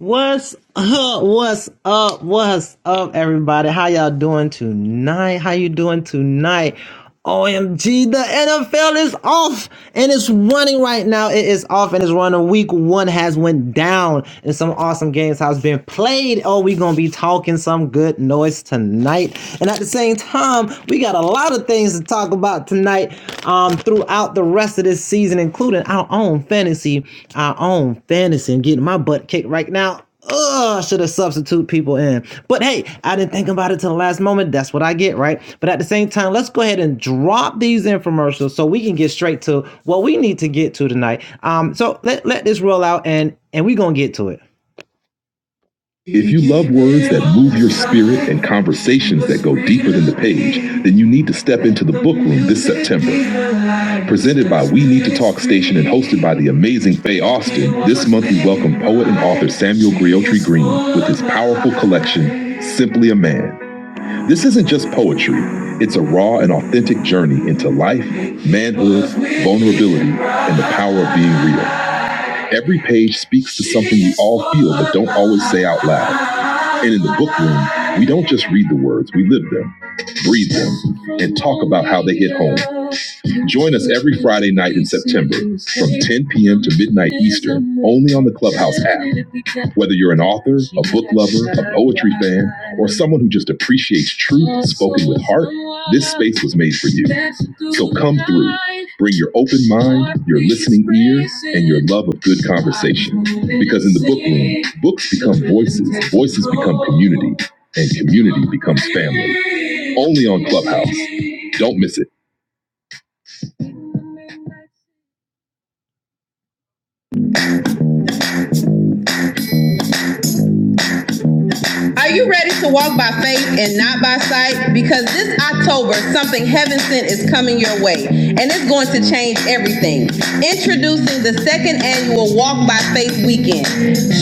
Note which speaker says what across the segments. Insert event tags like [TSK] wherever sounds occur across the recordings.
Speaker 1: What's up? What's up? What's up, everybody? How y'all doing tonight? How you doing tonight? OMG, the NFL is off and it's running right now. It is off and it's running. Week one has went down and some awesome games has been played. Oh, we gonna be talking some good noise tonight. And at the same time, we got a lot of things to talk talk about tonight um, throughout the rest of this season, including our own fantasy, our own fantasy, and getting my butt kicked right now. Ugh, should have substitute people in. But hey, I didn't think about it till the last moment. That's what I get, right? But at the same time, let's go ahead and drop these infomercials so we can get straight to what we need to get to tonight. Um, so let, let this roll out and and we're gonna get to it. If you love words that move your spirit and conversations that go deeper than the page, then you need to step into the book room this September. Presented by We Need to Talk Station and hosted by the amazing Faye Austin, this month we welcome poet and author Samuel Griotri Green with his powerful collection, Simply a Man. This isn't just poetry, it's a raw and authentic journey into life, manhood, vulnerability, and the power of being real. Every page speaks to something we all feel but don't always say out loud. And in the book room, we don't just read the words, we live them breathe them, and talk about how they hit home. Join us every Friday night in September from 10 p.m. to midnight Eastern, only on the Clubhouse app. Whether you're an author, a book lover, a poetry fan, or someone who just appreciates truth spoken with heart, this space was made for you. So come through. Bring your open mind, your listening ear, and your love of good conversation. Because in the book room, books become voices, voices become community, and community becomes family only on Clubhouse. Don't miss it. Are you ready to walk by faith and not by sight? Because this October, something heaven sent is coming your way, and it's going to change everything. Introducing the second annual Walk by Faith Weekend,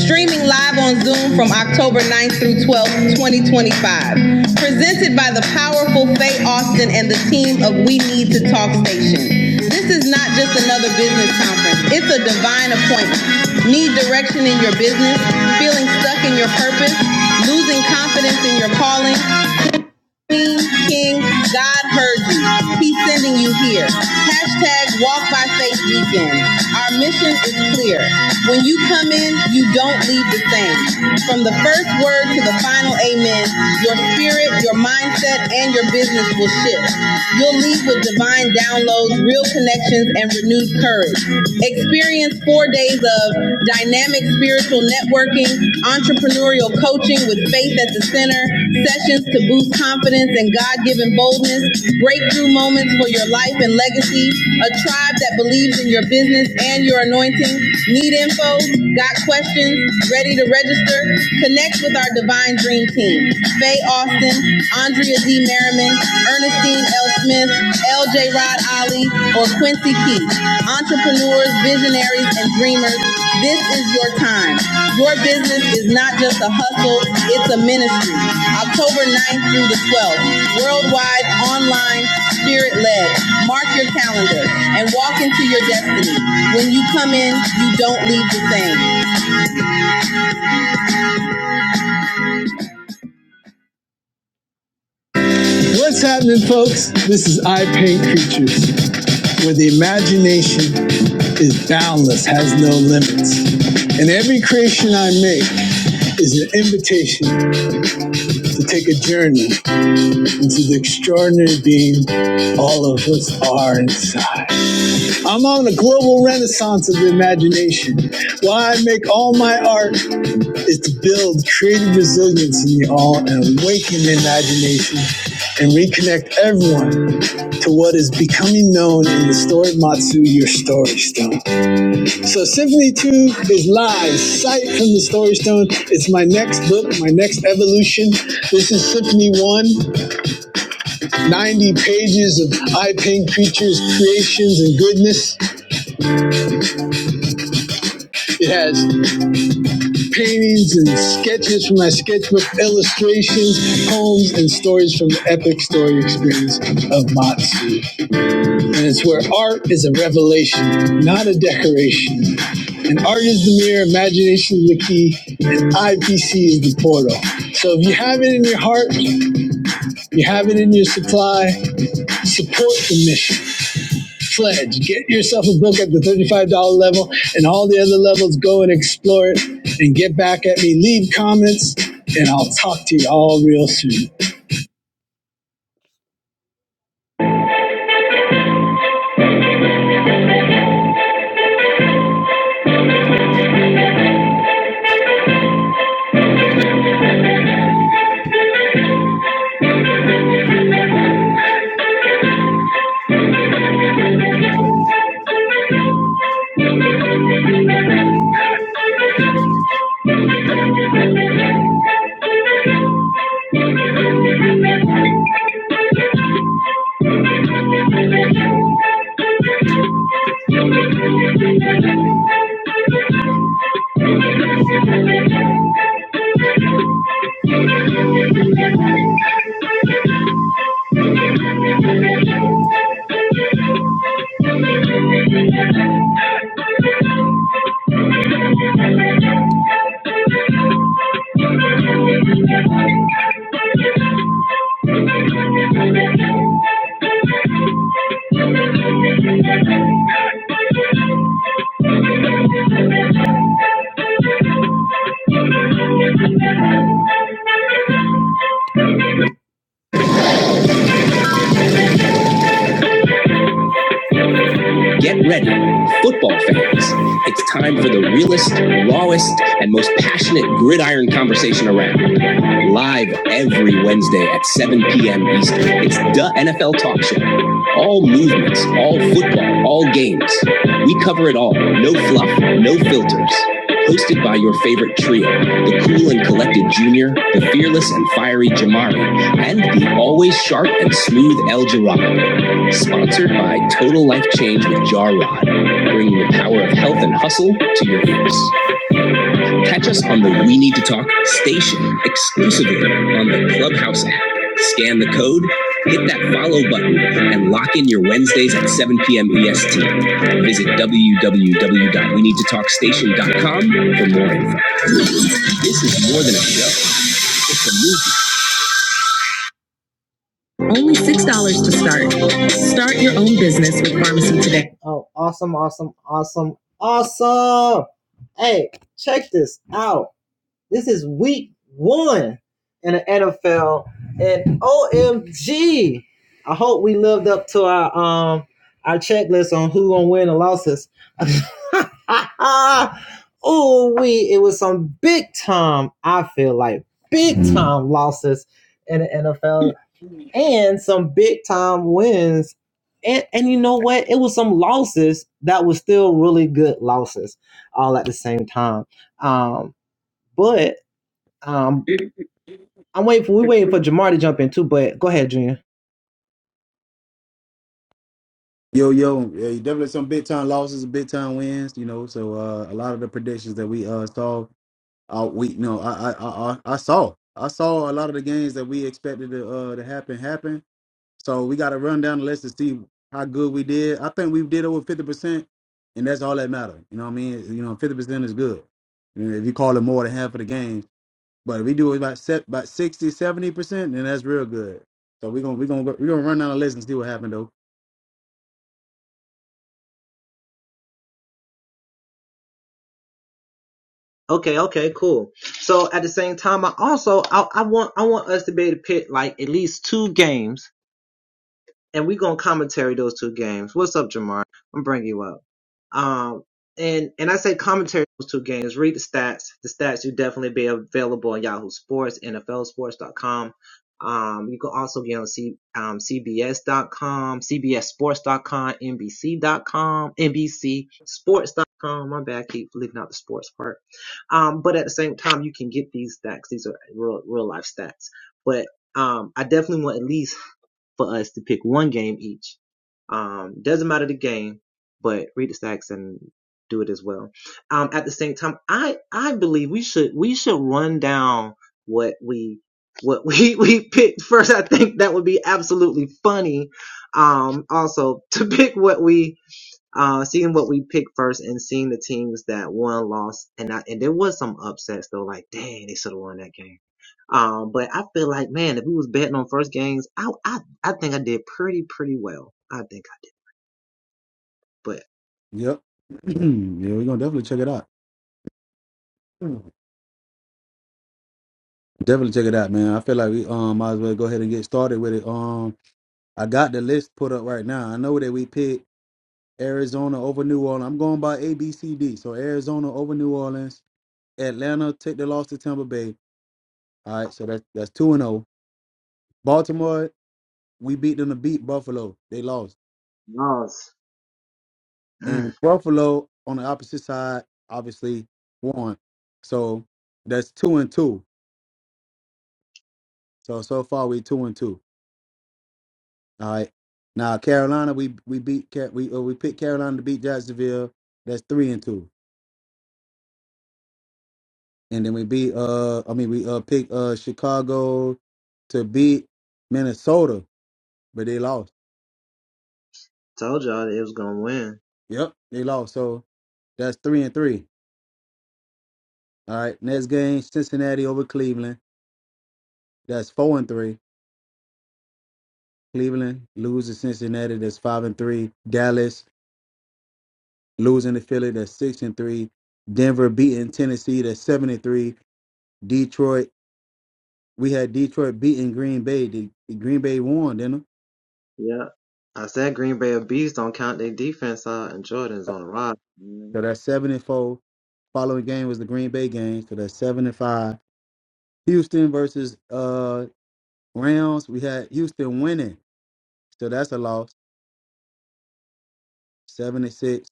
Speaker 1: streaming live on Zoom from October 9th through 12th, 2025. Presented by the powerful Faye Austin and the team of We Need to Talk Station. This is not just another business conference, it's a divine appointment. Need direction in your business? Feeling stuck in your purpose? losing confidence in your calling. Queen, King, God heard you. He's sending you here. Hashtag Walk by Faith Weekend. Our mission is clear. When you come in, you don't leave the same. From the first word to the final amen, your spirit, your mindset, and your business will shift. You'll leave with divine downloads, real connections, and renewed courage. Experience four days of of dynamic spiritual networking, entrepreneurial coaching with faith at the center, sessions to boost confidence and God given boldness, breakthrough moments for your life and legacy, a tribe that believes in your business and your anointing. Need info? Got questions? Ready to register? Connect with our Divine Dream Team. Faye Austin, Andrea D. Merriman, Ernestine L. Smith, LJ Rod Ollie, or Quincy Keith. Entrepreneurs, visionaries, and dreamers, this is your time. Your business is not just a hustle, it's a ministry. October ninth through the 12th, worldwide, online, spirit led. Mark your calendar and walk into your destiny. When you come in, you don't leave the same. What's happening, folks? This is I Paint Creatures, where the imagination is boundless, has no limits. And every creation I make is an invitation to take a journey into the extraordinary being all of us are inside. I'm on the global renaissance of the imagination. Why I make all my art is to build creative resilience in you all and awaken the imagination and reconnect everyone to what is becoming known in the story of Matsu, your story stone. So Symphony 2 is live, sight from the story stone. It's my next book, my next evolution. This is Symphony 1, 90 pages of eye-paying creatures, creations, and goodness. It has paintings and sketches from my sketchbook, illustrations, poems, and stories from the epic story experience of Matsu. And it's where art is a revelation, not a decoration. And art is the mirror, imagination is the key, and IPC is the portal. So if you have it in your heart, you have it in your supply, support the mission. Fledge. Get yourself a book at the $35 level and all the other levels. Go and explore it and get back at me. Leave comments and I'll talk to you all real soon. Get ready, football fans. It's time for the realest, rawest, and most passionate gridiron conversation around. Live every Wednesday at 7 p.m. Eastern. It's the NFL Talk Show. All movements, all football, all games. We cover it all. No fluff, no filters. Hosted by your favorite trio, the cool and collected Junior, the fearless and fiery Jamari, and the always sharp and smooth El Jirado. Sponsored by Total Life Change with Jarrod, bringing the power of health and hustle to your ears. Catch us on the We Need to Talk station exclusively on the Clubhouse app. Scan the code, hit that follow button, and lock in your Wednesdays at 7 p.m. EST. Visit www.weneedtotalkstation.com for more info. This is more than a show, it's a movement. Only $6 to start. Start your own business with Pharmacy Today. Oh, awesome, awesome, awesome, awesome. Hey, check this out. This is week one in the NFL. And OMG. I hope we lived up to our um our checklist on who gonna win the losses. [LAUGHS] oh we it was some big time, I feel like big time losses in the NFL
Speaker 2: Yo,
Speaker 1: and some big time wins. And and you know what? It was some losses that was still really good losses all at the same time. Um, but um I'm waiting for we waiting for Jamar to jump in too, but go ahead, Junior.
Speaker 2: yo, yeah, you definitely some big time losses big time wins, you know. So uh, a lot of the predictions that we uh saw, uh, we you know, I I I I I saw, I saw a lot of the games that we expected to uh to happen happen. So we got to run down the list to see how good we did. I think we did over fifty percent, and that's all that matters. You know what I mean? You know, fifty percent is good. You know, if you call it more than half of the games, but if we do about set about 60, 70 percent, then that's real good. So we're gonna we're gonna we're gonna run down the list and see what happened though.
Speaker 1: Okay, okay, cool. So at the same time I also I, I want I want us to be able to pick like at least two games and we gonna commentary those two games. What's up, Jamar? I'm bringing you up. Um, and and I say commentary those two games. Read the stats. The stats will definitely be available on Yahoo Sports, NFLSports.com. Um, you can also get on C, um, CBS.com, CBSSports.com, NBC.com, NBCSports.com. My bad, I keep leaving out the sports part. Um, but at the same time, you can get these stats. These are real, real life stats. But um, I definitely want at least for us to pick one game each. Um, doesn't matter the game, but read the stacks and do it as well. Um, at the same time, I, I believe we should, we should run down what we, what [LAUGHS] we, we picked first. I think that would be absolutely funny. Um, also to pick what we, uh, seeing what we picked first and seeing the teams that won, lost, and I, and there was some upsets though. Like, dang, they should have won that game. Um, but I feel like, man, if we was betting on first games, I, I, I think I did pretty, pretty well. I think I did. But
Speaker 2: Yep. [CLEARS THROAT] yeah, we're gonna definitely check it out. Mm. Definitely check it out, man. I feel like we um might as well go ahead and get started with it. Um, I got the list put up right now. I know that we picked Arizona over New Orleans. I'm going by A, B, C, D. So Arizona over New Orleans. Atlanta take the loss to Tampa Bay. All right, so that's that's two and zero. Baltimore, we beat them to beat Buffalo. They lost, and Buffalo on the opposite side obviously won. So that's two and two. So so far we two and two. All right. Now Carolina, we we beat Car- we uh, we picked Carolina to beat Jacksonville. That's three and two, and then we beat uh I mean we uh picked uh Chicago to beat Minnesota, but they lost. Yep, they lost. So that's three and three. All right. Next game, Cincinnati over Cleveland. That's four and three. Cleveland loses Cincinnati. That's five and three. Dallas losing to Philly. That's six and three. Denver beating Tennessee. That's seven and three. Detroit we had Detroit beating Green Bay. The, the Green Bay won, didn't
Speaker 1: yeah, I said Green Bay of bees don't count their defense out, and Jordan's
Speaker 2: it?
Speaker 1: on the ride. man.
Speaker 2: So that's seven and four. Following game was the Green Bay game. So that's seven and five. Houston versus uh Rams. We had Houston winning. So that's a loss. Seven and six.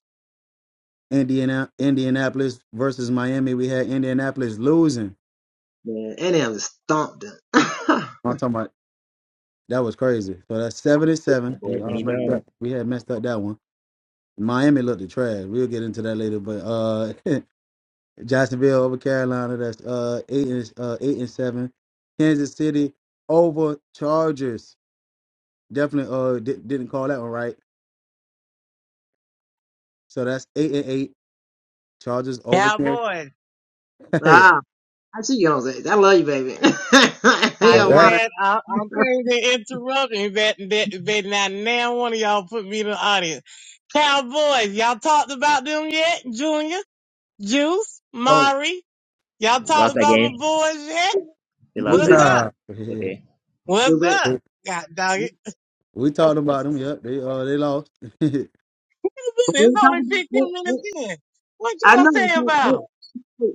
Speaker 2: Indiana Indianapolis versus Miami. We had Indianapolis losing.
Speaker 1: Man, and them just stomped them. [LAUGHS]
Speaker 2: I'm talking about that was crazy. So that's seven and
Speaker 3: My
Speaker 2: seven. We
Speaker 3: boy
Speaker 2: all
Speaker 3: Vinny
Speaker 2: messed up.
Speaker 3: Downs
Speaker 2: We had messed up that one. Miami looked the trash. We'll get into that later. But uh [LAUGHS] Jacksonville over Carolina. That's uh eight and uh eight and seven. Kansas City over Chargers. Definitely uh di- didn't call that one right. So that's eight and eight. Chargers over Kansas. [LAUGHS]
Speaker 4: Cowboys.
Speaker 2: Hey,
Speaker 1: wow, I see. [LAUGHS]
Speaker 2: so
Speaker 1: yeah,
Speaker 4: After
Speaker 1: water.
Speaker 2: that's
Speaker 4: that, I, I'm paid to interrupt and that, that, that not now one of y'all put me in the audience. Cowboys, y'all talked about them yet? Junior, Juice,
Speaker 2: oh
Speaker 4: Mari, y'all talked
Speaker 3: lost that
Speaker 4: about my
Speaker 3: game.
Speaker 4: boys yet?
Speaker 3: They lost that
Speaker 4: What's up?
Speaker 3: game.
Speaker 2: nah. [LAUGHS]
Speaker 3: It's okay.
Speaker 4: What's up? God dog it.
Speaker 2: we talked about them. Yep, they uh they lost. [LAUGHS]
Speaker 4: It's only 15 minutes in. What
Speaker 1: I
Speaker 4: y'all say
Speaker 1: know.
Speaker 4: about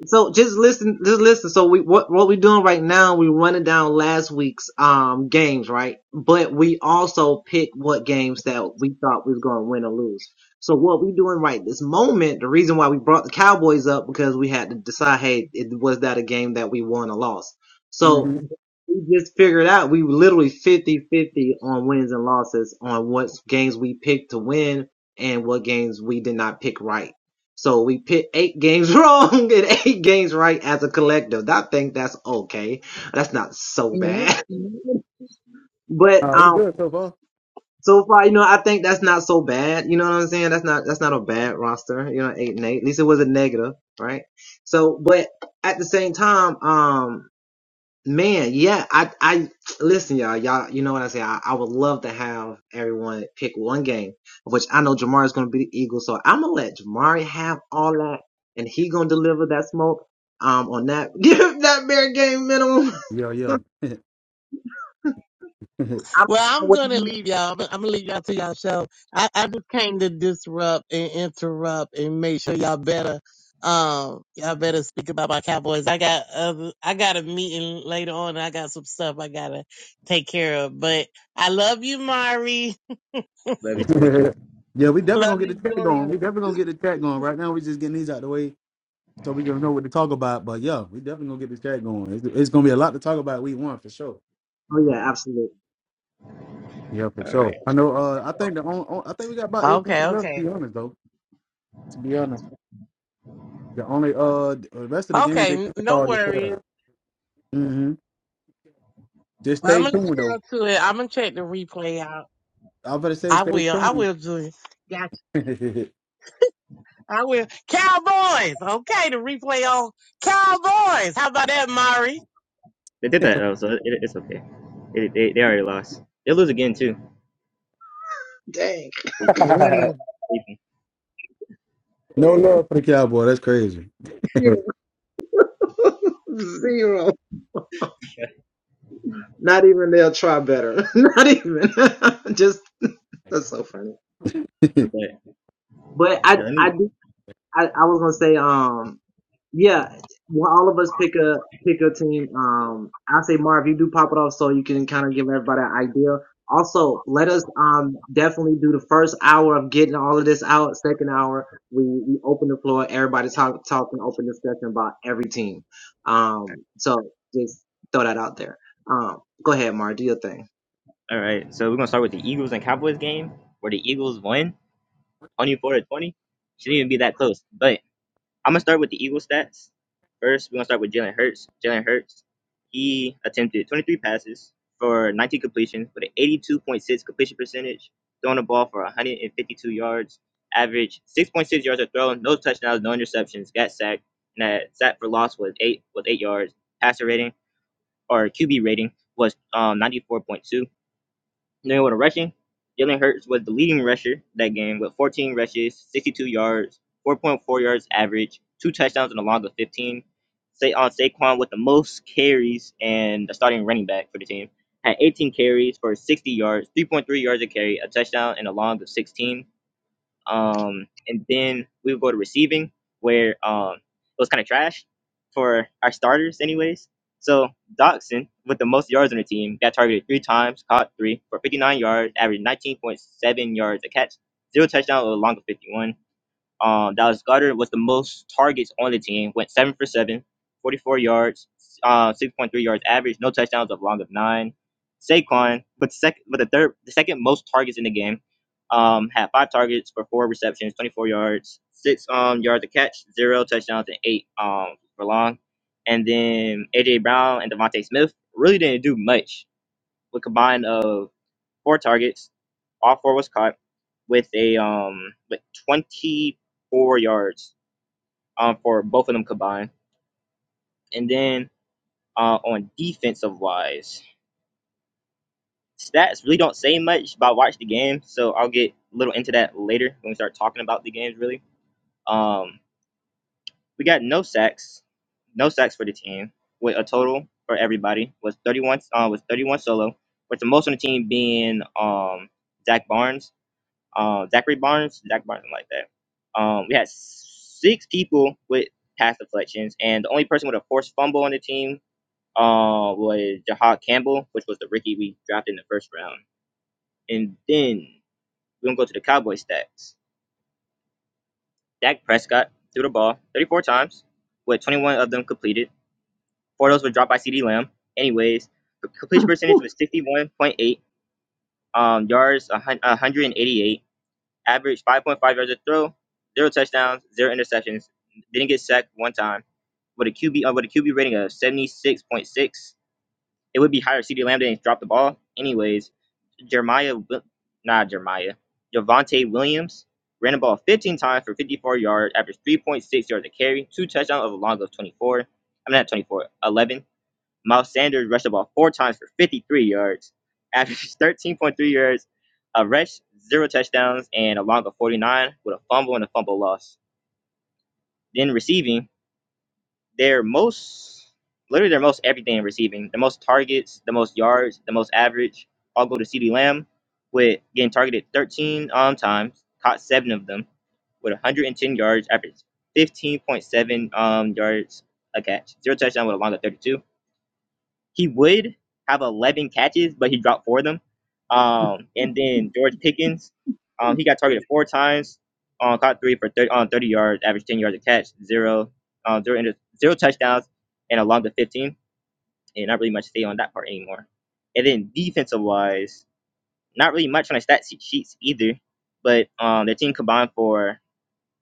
Speaker 1: So just listen, just listen. So we what what we doing right now? We running down last week's um games, right? But we also pick what games that we thought we was going to win or lose. So what we doing right this moment? The reason why we brought the Cowboys up because we had to decide, hey, it, was that a game that we won or lost? So
Speaker 2: hmm
Speaker 1: we just figured out we were literally fifty-fifty on wins and losses on what games we picked to win and what games we did not pick right. So we pit eight games [LAUGHS] wrong and eight games right as a collective. I think that's okay. That's not so bad. [LAUGHS]
Speaker 4: them?
Speaker 1: But
Speaker 2: uh, we
Speaker 1: um,
Speaker 2: good so far.
Speaker 1: so far, you know, I think that's not so bad. You know what I'm saying? That's not that's not a bad roster. You know, eight and eight. At least it was a negative, right? So, but at the same time, um. Man, yeah, I, I listen, y'all. Y'all, you know what I say. I, I would love to have everyone pick one game, which I know Jamar is going to be the Eagles. So I'm gonna let Jamari have all that, and he gonna deliver that smoke. Um, on that, [LAUGHS] give him that bare game minimum.
Speaker 2: Yeah, yeah.
Speaker 4: Well, I'm gonna leave y'all. I'm I'm gonna leave y'all to leave you all i am going to leave you all to you all show. I, I just came to disrupt and interrupt and make sure y'all better, um, y'all better speak about my Cowboys. I got other, I got a meeting later on. And I got some stuff I gotta take care of. But I love you, Mari.
Speaker 2: [LAUGHS]
Speaker 3: Love
Speaker 2: [LAUGHS]
Speaker 3: you too.
Speaker 2: yeah, we definitely
Speaker 4: Love
Speaker 2: gonna get the
Speaker 4: you,
Speaker 2: chat going.
Speaker 4: Julian.
Speaker 2: We definitely gonna get the chat going. Right now, we just getting these out the way so we gonna know what to talk about. But yeah, we definitely gonna get this chat going. It's, it's gonna be a lot to talk about week one for sure. Yeah, for
Speaker 3: All
Speaker 2: sure.
Speaker 3: right.
Speaker 2: I know. Uh, I think the on, on- I think we got about eight games
Speaker 4: Okay,
Speaker 2: left. To
Speaker 4: okay,
Speaker 2: be honest, though, to be honest, the only uh the rest of the games
Speaker 4: okay.
Speaker 2: they
Speaker 4: n-
Speaker 2: can
Speaker 4: No
Speaker 2: call is
Speaker 4: worries.
Speaker 2: fair. Mm-hmm. Just
Speaker 4: Well, I'm
Speaker 2: stay
Speaker 4: gonna leave
Speaker 2: tuned though.
Speaker 4: y'all to it. I'm gonna check the replay out.
Speaker 2: I'm gonna say
Speaker 4: I
Speaker 2: stay
Speaker 4: will. I
Speaker 2: tuned.
Speaker 4: will, Julian.
Speaker 2: [LAUGHS]
Speaker 4: I will. Cowboys. Okay, the replay on Cowboys. How about that, Mari?
Speaker 3: They did that though, so it, it's okay. It, they, they already lost. They lose again too.
Speaker 1: [LAUGHS] Dang,
Speaker 3: Ethan, Ethan. [LAUGHS]
Speaker 2: no
Speaker 1: dang.
Speaker 2: love for the Cowboy. That's crazy.
Speaker 1: zero, [LAUGHS] zero. Not even they'll try better. [LAUGHS] Not even. [LAUGHS] Just that's so funny.
Speaker 2: [LAUGHS]
Speaker 3: But
Speaker 1: But I,
Speaker 3: yeah, let me.
Speaker 1: I I, I was gonna say, um, yeah, well, all of us pick a pick a team. Um, I say Marv, you do pop it off so you can kind of give everybody an idea. Also, let us um definitely do the first hour of getting all of this out. Second hour, we, we open the floor. Everybody talk talking, open discussion about every team. Um, so just throw that out there. Um, go ahead, Marv, do your thing.
Speaker 3: All right. So we're gonna start with the Eagles and Cowboys game where the Eagles won 24 to 20. Shouldn't even be that close, but I'm gonna start with the Eagle stats. First, we're gonna start with Jalen Hurts. Jalen Hurts, he attempted 23 passes for 19 completions with an 82.6 completion percentage, throwing the ball for 152 yards, average 6.6 yards a throw, no touchdowns, no interceptions, got sacked, and that sack for loss was eight was eight yards. Passer rating or QB rating was um, 94.2. Then with a rushing, Jalen Hurts was the leading rusher that game with 14 rushes, 62 yards, 4.4 yards average, two touchdowns, and a long of 15. Say on Saquon with the most carries and the starting running back for the team had 18 carries for 60 yards, 3.3 yards a carry, a touchdown, and a long of 16. Um, and then we would go to receiving, where um, it was kind of trash for our starters, anyways. So Doxson, with the most yards on the team, got targeted three times, caught three for 59 yards, averaged 19.7 yards a catch, zero touchdown, a long of 51. Um, Dallas Goddard was the most targets on the team, went seven for seven, 44 yards, uh, 6.3 yards average, no touchdowns, a long of nine. Saquon, but second, but the third, the second most targets in the game, um, had five targets for four receptions, 24 yards, six um yards to catch, zero touchdowns, and eight um for long. And then AJ Brown and Devontae Smith really didn't do much with combined of four targets. All four was caught with a um with 24 yards um for both of them combined. And then uh on defensive wise, stats really don't say much, but I watched the game, so I'll get a little into that later when we start talking about the games really. Um we got no sacks, no sacks for the team, with a total for everybody was 31 uh, was 31 solo, with the most on the team being um Zach Barnes um, Zachary Barnes, Zach Barnes, like that. Um, we had six people with pass deflections, and the only person with a forced fumble on the team uh, was Jahad Campbell, which was the rookie we drafted in the first round. And then we're going to go to the Cowboy stats. Dak Prescott threw the ball 34 times, with 21 of them completed. Four of those were dropped by CD Lamb. Anyways, the completion percentage was 61.8, um, yards 188, Averaged 5.5 yards a throw, zero touchdowns, zero interceptions. Didn't get sacked one time. With a QB uh, with a QB rating of 76.6, it would be higher. if CD Lamb didn't drop the ball. Anyways, Jeremiah, Wi- nah Jeremiah, Javante Williams ran the ball 15 times for 54 yards, averaged 3.6 yards a carry, two touchdowns of a long of 24. I'm mean, not 24, 11 Miles Sanders rushed the ball four times for 53 yards, [LAUGHS] averaged 13.3 yards, a rush, zero touchdowns, and a long of 49 with a fumble and a fumble loss. Then receiving, their most, literally their most everything in receiving, the most targets, the most yards, the most average, all go to CeeDee Lamb with getting targeted 13 um times, caught seven of them with 110 yards, averaged 15.7 um, yards a catch, zero touchdown with a long of 32 he would have 11 catches, but he dropped four of them. Um, and then George Pickens, um, he got targeted four times, um, caught three for 30, on 30 yards, averaged 10 yards a catch, zero, um, zero, inter- zero touchdowns, and a long to 15. And not really much to say on that part anymore. And then defensive wise, not really much on the stat sheets either, but um, the team combined for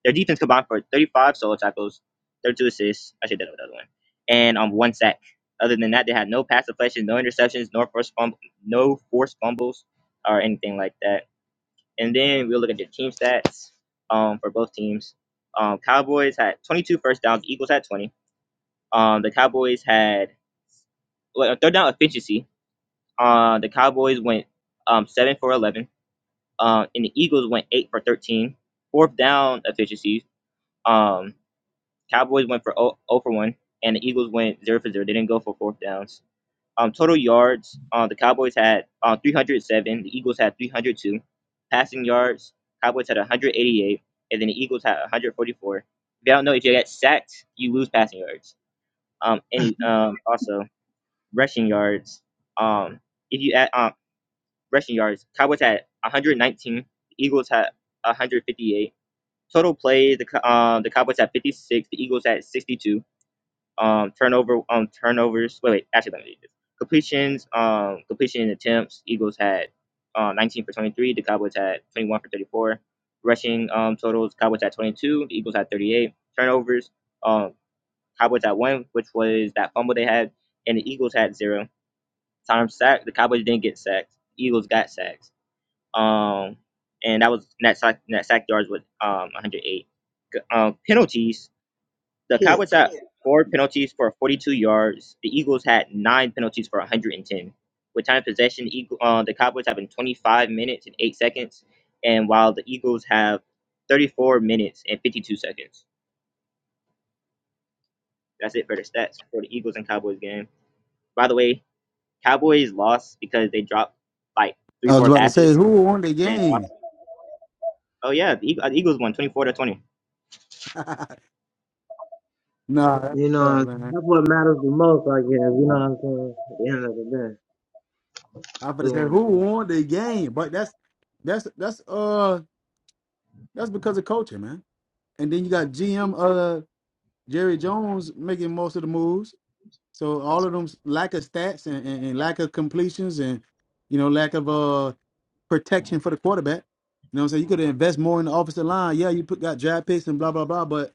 Speaker 3: their defense combined for 35 solo tackles, 32 assists. I should have done another one, and on um, one sack. Other than that, they had no pass deflections, no interceptions, nor forced fumble, no forced fumbles or anything like that. And then we'll look at the team stats um, for both teams. Um, Cowboys had 22 first downs. Eagles had 20. Um, the Cowboys had well, third down efficiency. Uh, the Cowboys went um, seven for 11. Um, and the Eagles went eight for 13. Fourth down efficiency. Um, Cowboys went for 0, for 1, and the Eagles went 0 for 0. They didn't go for fourth downs. Um, total yards, uh, the Cowboys had uh, 307, the Eagles had 302. Passing yards, Cowboys had 188, and then the Eagles had 144. If you don't know, if you get sacked, you lose passing yards. Um, any um, also rushing yards. Um, if you add um, rushing yards, Cowboys had 119, the Eagles had 158. Total plays, the um uh, the Cowboys had 56, the Eagles had 62 um, turnover um, turnovers. Wait, wait, actually, let me read this. Completions, um, completion attempts. Eagles had uh, 19 for 23. The Cowboys had 21 for 34. Rushing um, totals. Cowboys had 22. The Eagles had 38. Turnovers. Um, Cowboys had one, which was that fumble they had, and the Eagles had zero. Time sack. The Cowboys didn't get sacked. Eagles got sacks. Um, and that was net sack net sack yards with um 108. Um, penalties. The
Speaker 1: Get
Speaker 3: Cowboys
Speaker 1: the
Speaker 3: had four penalties for 42 yards. The Eagles had nine penalties for 110. With time of possession, Eagle, uh, the Cowboys have in 25 minutes and 8 seconds, and while the Eagles have 34 minutes and 52 seconds. That's it for the stats for the Eagles and Cowboys game. By the way, Cowboys lost because they dropped like three,
Speaker 2: I was
Speaker 3: four
Speaker 2: about to say
Speaker 3: passes.
Speaker 2: who won the
Speaker 3: And
Speaker 2: game.
Speaker 3: oh yeah, the Eag- uh, the Eagles won 24 to 20.
Speaker 2: [LAUGHS] nah, that's
Speaker 1: you know what I'm
Speaker 2: up,
Speaker 1: saying?
Speaker 2: man.
Speaker 1: that's what matters the most, I guess. You know what I'm saying? At the end of the day,
Speaker 2: I'm gonna
Speaker 1: who
Speaker 2: say who
Speaker 1: won
Speaker 2: won the game, but that's that's that's uh That's because of culture, man. And then you got GM uh Jerry Jones making most of the moves. So all of them lack of stats and, and, and lack of completions and you know lack of uh protection for the quarterback. You know what I'm saying? You could invest more in the offensive line. Yeah, you put got draft picks and blah blah blah, but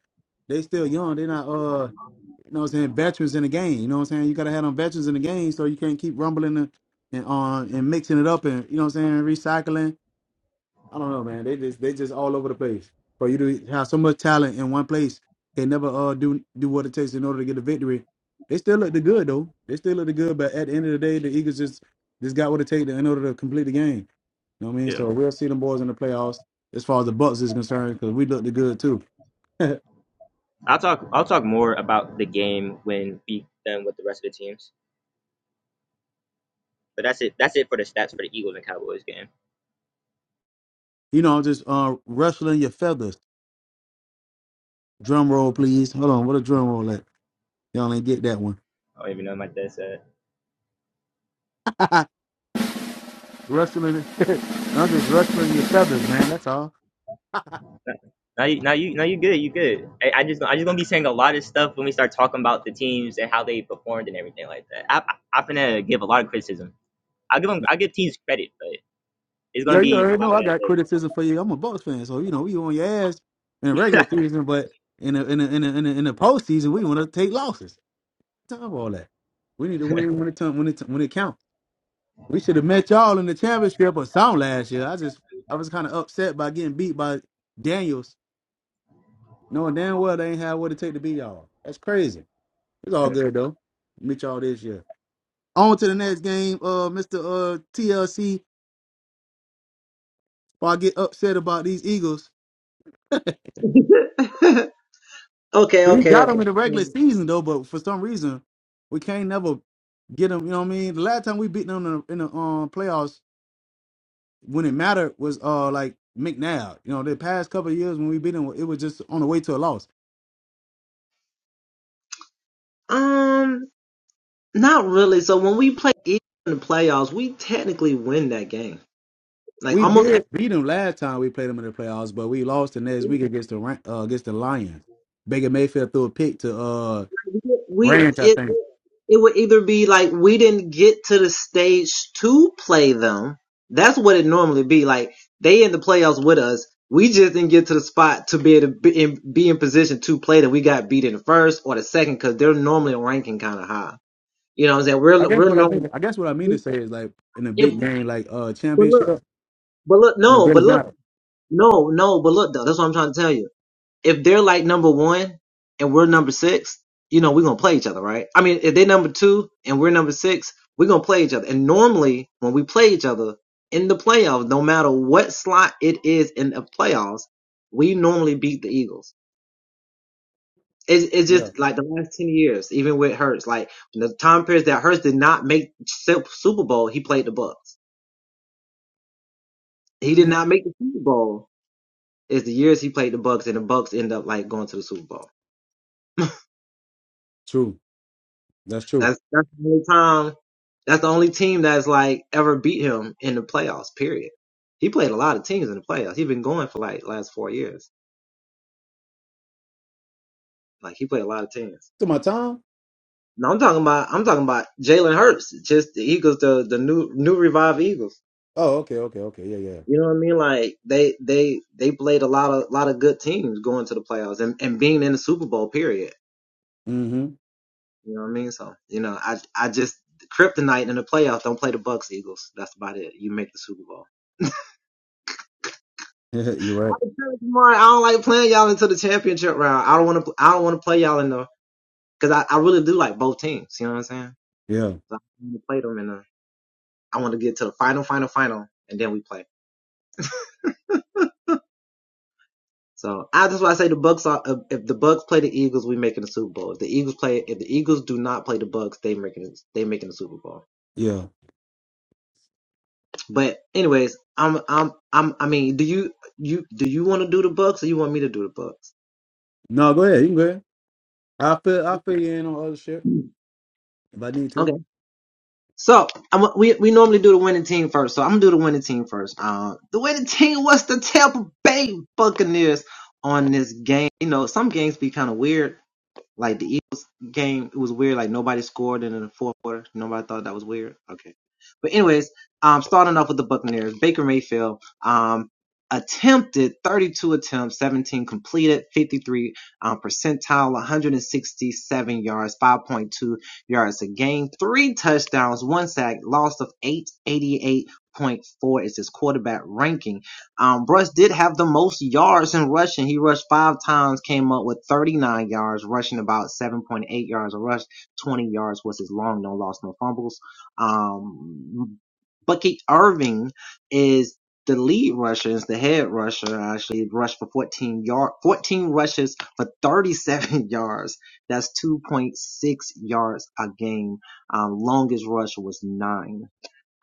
Speaker 2: they still young. They're not uh you know what I'm saying veterans in the game. You know what I'm saying? You gotta have them veterans in the game so you can't keep rumbling and and, uh, and mixing it up and you know what I'm saying, recycling I don't know, man. They just they just all over the place. For you to have so much talent in one place, they never uh do do what it takes in order to get a victory. They still look the good though. They still look the good, but at the end of the day, the Eagles just just got what it takes in order to complete the game. You know what I mean?
Speaker 3: Yeah,
Speaker 2: So we'll see them boys in the playoffs as far as the Bucks is concerned, because we look the good too. [LAUGHS] you
Speaker 3: I'll talk. I'll talk more about the game when we done with the rest of the teams. But that's it. That's it for the stats for the Eagles and Cowboys game.
Speaker 2: know, I'm just uh rustling your feathers. Drum roll, please. Hold on, what a drum roll at? Y'all ain't get that one.
Speaker 3: I don't even know what my dad said.
Speaker 2: [LAUGHS] rustling [LAUGHS] I'm just rustling your feathers, man. That's all.
Speaker 3: Now you, now you, now you good. You good. I, I just, I just gonna be saying a lot of stuff when we start talking about the teams and how they performed and everything like that. I, I, I'm gonna give a lot of criticism. I give them, I give teams credit, but it's gonna
Speaker 2: Yeah, you
Speaker 3: be a
Speaker 2: already
Speaker 3: lot
Speaker 2: know
Speaker 3: of
Speaker 2: I
Speaker 3: that.
Speaker 2: got criticism for you. I'm a Bucks fan, so you know we on your ass in the
Speaker 3: [LAUGHS]
Speaker 2: regular season, but in the in the in the in the, in the postseason, we want to take losses. Time for all that. We need to win when it time, when it when it counts. We should have met y'all in the championship or something last year. I just I was kind of upset by getting beat by Daniels, knowing damn well they ain't had what it take to beat y'all. That's crazy. It's all good though. Meet y'all this year. On to the next game, uh, Mr. Uh, TLC. While I get upset about these Eagles.
Speaker 1: again? [LAUGHS] Okay,
Speaker 2: We
Speaker 1: okay,
Speaker 2: got
Speaker 1: okay.
Speaker 2: him in the regular season though, but for some reason we can't never get him. You know what I mean? The last time we beat them in the, in the um, playoffs when it mattered was uh like McNabb. You know, the past couple of years when we beat them, it was just on the way to a loss.
Speaker 1: Um, not really. So when we play Eagles in the playoffs, we technically win that game. Like
Speaker 2: We
Speaker 1: almost every-
Speaker 2: did beat them last time we played them in the playoffs, but we lost the next week against the Ran- uh, against the Lions. Baker Mayfield threw a pick to uh
Speaker 1: we
Speaker 2: Branch, I
Speaker 1: it
Speaker 2: think.
Speaker 1: it would either be like we didn't get to the stage to play them. That's what it normally be. Like they in the playoffs with us. We just didn't get to the spot to be able to be in, be in position to play that we got beat in the first or the second because they're normally ranking kind of high. You know what I'm saying?
Speaker 2: I
Speaker 1: We're
Speaker 2: guess
Speaker 1: we're
Speaker 2: what I
Speaker 1: normally
Speaker 2: mean. I guess what I mean to say is like in a
Speaker 1: if
Speaker 2: big game like uh
Speaker 1: but look
Speaker 2: championship,
Speaker 1: but look
Speaker 2: and it
Speaker 1: no
Speaker 2: really
Speaker 1: but look
Speaker 2: matters.
Speaker 1: No, no, but look though, that's what I'm trying to tell you. If they're like number one and we're number six, you know, we're gonna play each other, right? I mean, if they are number two and we're number six, we're gonna play each other. And normally when we play each other in the playoffs, no matter what slot it is in the playoffs, we normally beat the Eagles. It's, it's
Speaker 2: Yeah,
Speaker 1: just like the last 10 years, even with Hurts, like the time periods that Hurts did not make Sup- Super Bowl, he played the Bucks. He did
Speaker 2: Mhm.
Speaker 1: not make the Super Bowl. It's the years he played the Bucks and the Bucks end up like going to the Super Bowl.
Speaker 2: true. That's true.
Speaker 1: That's that's the only time. That's the only team that's like ever beat him in the playoffs. Period. He played a lot of teams in the playoffs. He's been going for like last four years. Like he played a lot of teams.
Speaker 2: To my time?
Speaker 1: No, I'm talking about I'm talking about Jalen Hurts, just the Eagles, the the new new revived Eagles.
Speaker 2: Oh, okay, okay, okay. Yeah, yeah.
Speaker 1: You know what I mean? Like they they they played a lot of lot of good teams going to the playoffs and, and being in the Super Bowl. Period.
Speaker 2: Mm-hmm.
Speaker 1: You know what I mean? So you know I I just kryptonite in the playoffs. Don't play the Bucks Eagles. That's about it. You make the Super Bowl.
Speaker 2: Yeah, [LAUGHS] you're right.
Speaker 1: Mark, I don't like playing y'all into the championship round. I don't want to. I don't want to play y'all in the because I, I really do like both teams. You know what I'm saying?
Speaker 2: Yeah,
Speaker 1: So I want to play them in the. I want to get to the final, final, final, and then we play. So I just want to say the Bucks are. If the Bucks play the Eagles, we making the Super Bowl. If the Eagles play, if the Eagles do not play the Bucks, they making they making the Super Bowl.
Speaker 2: yeah.
Speaker 1: But anyways, I'm I'm I'm. I mean, do you you do you want to do the Bucks or you want me to do the Bucks?
Speaker 2: No, go ahead. You can go ahead. I'll fill, I'll fill you in on other shit if I need
Speaker 1: Okay.
Speaker 2: to.
Speaker 1: So I'm, we we normally do the winning team first. So I'm gonna do the winning team first. Uh, the winning team was the Tampa Bay Buccaneers on this game. You know, some games be kind of weird. Like the Eagles game, it was weird. Like nobody scored, and in the fourth quarter, nobody thought that was weird. Okay, but anyways, um, starting off with the Buccaneers, Baker Mayfield, um, attempted 32 attempts, 17 completed, 53 um, percentile, 167 yards, 5.2 yards a game, three touchdowns, one sack, loss of 888.4 is his quarterback ranking. Um, Russ did have the most yards in rushing. He rushed five times, came up with 39 yards, rushing about 7.8 yards a rush. 20 yards was his long, no loss, no fumbles. Um, Bucky Irving is the lead rusher, is the head rusher, actually rushed for 14 yard, 14 rushes for 37 [LAUGHS] yards. That's 2.6 yards a game. Um, longest rush was nine.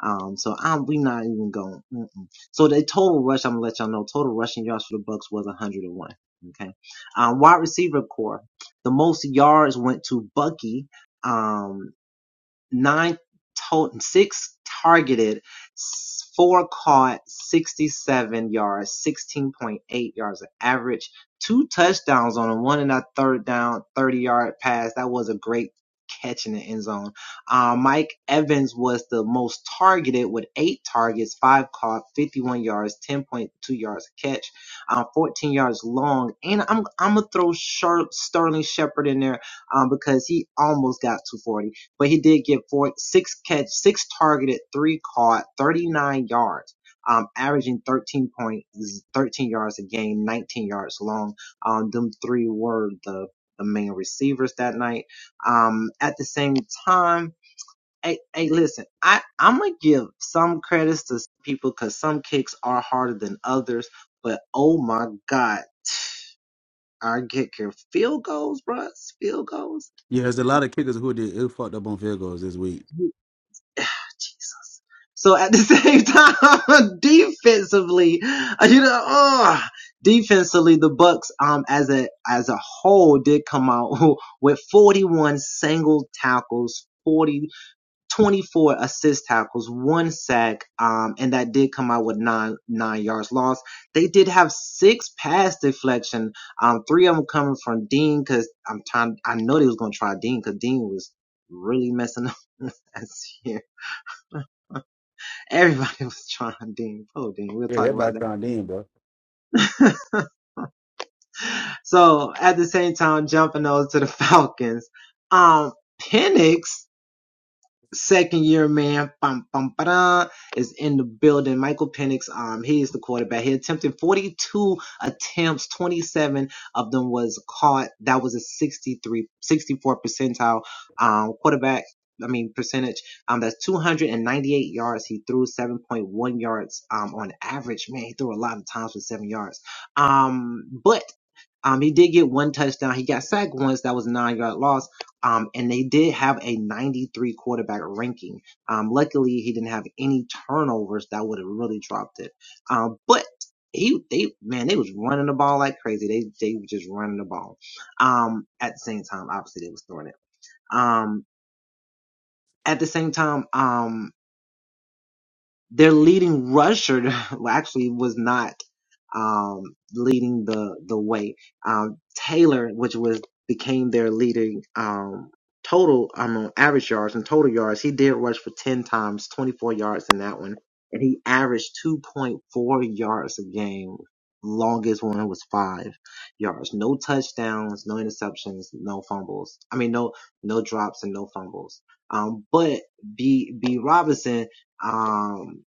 Speaker 1: Um, so I'm we not even going. Mm-mm. So the total rush, I'm gonna let y'all know. Total rushing yards for the Bucks was 101. Okay. Um, wide receiver core, the most yards went to Bucky. Um, nine total, six targeted, four caught, 67 yards, 16.8 yards of average, two touchdowns on a one and a third down, 30 yard pass. That was a great catch in the end zone. Uh, Mike Evans was the most targeted with eight targets, five caught, 51 yards, 10.2 yards a catch, uh, 14 yards long. And I'm, I'm gonna throw Shar Sterling Shepard in there um, because he almost got 240 but he did get four, six catch, six targeted, three caught, 39 yards, um, averaging 13 point, 13 yards a game, 19 yards long. Um, them three were the, the main receivers that night. Um, at the same time, Hey, hey, listen, I, I'm gonna give some credits to people cause some kicks are harder than others, but oh my God, our kicker field goals, bruh, field goals.
Speaker 2: Yeah, there's a lot of kickers who did who fucked up on field goals this week.
Speaker 1: [SIGHS] Jesus. So at the same time, [LAUGHS] defensively, uh, you know, oh, defensively, the Bucks, um, as a as a whole, did come out [LAUGHS] with 41 single tackles, 40 24 assist tackles, one sack, um, and that did come out with nine nine yards lost. They did have six pass deflection, um, three of them coming from Dean, cause I'm trying, I know they was gonna try Dean, cause Dean was really messing up [LAUGHS] last year Everybody [LAUGHS] was trying Dean. Poor Dean. We'll
Speaker 2: Yeah,
Speaker 1: talk about
Speaker 2: everybody
Speaker 1: that.
Speaker 2: trying to in, bro.
Speaker 1: [LAUGHS] so at the same time, jumping over to the [LAUGHS] Falcons, um, Penix second year man bum, bum, ba-dum, is in the building. Michael Penix, um, he is the quarterback. He attempted 42 attempts, 27 of them was caught. That was a 63, 64 percentile um, quarterback. I mean percentage. Um, that's 298 yards. He threw 7.1 yards um on average. Man, he threw a lot of times for seven yards. Um, but um, he did get one touchdown. He got sacked once. That was a nine yard loss. Um, and they did have a 93 quarterback ranking. Um, luckily he didn't have any turnovers that would have really dropped it. Um, but he, they, man, they was running the ball like crazy. They, they were just running the ball. Um, at the same time, obviously they was throwing it. Um, at the same time, um, their leading rusher [LAUGHS] actually was not um, leading the the way. Um, Taylor, which was became their leading um, total, I mean, average yards and total yards, he did rush for ten times, twenty four yards in that one, and he averaged two point four yards a game. Longest one was five yards. No touchdowns, no interceptions, no fumbles. I mean, no no drops and no fumbles. Um, but B B Robinson, um,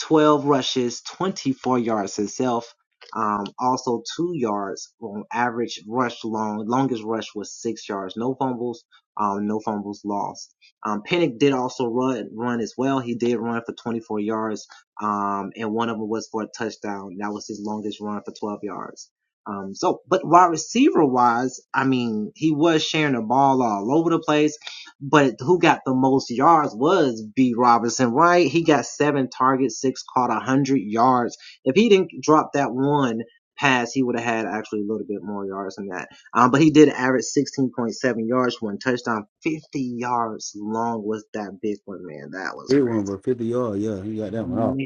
Speaker 1: 12 rushes, 24 yards himself. Um, also two yards on average rush long. Longest rush was six yards. No fumbles. Um, no fumbles lost. Um, Pennick did also run, run as well. He did run for 24 yards. Um, and one of them was for a touchdown. That was his longest run for 12 yards. Um, so, but wide receiver wise, I mean, he was sharing the ball all over the place but who got the most yards was B. Robinson, right? He got seven targets, six caught, a hundred yards. If he didn't drop that one pass, he would have had actually a little bit more yards than that. Um, but he did average 16.7 yards, one touchdown, 50 yards long was that big one, man. That was
Speaker 2: He won for
Speaker 1: crazy.
Speaker 2: 50 yards. Yeah, he got that one off.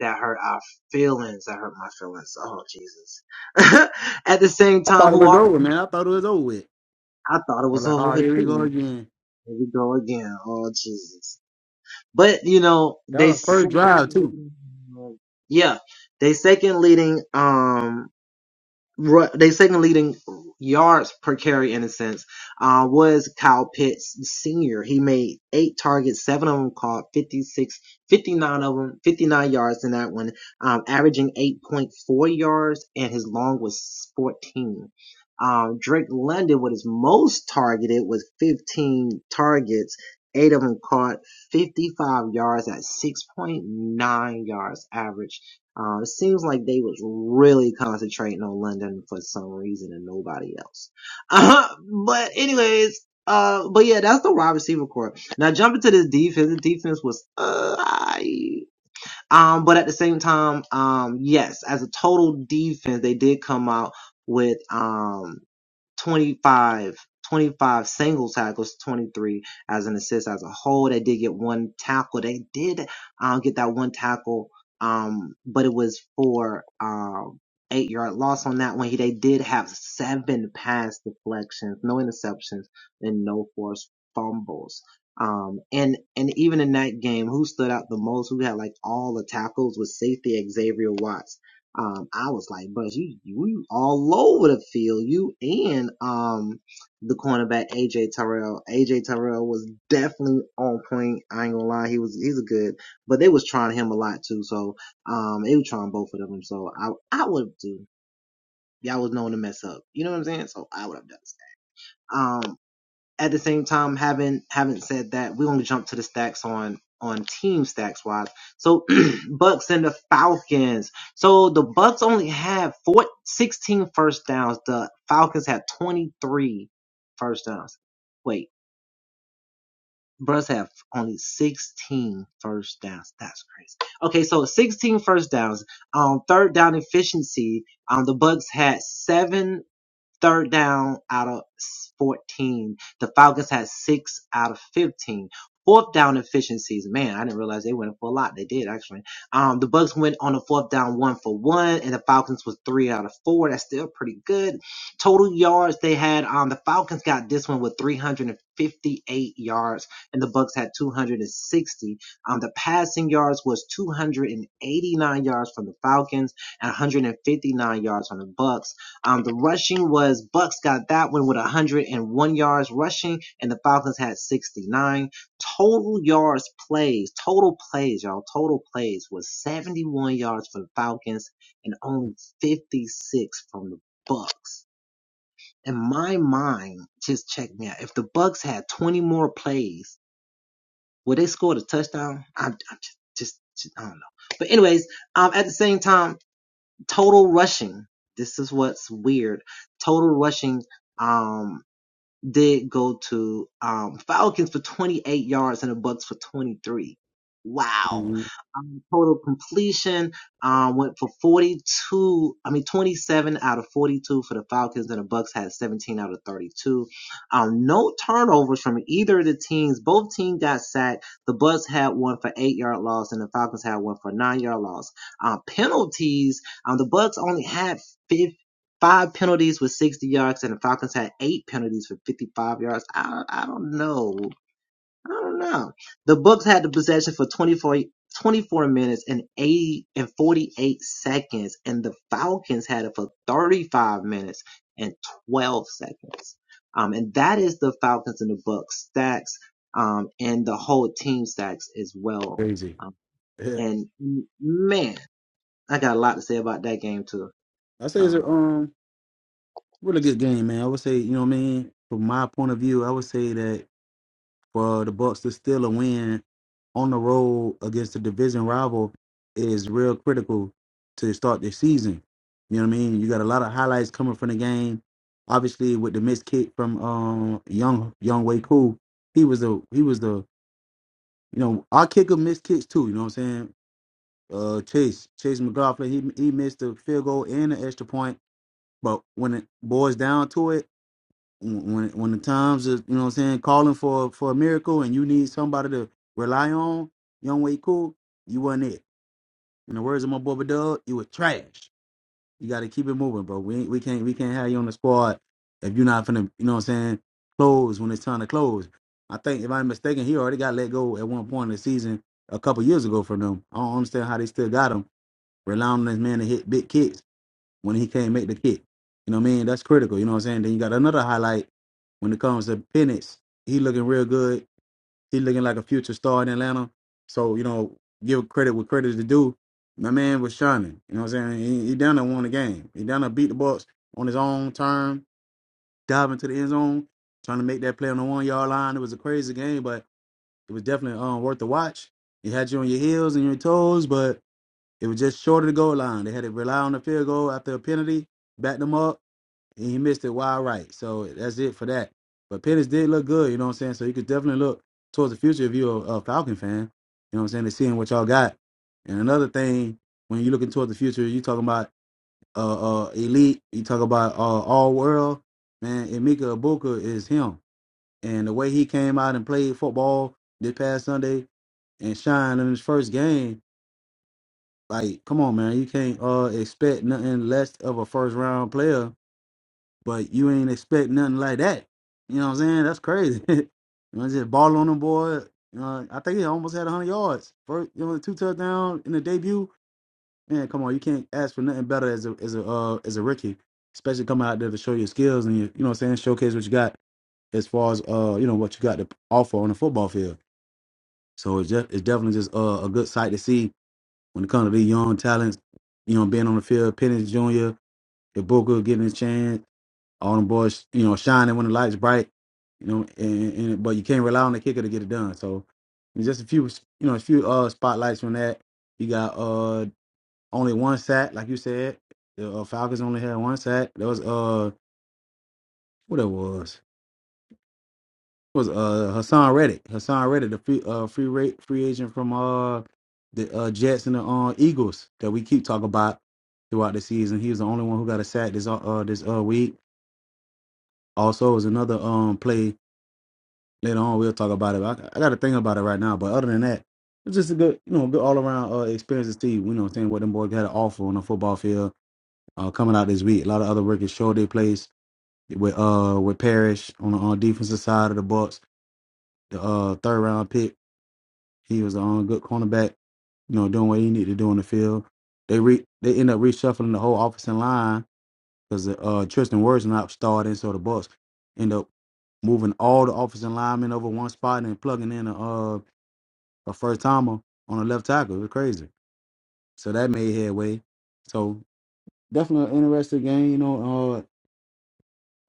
Speaker 1: That hurt our feelings. That hurt my feelings. Oh Jesus! [LAUGHS] At the same
Speaker 2: I
Speaker 1: time,
Speaker 2: thought it
Speaker 1: who
Speaker 2: was
Speaker 1: also
Speaker 2: over, man. I thought it was over with.
Speaker 1: I thought it
Speaker 2: I'm
Speaker 1: was
Speaker 2: like,
Speaker 1: over
Speaker 2: oh,
Speaker 1: with
Speaker 2: here we go
Speaker 1: too.
Speaker 2: again.
Speaker 1: Here we go again. Oh Jesus. But you know,
Speaker 2: That
Speaker 1: they
Speaker 2: was first
Speaker 1: second
Speaker 2: drive, too.
Speaker 1: leading, yeah, they second leading. Um, ru- they second leading yards per carry in a sense uh, was Kyle Pitts senior. He made eight targets, seven of them caught, 56, 59 of them, 59 yards in that one, um, averaging 8.4 yards, and his long was 14. Um, Drake London was his most targeted with 15 targets, eight of them caught, 55 yards at 6.9 yards average uh, it seems like they was really concentrating on London for some reason and nobody else. Uh, but anyways, uh, but yeah, that's the wide receiver core. Now jumping to the defense, the defense was, uh, I, um, but at the same time, um, yes, as a total defense, they did come out with, um, 25, 25 single tackles, 23 as an assist as a whole. They did get one tackle. They did um, get that one tackle, um, but it was for um, eight yard loss on that one. He, they did have seven pass deflections, no interceptions, and no forced fumbles. Um, and, and even in that game, who stood out the most, who had like all the tackles was safety Xavier Watts um, I was like, "Bro, you you you all over the field, you and um the cornerback AJ Terrell. AJ Terrell was definitely on point. I ain't gonna lie, he was he's a good, but they was trying him a lot too. So um, they were trying both of them. So I I would have too. Y'all was known to mess up. You know what I'm saying? So I would have done. that. Um at the same time, having haven't said that, we will to jump to the stacks on on team stacks wise. So [CLEARS THROAT] Bucks and the Falcons. So the Bucks only have four sixteen first downs. The Falcons have 23 first downs. Wait, Bucks have only 16 first downs. That's crazy. Okay, so 16 first downs. Um, third down efficiency. Um, the Bucks had seven third down out of 14. The Falcons had six out of 15. Fourth down efficiencies, man, I didn't realize they went for a lot. They did actually. Um, the Bucks went on a fourth down one for one, and the Falcons was three out of four. That's still pretty good. Total yards they had. Um, the Falcons got this one with 358 yards, and the Bucks had 260. Um, the passing yards was 289 yards from the Falcons and 159 yards from the Bucks. Um, the rushing was Bucks got that one with 101 yards rushing, and the Falcons had 69 total yards plays. Total plays, y'all. Total plays was 71 yards for the Falcons and only 56 from the Bucks. In my mind, just check me out. If the Bucks had 20 more plays, would they score a touchdown? I'm, I'm just, just, just- I don't know. But anyways, um, at the same time total rushing. This is what's weird. Total rushing. Um, did go to um, Falcons for 28 yards and the Bucks for 23. Wow.
Speaker 2: Mhm.
Speaker 1: Um, total completion um, went for 42, I mean 27 out of 42 for the Falcons and the Bucks had 17 out of 32. Um, no turnovers from either of the teams. Both teams got sacked. The Bucks had one for 8-yard loss and the Falcons had one for 9-yard loss. Uh, penalties, um, the Bucks only had 15 five penalties with 60 yards, and the Falcons had eight penalties for 55 yards. I, I don't know. I don't know. The Bucks had the possession for 24 24 minutes and 80 and 48 seconds, and the Falcons had it for 35 minutes and 12 seconds. Um, and that is the Falcons and the Bucks stacks, um, and the whole team stacks as well.
Speaker 2: Crazy.
Speaker 1: Um,
Speaker 2: [LAUGHS] Yeah.
Speaker 1: and man, I got a lot to say about that game too.
Speaker 2: I say it's a,
Speaker 1: Um,
Speaker 2: um, really good game, man. I would say, you know what I mean? From my point of view, I would say that for the Bucks to steal a win on the road against a division rival is real critical to start this season. You know what I mean? You got a lot of highlights coming from the game. Obviously, with the missed kick from um young young Way Cool, he was the he was the you know our kicker missed kicks too. You know what I'm saying? Uh, Chase Chase McLaughlin he he missed the field goal and the extra point, but when it boils down to it when when the times is you know what I'm saying calling for for a miracle and you need somebody to rely on, young way cool, you wasn't it. In the words of my boy Dub, you were trash. You got to keep it moving, bro. We ain't- we can't we can't have you on the squad if you're not finna you know what I'm saying close when it's time to close. I think if I'm mistaken, he already got let go at one point in the season a couple years ago from them. I don't understand how they still got him relying on this man to hit big kicks when he can't make the kick. You know what I mean? That's critical. You know what I'm saying? Then you got another highlight when it comes to Penix. He looking real good. He looking like a future star in Atlanta. So, you know, give credit what credit is due. My man was shining. You know what I'm saying? He, he down there won the game. He down there beat the Bucks on his own time, diving to the end zone, trying to make that play on the one yard line. It was a crazy game, but it was definitely um, worth the watch. It had you on your heels and your toes, but it was just short of the goal line. They had to rely on the field goal after a penalty, back them up and he missed it wide right. So that's it for that. But Pettis did look good, you know what I'm saying? So you could definitely look towards the future if you're a, a Falcon fan, you know what I'm saying, and seeing what y'all got. And another thing, when you're looking towards the future, you talking about uh, uh elite, you talk about uh, all world, man, Emeka Abuka is him. And the way he came out and played football this past Sunday and shined in his first game, like, come on, man, you can't uh expect nothing less of a first round player but you ain't expect nothing like that. You know what I'm saying? That's crazy. [LAUGHS] you know, just ball on the boy. You know, I think he almost had 100 yards. First, you know, two touchdowns in the debut. Man, come on, you can't ask for nothing better as a as a uh, as a rookie, especially coming out there to show your skills and your, you know what I'm saying, showcase what you got as far as uh you know what you got to offer on the football field. So it's just it's definitely just uh, a good sight to see when it comes to these young talents. You know, being on the field, Pennis Jr., Ibuka getting his chance all them boys, you know, shining when the light's bright, you know, and, and but you can't rely on the kicker to get it done. So it's just a few, you know, a few uh spotlights from that. You got uh only one sack, like you said. The uh, Falcons only had one sack. There was uh what it was it was uh Hassan Reddick, Hassan Reddick, the free uh free rate free agent from uh the uh Jets and the uh, Eagles that we keep talking about throughout the season. He was the only one who got a sack this uh uh, this uh week. Also, it was another um play later on we'll talk about it. I, I got to think about it right now. But other than that, it's just a good, you know, good all around uh, experience to see. You know, what I'm saying what them boys had to offer on the football field uh, coming out this week. A lot of other records showed their place with uh with Parrish on the on defensive side of the Bucks. The uh, third round pick, he was on good cornerback. You know, doing what he needed to do on the field. They re they end up reshuffling the whole offensive line because uh, Tristan Wirfs not starting, so the Bucks end up moving all the offensive linemen over one spot and plugging in a uh a first timer on a left tackle. It was crazy. So that made headway. So definitely an interesting game. You know, uh,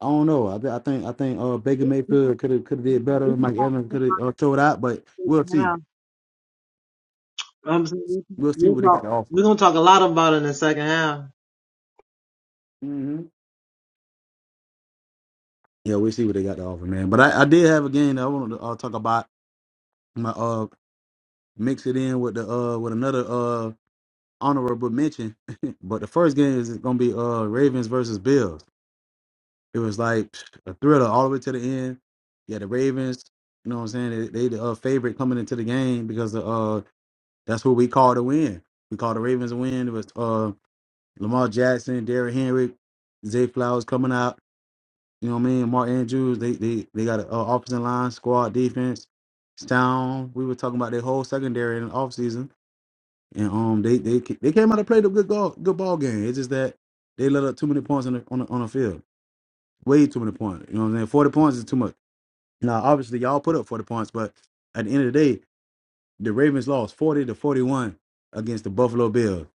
Speaker 2: I don't know. I, thi- I think I think uh, Baker Mayfield could have could have did better. Mike Evans could have uh, showed out, but we'll
Speaker 1: how
Speaker 2: see.
Speaker 1: I'm saying we
Speaker 2: We'll see
Speaker 1: will
Speaker 2: what they got
Speaker 1: talk.
Speaker 2: to offer.
Speaker 1: We're gonna talk a lot about it in the second half.
Speaker 2: hmm Yeah, we'll see what they got to offer, man. But I, I did have a game that I wanted to uh, talk about. My uh, mix it in with the uh with another uh honorable mention. [LAUGHS] but the first game is going to be uh Ravens versus Bills. It was like a thriller all the way to the end. Yeah, the Ravens, you know what I'm saying? They, they the uh, favorite coming into the game because uh that's what we call to win. We call the Ravens a win. It was uh Lamar Jackson, Derrick Henry, Zay Flowers coming out. You know what I mean? Mark Andrews, they they they got an uh, offensive line, squad, defense, sound. We were talking about their whole secondary in the offseason. And um, they they ca- they came out and played a good goal, good ball game. It's just that they let up too many points on the on the, on the field. Way too many points. You know what I'm saying? 40 points is too much. Now, obviously, y'all put up 40 points, but at the end of the day, the Ravens lost 40 to 41 against the Buffalo Bills.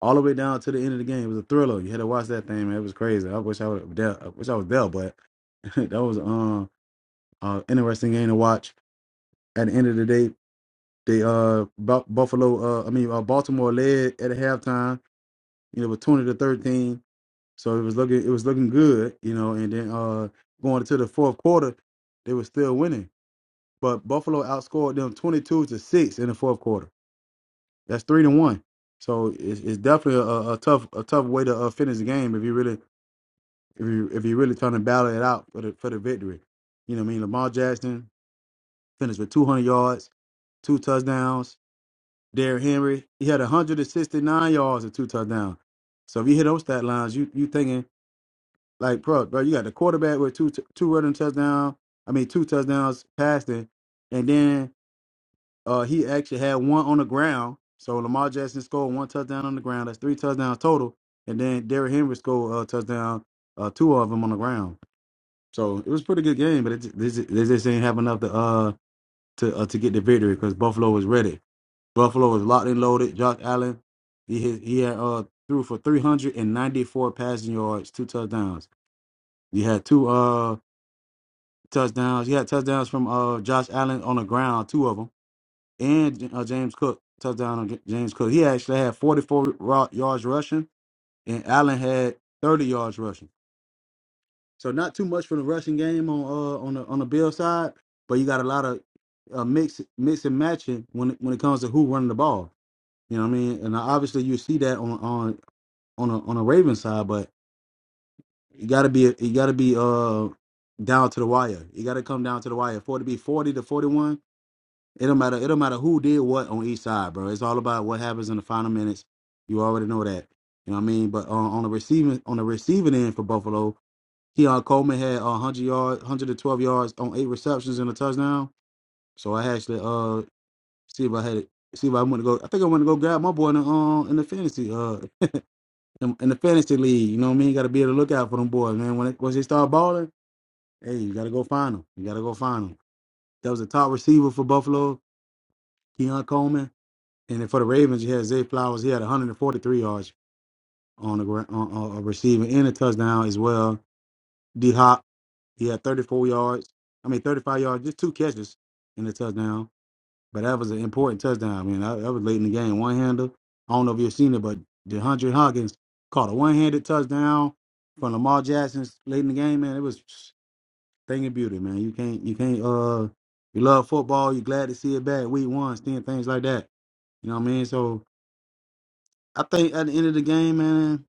Speaker 2: All the way down to the end of the game. It was a thriller. You had to watch that thing, man. It was crazy. I wish I was there. I wish I was there, but [LAUGHS] that was um uh interesting game to watch. At the end of the day, they uh Bu- Buffalo uh I mean uh, Baltimore led at halftime. You know, with 20 to 13. So it was looking it was looking good, you know, and then uh going into the fourth quarter, they were still winning. but Buffalo outscored them 22 to 6 in the fourth quarter. That's 3 to 1. So it's, it's definitely a, a tough a tough way to uh, finish the game if you really if you if you really trying to battle it out for the for the victory. You know what I mean? Lamar Jackson finished with 200 yards, two touchdowns. Derrick Henry, he had 169 yards and two touchdowns. So if you hit those stat lines, you you thinking like, bro, bro, you got the quarterback with two two running touchdowns. I mean, two touchdowns passing, and then Uh, he actually had one on the ground. So Lamar Jackson scored one touchdown on the ground. That's three touchdowns total. And then Derrick Henry scored a touchdown, uh, two of them on the ground. So it was a pretty good game, but it just, they, just, they just ain't have enough to uh to uh, to get the victory because Buffalo was ready. Buffalo was locked and loaded. Josh Allen, he hit, he had uh threw for three hundred and ninety four passing yards, two touchdowns. You had two uh touchdowns. You had touchdowns from uh Josh Allen on the ground, two of them and uh, James Cook touchdown on J- James Cook. He actually had 44 ro- yards rushing, and Allen had 30 yards rushing. So not too much for the rushing game on uh, on the on the Bill side, but you got a lot of uh, mix mix and matching when it- when it comes to who running the ball. You know what I mean? And obviously you see that on on on a, on a Raven side, but you got to be you got to be uh down to the wire. You got to come down to the wire for it to be 40 to 41. It don't matter. It don't matter who did what on each side, bro. It's all about what happens in the final minutes. You already know that. You know what I mean? But on, on the receiving on the receiving end for Buffalo, Keon Coleman had uh, 100 yards, 112 yards on eight receptions and a touchdown. So I actually uh see if I had it. See if I want to go. I think I want to go grab my boy in the uh, in the fantasy uh in, in the fantasy league. You know what I mean? Got to be on the lookout for them boys, man. When it, once they start balling, hey, you got to go find them. You got to go find them. That was the top receiver for Buffalo, Keon Coleman. And then for the Ravens, you had Zay Flowers. He had 143 yards on the ground, on, on, on receiving and a touchdown as well. D Hop, he had 34 yards. I mean, 35 yards, just two catches in the touchdown. But that was an important touchdown. I mean, that, that was late in the game. One hander. I don't know if you've seen it, but DeAndre Hopkins caught a one handed touchdown from Lamar Jackson late in the game. Man, it was thing of beauty, man. You can't, you can't, uh, you love football. You're glad to see it back week one, seeing things like that. You know what I mean? So, I think at the end of the game, man,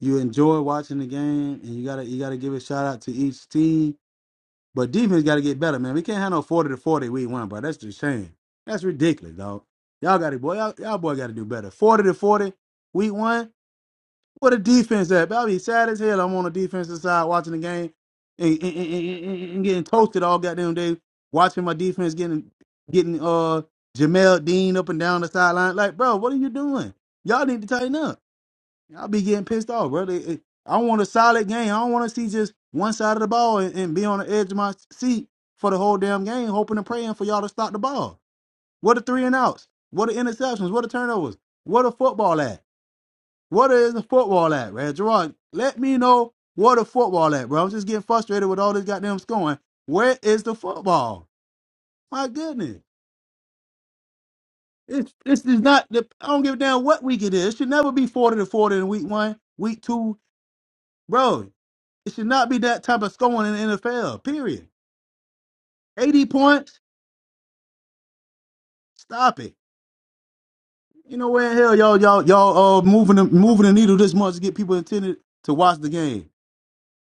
Speaker 2: you enjoy watching the game, and you gotta you gotta give a shout out to each team. But defense gotta get better, man. We can't have no forty to forty week one, bro. That's just shame. That's ridiculous, dog. Y'all got to boy, y'all, y'all boy got to do better. Forty to forty week one. What a defense at? But I'll be sad as hell. I'm on the defensive side watching the game and, and, and, and, and- and getting toasted all goddamn day. Watching my defense getting getting uh Jamel Dean up and down the sideline. Like, bro, what are you doing? Y'all need to tighten up. I'll be getting pissed off, bro. They- it- I want a solid game. I don't want to see just one side of the ball and, and be on the edge of my seat for the whole damn game, hoping and praying for y'all to stop the ball. What are three and outs? What are interceptions? What are turnovers? What are football at? What is the football at, man? Gerard, let me know what the football at, bro. I'm just getting frustrated with all this goddamn scoring. Where is the football? My goodness. It's this is not the I don't give a damn what week it is. It should never be forty to forty in week one, week two, bro. It should not be that type of scoring in the NFL. Period. Eighty points. Stop it. You know where in hell y'all y'all y'all uh moving the moving the needle this much to get people intended to watch the game.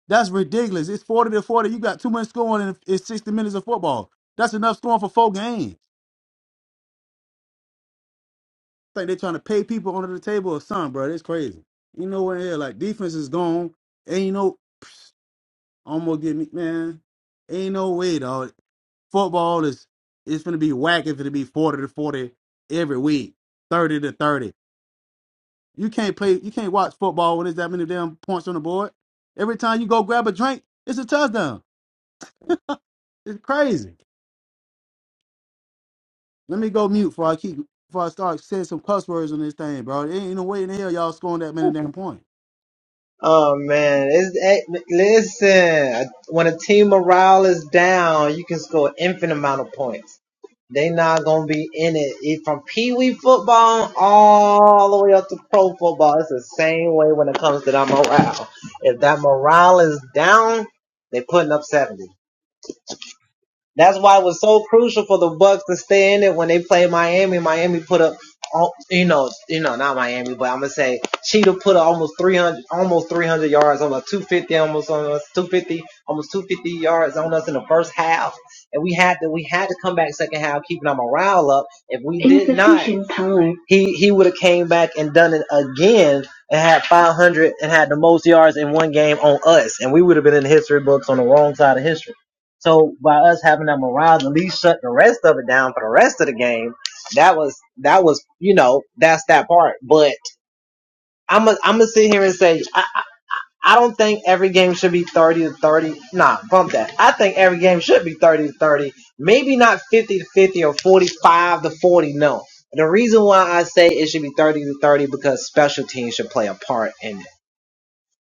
Speaker 2: That's ridiculous. It's forty to forty. You got too much scoring in, in sixty minutes of football. That's enough scoring for four games. I think they're trying to pay people under the table or something, bro. That's crazy. You know where in hell like defense is gone. Ain't no almost get me man. Ain't no way, dog. Football is it's gonna be whack if it'll be forty to forty every week, thirty to thirty. You can't play you can't watch football when there's that many damn points on the board. Every time you go grab a drink, it's a touchdown. It's crazy. Let me go mute before I keep before I start saying some cuss words on this thing, bro. There ain't no way in hell y'all scoring that many damn points.
Speaker 1: Oh man, it's eh, listen. When a team morale is down, you can score infinite amount of points. They not gonna be in it It- from pee wee football all the way up to pro football. It's the same way when it comes to that morale. If that morale is down, they putting up 70. That's why it was so crucial for the Bucks to stay in it when they played Miami. Miami put up, al- you know, you know, not Miami, but I'm gonna say Cheetah put up almost 300, almost 300 yards on us, 250, almost on us, 250, almost 250 yards on us in the first half, and we had to, we had to come back second half, keeping our morale up. If we did not, he he would have came back and done it again and had 500 and had the most yards in one game on us, and we would have been in the history books on the wrong side of history. So by us having that morale, to at least shut the rest of it down for the rest of the game. That was that was you know that's that part. But I'm i I'm gonna sit here and say I, I don't think every game should be 30 to 30. Nah, bump that. I think every game should be 30 to 30. Maybe not 50 to 50 or 45 to 40. No. The reason why I say it should be 30 to 30 because special teams should play a part in it.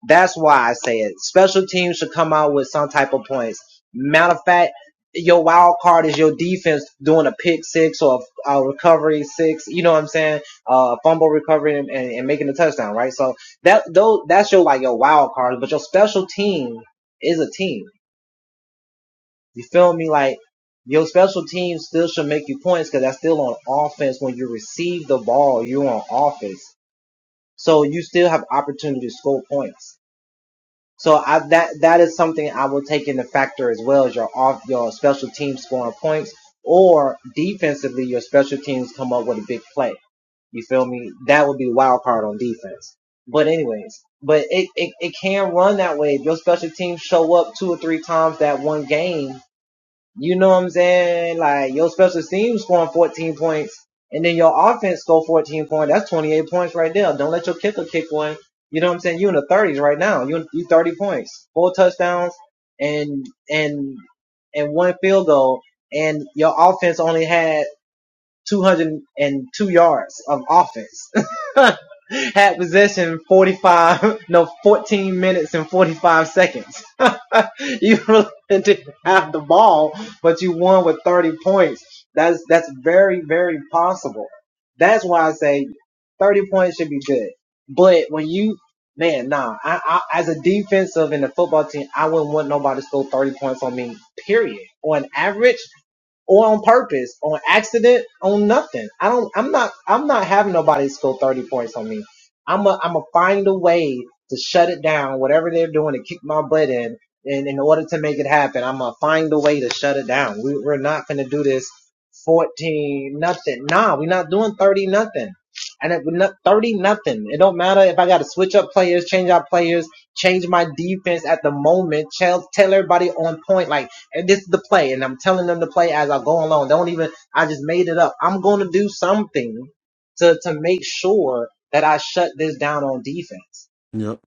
Speaker 1: That's why I say it. Special teams should come out with some type of points. Matter of fact, your wild card is your defense doing a pick six or a, a recovery six. You know what I'm saying? Uh, fumble recovery and, and, and making a touchdown, right? So that those that's your like your wild card, but your special team is a team. You feel me? Like your special team still should make you points because that's still on offense. When you receive the ball, you're on offense, so you still have opportunity to score points. So I, that that is something I will take into factor as well as your off your special teams scoring points or defensively your special teams come up with a big play. You feel me? That would be wild card on defense. But anyways, but it, it, it can run that way. If your special teams show up two or three times that one game, you know what I'm saying? Like your special team scoring 14 points, and then your offense score 14 points. That's 28 points right there. Don't let your kicker kick one. You know what I'm saying? You in the 30s right now. You you 30 points, four touchdowns, and and and one field goal, and your offense only had 202 yards of offense. [LAUGHS] Had possession 45, no, 14 minutes and 45 seconds. [LAUGHS] you really didn't have the ball, but you won with 30 points. That's that's very very possible. That's why I say 30 points should be good. But when you man, nah, I, I as a defensive in the football team, I wouldn't want nobody to score 30 points on me. Period. On average, or on purpose, on accident, on nothing. I don't. I'm not. I'm not having nobody score 30 points on me. I'm a. I'm a find a way to shut it down. Whatever they're doing to kick my butt in, and in order to make it happen, I'm gonna find a way to shut it down. We, we're not gonna do this 14 nothing. Nah, we're not doing 30 nothing. And it, not 30 nothing. It don't matter if I gotta switch up players, change out players, change my defense at the moment. Tell tell everybody on point like and this is the play, and I'm telling them to play as I go along. Don't even, I just made it up. I'm going to do something to, to make sure that I shut this down on defense.
Speaker 2: Yep.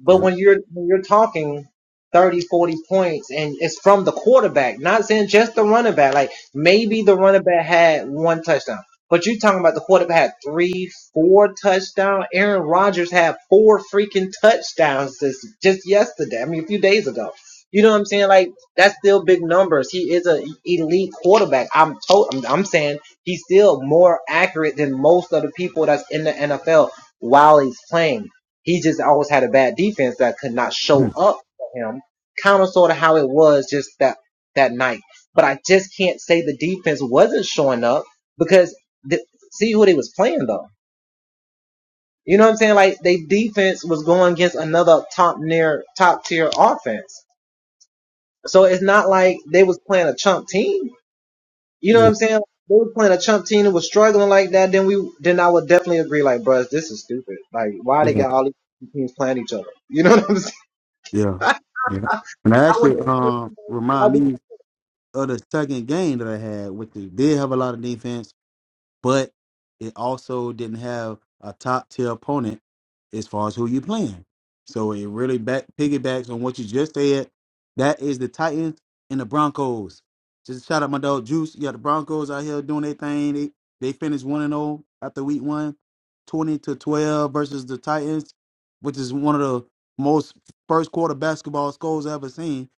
Speaker 1: But
Speaker 2: Yep.
Speaker 1: when you're when you're talking 30, 40 points and it's from the quarterback, not saying just the running back. Like maybe the running back had one touchdown. But you're talking about the quarterback had three, four touchdowns. Aaron Rodgers had four freaking touchdowns this, just yesterday. I mean, a few days ago. You know what I'm saying? Like that's still big numbers. He is an elite quarterback. I'm told. I'm, I'm saying he's still more accurate than most of the people that's in the NFL while he's playing. He just always had a bad defense that could not show
Speaker 2: Mm,
Speaker 1: up for him. Kind of sort of how it was just that that night. But I just can't say the defense wasn't showing up because the, see who they was playing though. You know what I'm saying? Like they defense was going against another top near top tier offense. So it's not like they was playing a chump team. You know what
Speaker 2: Yeah.
Speaker 1: I'm saying? They were playing a chump team and was struggling like that. Then we then I would definitely agree like, bruh, this is stupid. Like why they
Speaker 2: Yeah.
Speaker 1: got all these teams playing each other? You know what I'm saying?
Speaker 2: Yeah.
Speaker 1: [LAUGHS]
Speaker 2: Yeah. And I
Speaker 1: I would
Speaker 2: actually
Speaker 1: definitely
Speaker 2: um
Speaker 1: say I
Speaker 2: remind
Speaker 1: think-
Speaker 2: me of the second game that I had, which they did have a lot of defense but it also didn't have a top tier opponent as far as who you playing. So it really back piggybacks on what you just said. That is the Titans and the Broncos. Just shout out my dog Juice. Yeah, the Broncos out here doing their thing. They they finished one and zero after week one, 20 to twelve versus the Titans, which is one of the most first quarter basketball scores I've ever seen.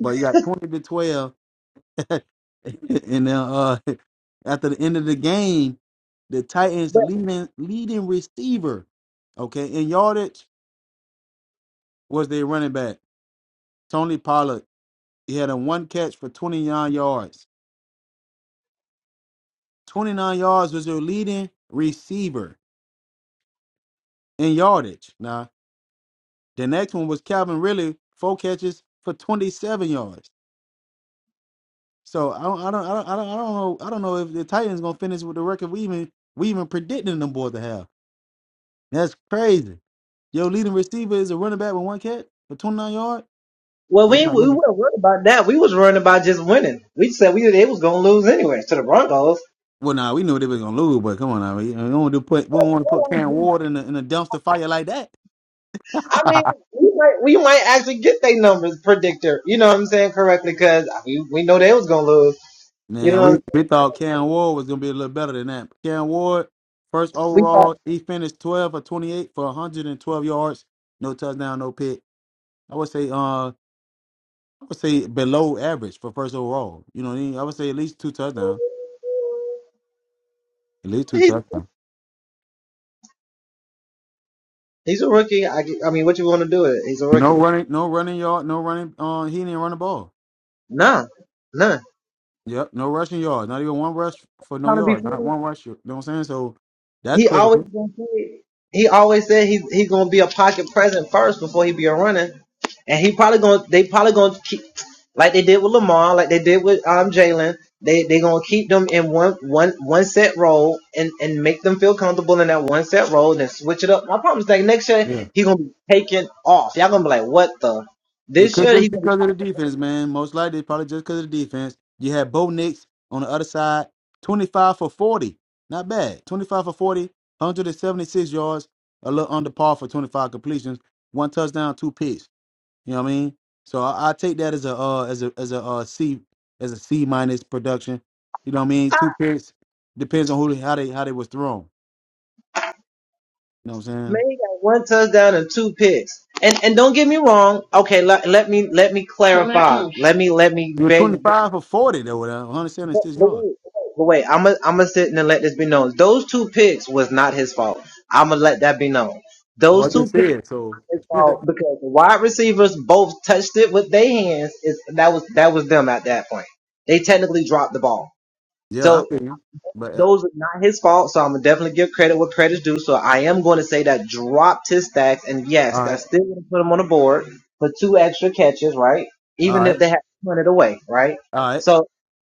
Speaker 2: But you got twenty to twelve [LAUGHS] and then uh, [LAUGHS] after the end of the game, the Titans leading leading receiver, okay, in yardage was their running back Tony Pollard. He had a one catch for 29 yards. 29 yards was their leading receiver in yardage. Now the next one was Calvin Ridley, four catches for 27 yards. So I don't, I don't, I don't, I don't, I don't know, I don't know if the Titans gonna finish with the record we even we even predicting them boys to have. That's crazy. Your leading receiver is a running back with one catch for 29 yards.
Speaker 1: well,
Speaker 2: It's
Speaker 1: we
Speaker 2: not
Speaker 1: we
Speaker 2: looking.
Speaker 1: weren't worried about that. We was worried about just winning. We said we they was gonna lose anyway to the Broncos.
Speaker 2: Well, nah, we knew they were gonna lose, but come on, now, we we don't want to put we don't want to put Cam Ward in a, in a dumpster fire like that.
Speaker 1: I mean,
Speaker 2: [LAUGHS]
Speaker 1: we might we might actually get their numbers predictor. You know what I'm saying correctly because we we know they was gonna lose. You
Speaker 2: Man,
Speaker 1: know,
Speaker 2: we, we thought Cam Ward was gonna be a little better than that. Cam Ward, first
Speaker 1: we thought
Speaker 2: overall, he finished 12 for 28 for 112 yards, no touchdown, no pick. I would say, uh, I would say below average for first overall. You know what I mean? I would say at least two touchdowns, at least two
Speaker 1: he's
Speaker 2: touchdowns.
Speaker 1: he's a rookie. I, get- I mean, what you want to do with it? He's a
Speaker 2: No
Speaker 1: rookie.
Speaker 2: running, no running yard, no running. Uh, he didn't run the ball.
Speaker 1: Nah, nah.
Speaker 2: Yep, no rushing yard. Not even one rush for no
Speaker 1: Trying to be
Speaker 2: yard. Not
Speaker 1: funny.
Speaker 2: one rush. You know what I'm saying? So that's
Speaker 1: He always
Speaker 2: critical.
Speaker 1: gonna say He always said he he gonna be a pocket present first before he be a running, and he probably gonna they probably gonna keep like they did with Lamar, like they did with um Jalen. They they gonna keep them in one one one set role and and make them feel comfortable in that one set role, and then switch it up. My problem is like next year
Speaker 2: Yeah,
Speaker 1: he gonna be taken off. Y'all gonna be like, what the?
Speaker 2: it
Speaker 1: This
Speaker 2: could
Speaker 1: year he
Speaker 2: just
Speaker 1: gonna be
Speaker 2: because of the defense, man. Most likely, probably just because of the defense. You had Bo Nix on the other side, 25 for 40. Not bad. 25 for 40, 176 yards, a little under par for 25 completions, one touchdown, two picks. You know what I mean? So I, I take that as a uh as a as a uh C as a C minus production. You know what I mean? Two periods depends on who they, how they how they was thrown. You know what I'm
Speaker 1: man,
Speaker 2: saying?
Speaker 1: he got one touchdown and two picks. And and don't get me wrong. Okay, let, let me let me clarify. Let me let me
Speaker 2: You were
Speaker 1: beg.
Speaker 2: 25 for 40 though, with
Speaker 1: But,
Speaker 2: 176
Speaker 1: but
Speaker 2: yards.
Speaker 1: wait, but wait, I'm gonna I'm gonna sit and let this be known. Those two picks was not his fault. I'm gonna let that be known.
Speaker 2: Oh,
Speaker 1: Those
Speaker 2: I
Speaker 1: two
Speaker 2: just
Speaker 1: picks
Speaker 2: said
Speaker 1: were
Speaker 2: so.
Speaker 1: his fault because the wide receivers both touched it with their hands. Is that was that was them at that point. They technically dropped the ball.
Speaker 2: [LAUGHS] yeah, I
Speaker 1: So
Speaker 2: feel you. But uh,
Speaker 1: those are not his fault. So I'm gonna definitely give credit what credit's due. So I am going to say that dropped his stacks, and yes,
Speaker 2: all right,
Speaker 1: that's still gonna put him on the board for two extra catches, right?
Speaker 2: all
Speaker 1: Even if
Speaker 2: right,
Speaker 1: they had to run it away, right?
Speaker 2: all right.
Speaker 1: So.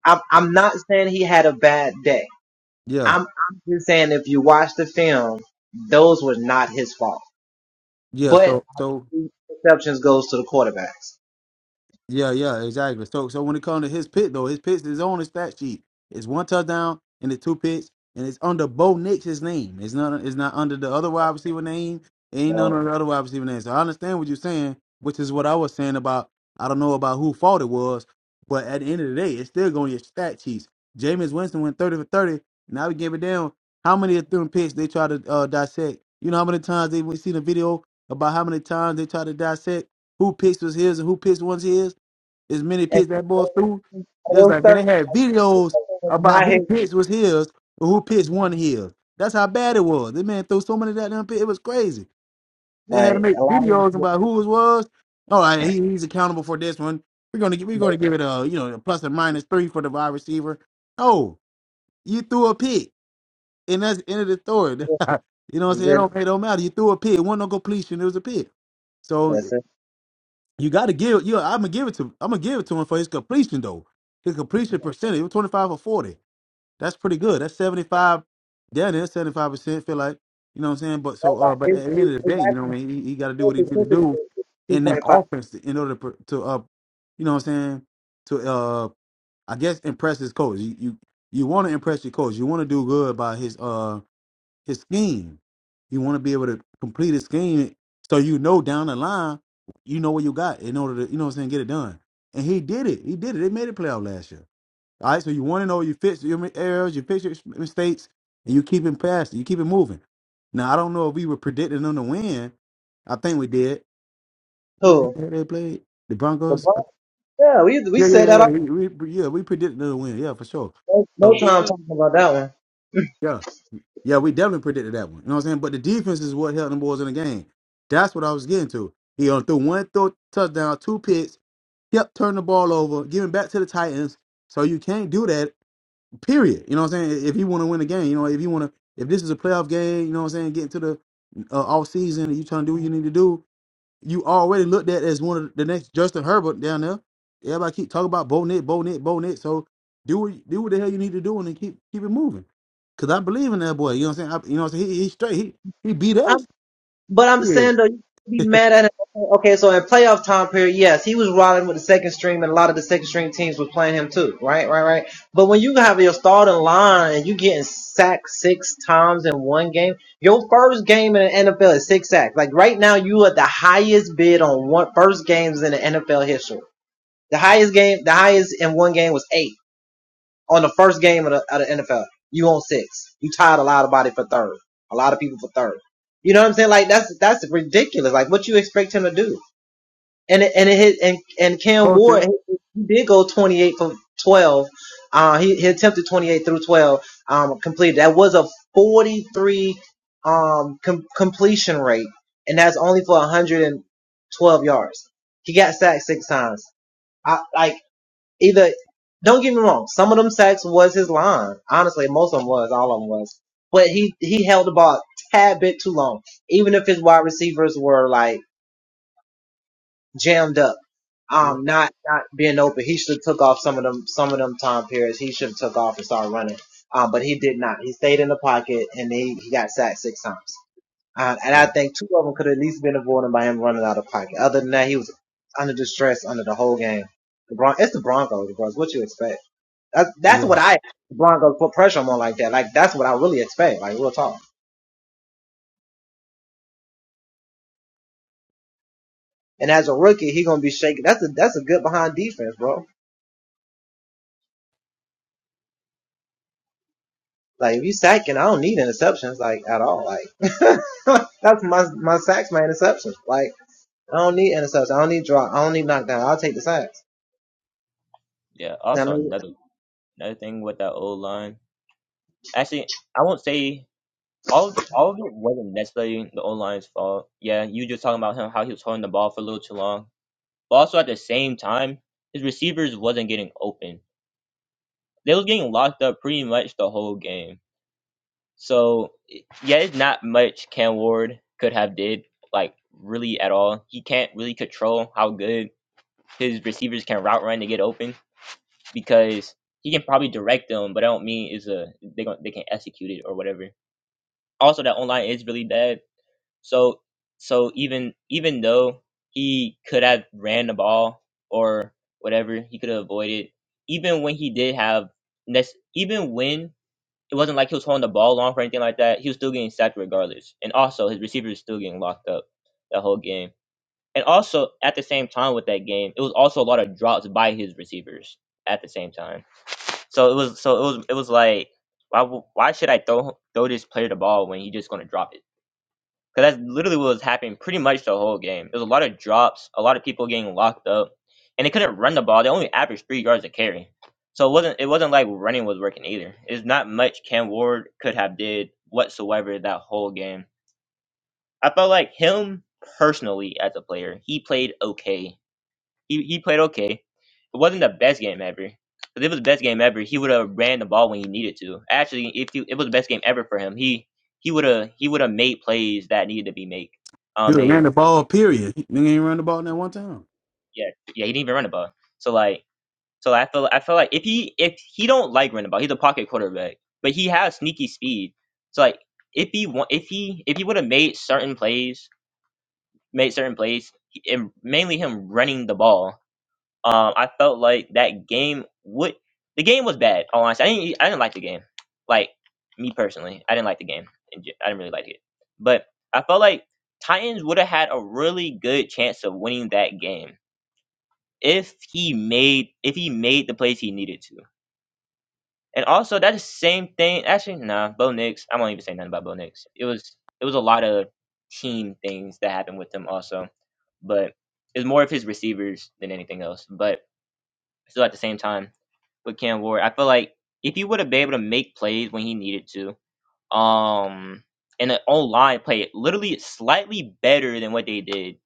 Speaker 1: I'm I'm not saying he had a bad day.
Speaker 2: Yeah,
Speaker 1: I'm I'm just saying if you watch the film, those were not his fault.
Speaker 2: yeah.
Speaker 1: But
Speaker 2: So so
Speaker 1: obviously, exceptions goes to the quarterbacks.
Speaker 2: Yeah, yeah, exactly. So, so when it comes to his pick though, his picks is on his stat sheet. It's one touchdown and it's two picks, and it's under Bo Nix's name. It's not. It's not under the other wide receiver name. It ain't none
Speaker 1: So
Speaker 2: of the other wide receiver names. So I understand what you're saying, which is what I was saying about. I don't know about who fault it was, but at the end of the day, it's still going to your stat sheets. Jameis Winston went 30 for 30. Now we give it down. How many of them picks they try to uh, dissect? You know how many times they we see the video about how many times they try to dissect who picks was his and who picks was his. As many picks that boy threw, it was
Speaker 1: those
Speaker 2: like, man,
Speaker 1: third
Speaker 2: they had videos
Speaker 1: was
Speaker 2: about
Speaker 1: not his.
Speaker 2: who picks was his or who picks won his. That's how bad it was. This man threw so many goddamn picks. It was crazy. They had to
Speaker 1: Like a
Speaker 2: make
Speaker 1: lot of
Speaker 2: videos
Speaker 1: people
Speaker 2: about who it was. All right, he, he's accountable for this one. We're gonna gi- we're gonna give it a you know a plus or minus three for the wide receiver. Oh, you threw a pick, and that's the end of the story. [LAUGHS] you know what I'm
Speaker 1: are
Speaker 2: saying? It
Speaker 1: really
Speaker 2: don't it don't matter. You threw a pick. It wasn't no completion. It was a pick. So
Speaker 1: that's it.
Speaker 2: you got to give. You, I'm gonna give it to. I'm gonna give it to him for his completion though. His completion percentage it was 25 or 40. That's pretty good. That's 75. Down there, 75 percent. Feel like you know what I'm saying. But so, uh, but at the end of the day, you know what I mean. He, he got to do what he need to do in that offense to- in order to, pr- to uh, you know what I'm saying. To uh, I guess impress his coach. You you, you want to impress your coach. You want to do good by his uh his scheme. You want to be able to complete his scheme so you know down the line, you know what you got in order to, you know what I'm saying, get it done. And he did it. He did it. They made it playoff last year. All right. So you want to know you fix your errors, you fix your mistakes, and you keep it past it. You keep it moving. Now, I don't know if we were predicting them to win. I think we did. Who they,
Speaker 1: Who
Speaker 2: who they played? The
Speaker 1: the
Speaker 2: Broncos?
Speaker 1: Broncos? Yeah, we we
Speaker 2: Yeah, yeah,
Speaker 1: said
Speaker 2: yeah,
Speaker 1: that
Speaker 2: yeah.
Speaker 1: all
Speaker 2: We, we, yeah, we predicted them to win. Yeah, for sure.
Speaker 1: no,
Speaker 2: So,
Speaker 1: no time talking about that one.
Speaker 2: Yeah. Yeah, we definitely predicted that one. You know what I'm saying? But the defense is what held them boys in the game. That's what I was getting to. He only threw one th- touchdown, two picks, kept turning the ball over, giving back to the Titans. So you can't do that, period. You know what I'm saying? If you want to win the game, you know, if you want to, if this is a playoff game, you know what I'm saying, get into the uh, off season, you trying to do what you need to do, you already looked at as one of the next Justin Herbert down there. Everybody keep talking about Bonet, Bonet, Bonet. So do what do what the hell you need to do and then keep keep it moving. Cause I believe in that boy. You know what I'm saying? I, you know what I'm saying? He, he straight. He he beat us.
Speaker 1: But I'm saying
Speaker 2: Shit.
Speaker 1: though, you can be mad at him. Okay, so at playoff time period, yes, he was riding with the second string, and a lot of the second string teams was playing him too. Right, right, right. But when you have your starting line and you getting sacked six times in one game, your first game in the NFL is six sacks. Like right now, you are the highest bid on one first games in the NFL history. The highest game, the highest in one game was eight on the first game of the, of the NFL. You on six. You tied a lot of body for third. A lot of people for third. You know what I'm saying? Like that's that's ridiculous. Like what you expect him to do? And it, and it hit and and Cam
Speaker 2: Culture.
Speaker 1: Ward he did go 28 for 12. Uh, he, he attempted 28 through 12. Um, completed. That was a 43 um com- completion rate, and that's only for 112 yards. He got sacked six times. I like either don't get me wrong, some of them sacks was his line. Honestly, most of them was, all of them was. But he he held the ball a tad bit too long, even if his wide receivers were like jammed up,
Speaker 2: Yeah.
Speaker 1: um, not not being open. He should have took off some of them some of them time periods. He should have took off and started running. Um, but he did not. He stayed in the pocket and he, he got sacked six times. Uh, and
Speaker 2: Yeah.
Speaker 1: I think two of them could at least been avoided by him running out of pocket. Other than that, he was under distress under the whole game. The Bron- it's the Broncos, bro. It's what you expect. That's, that's
Speaker 2: Yeah.
Speaker 1: what I the Broncos put pressure on him like that. Like that's what I really expect. Like real talk. And as a rookie, he gonna be shaking. That's a that's a good behind defense, bro. Like if you sacking, I don't need interceptions like at all. Like [LAUGHS] that's my my sacks, my interceptions. Like I don't need interceptions. I don't need drop. I don't need knockdown. I'll take the sacks.
Speaker 3: Yeah.
Speaker 1: I
Speaker 3: Also,
Speaker 1: mean,
Speaker 3: another another thing with that old line. Actually, I won't say all of, all of it wasn't necessarily the old line's fault. Yeah, you just talking about him how he was holding the ball for a little too long. But also at the same time, his receivers wasn't getting open. They was getting locked up pretty much the whole game. So yeah, it's not much Cam Ward could have did like really at all. He can't really control how good his receivers can route run to get open because he can probably direct them, but I don't mean is a they gon- they can execute it or whatever. Also, that online is really bad. So so even even though he could have ran the ball or whatever, he could have avoided. Even when he did have nec- even when it wasn't like he was holding the ball long or anything like that, he was still getting sacked regardless. And also his receivers was still getting locked up the whole game. And also at the same time with that game, it was also a lot of drops by his receivers at the same time. So it was so it was it was like why w- why should I throw throw this player the ball when he's just gonna drop it? Because that's literally what was happening pretty much the whole game. There was a lot of drops, a lot of people getting locked up, and they couldn't run the ball. They only averaged three yards a carry. So it wasn't it wasn't like running was working either. It's not much Cam Ward could have did whatsoever that whole game. I felt like him personally as a player, he played okay. He he played okay. It wasn't the best game ever. If it was the best game ever, he would have ran the ball when he needed to. Actually, if he, it was the best game ever for him, he he would have he would have made plays that needed to be made.
Speaker 2: He
Speaker 3: Um, made
Speaker 2: ran the ball, period. He, nigga ain't run the ball in that one time.
Speaker 3: yeah yeah he didn't even run the ball. So like so I feel I feel like if he if he don't like running the ball, he's a pocket quarterback, but he has sneaky speed. So like if he wa- if he if he would have made certain plays, made certain plays, and mainly him running the ball. Um, I felt like that game would the game was bad. All honestly, I didn't e, I didn't like the game. Like me personally, I didn't like the game. In gen- I didn't really like it. But I felt like Titans would have had a really good chance of winning that game if he made if he made the plays he needed to. And also that's the same thing. Actually, nah, Bo Nix. I won't even say nothing about Bo Nix. It was it was a lot of team things that happened with him also, but it's more of his receivers than anything else. But still, at the same time with Cam Ward. I feel like if he would have been able to make plays when he needed to, um, and the on-line play literally slightly better than what they did,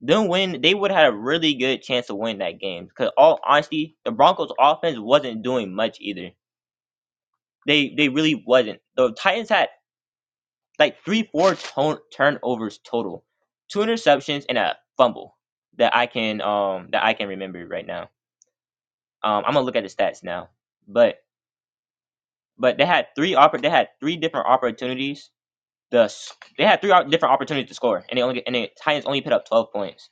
Speaker 3: then when they would have had a really good chance to win that game. Because all honesty, the Broncos' offense wasn't doing much either. They they really wasn't. The Titans had like three four ton- turnovers total, two interceptions and a fumble that I can um that I can remember right now. Um, I'm gonna look at the stats now, but but they had three oppor- they had three different opportunities. The they had three op- different opportunities to score, and they only and the Titans only put up twelve points,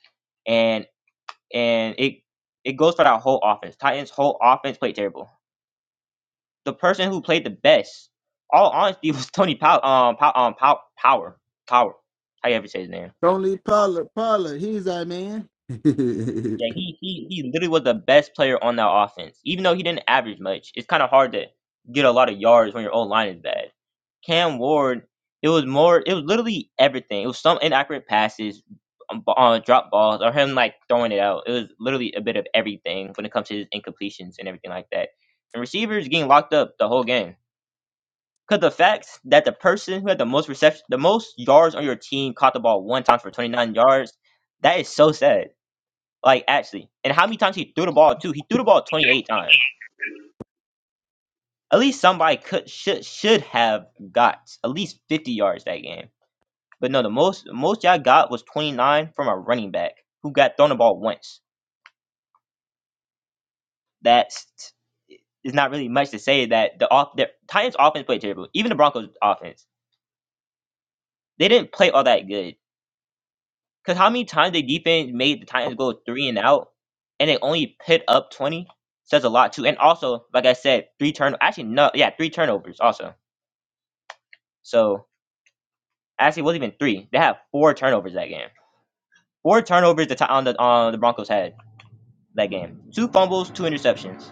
Speaker 3: and and it it goes for that whole offense. Titans whole offense played terrible. The person who played the best, all honesty, [LAUGHS] was Tony Pow- um, Pow- um Pow- Power Power. How you ever say his name?
Speaker 2: Tony Pollard, Pollard, he's our man. [LAUGHS] yeah.
Speaker 3: Yeah, he he he literally was the best player on that offense. Even though he didn't average much, it's kind of hard to get a lot of yards when your own line is bad. Cam Ward, it was more, it was literally everything. It was some inaccurate passes, um, b- uh, drop balls, or him like throwing it out. It was literally a bit of everything when it comes to his incompletions and everything like that. And receivers getting locked up the whole game. Cause the fact that the person who had the most reception, the most yards on your team caught the ball one time for 29 yards, that is so sad like actually, and how many times he threw the ball too? He threw the ball 28 times. At least somebody could should should have got at least 50 yards that game. But no, the most the most y'all got was 29 from a running back who got thrown the ball once. That's is not really much to say that the off the Titans offense played terrible. Even the Broncos offense, they didn't play all that good. Cause how many times they defense made the Titans go three and out, and they only pit up 20 says a lot too. And also, like I said, three turn actually no yeah three turnovers also. So actually, it wasn't even three. They had four turnovers that game. Four turnovers the t- on the on the Broncos had that game. Two fumbles, two interceptions.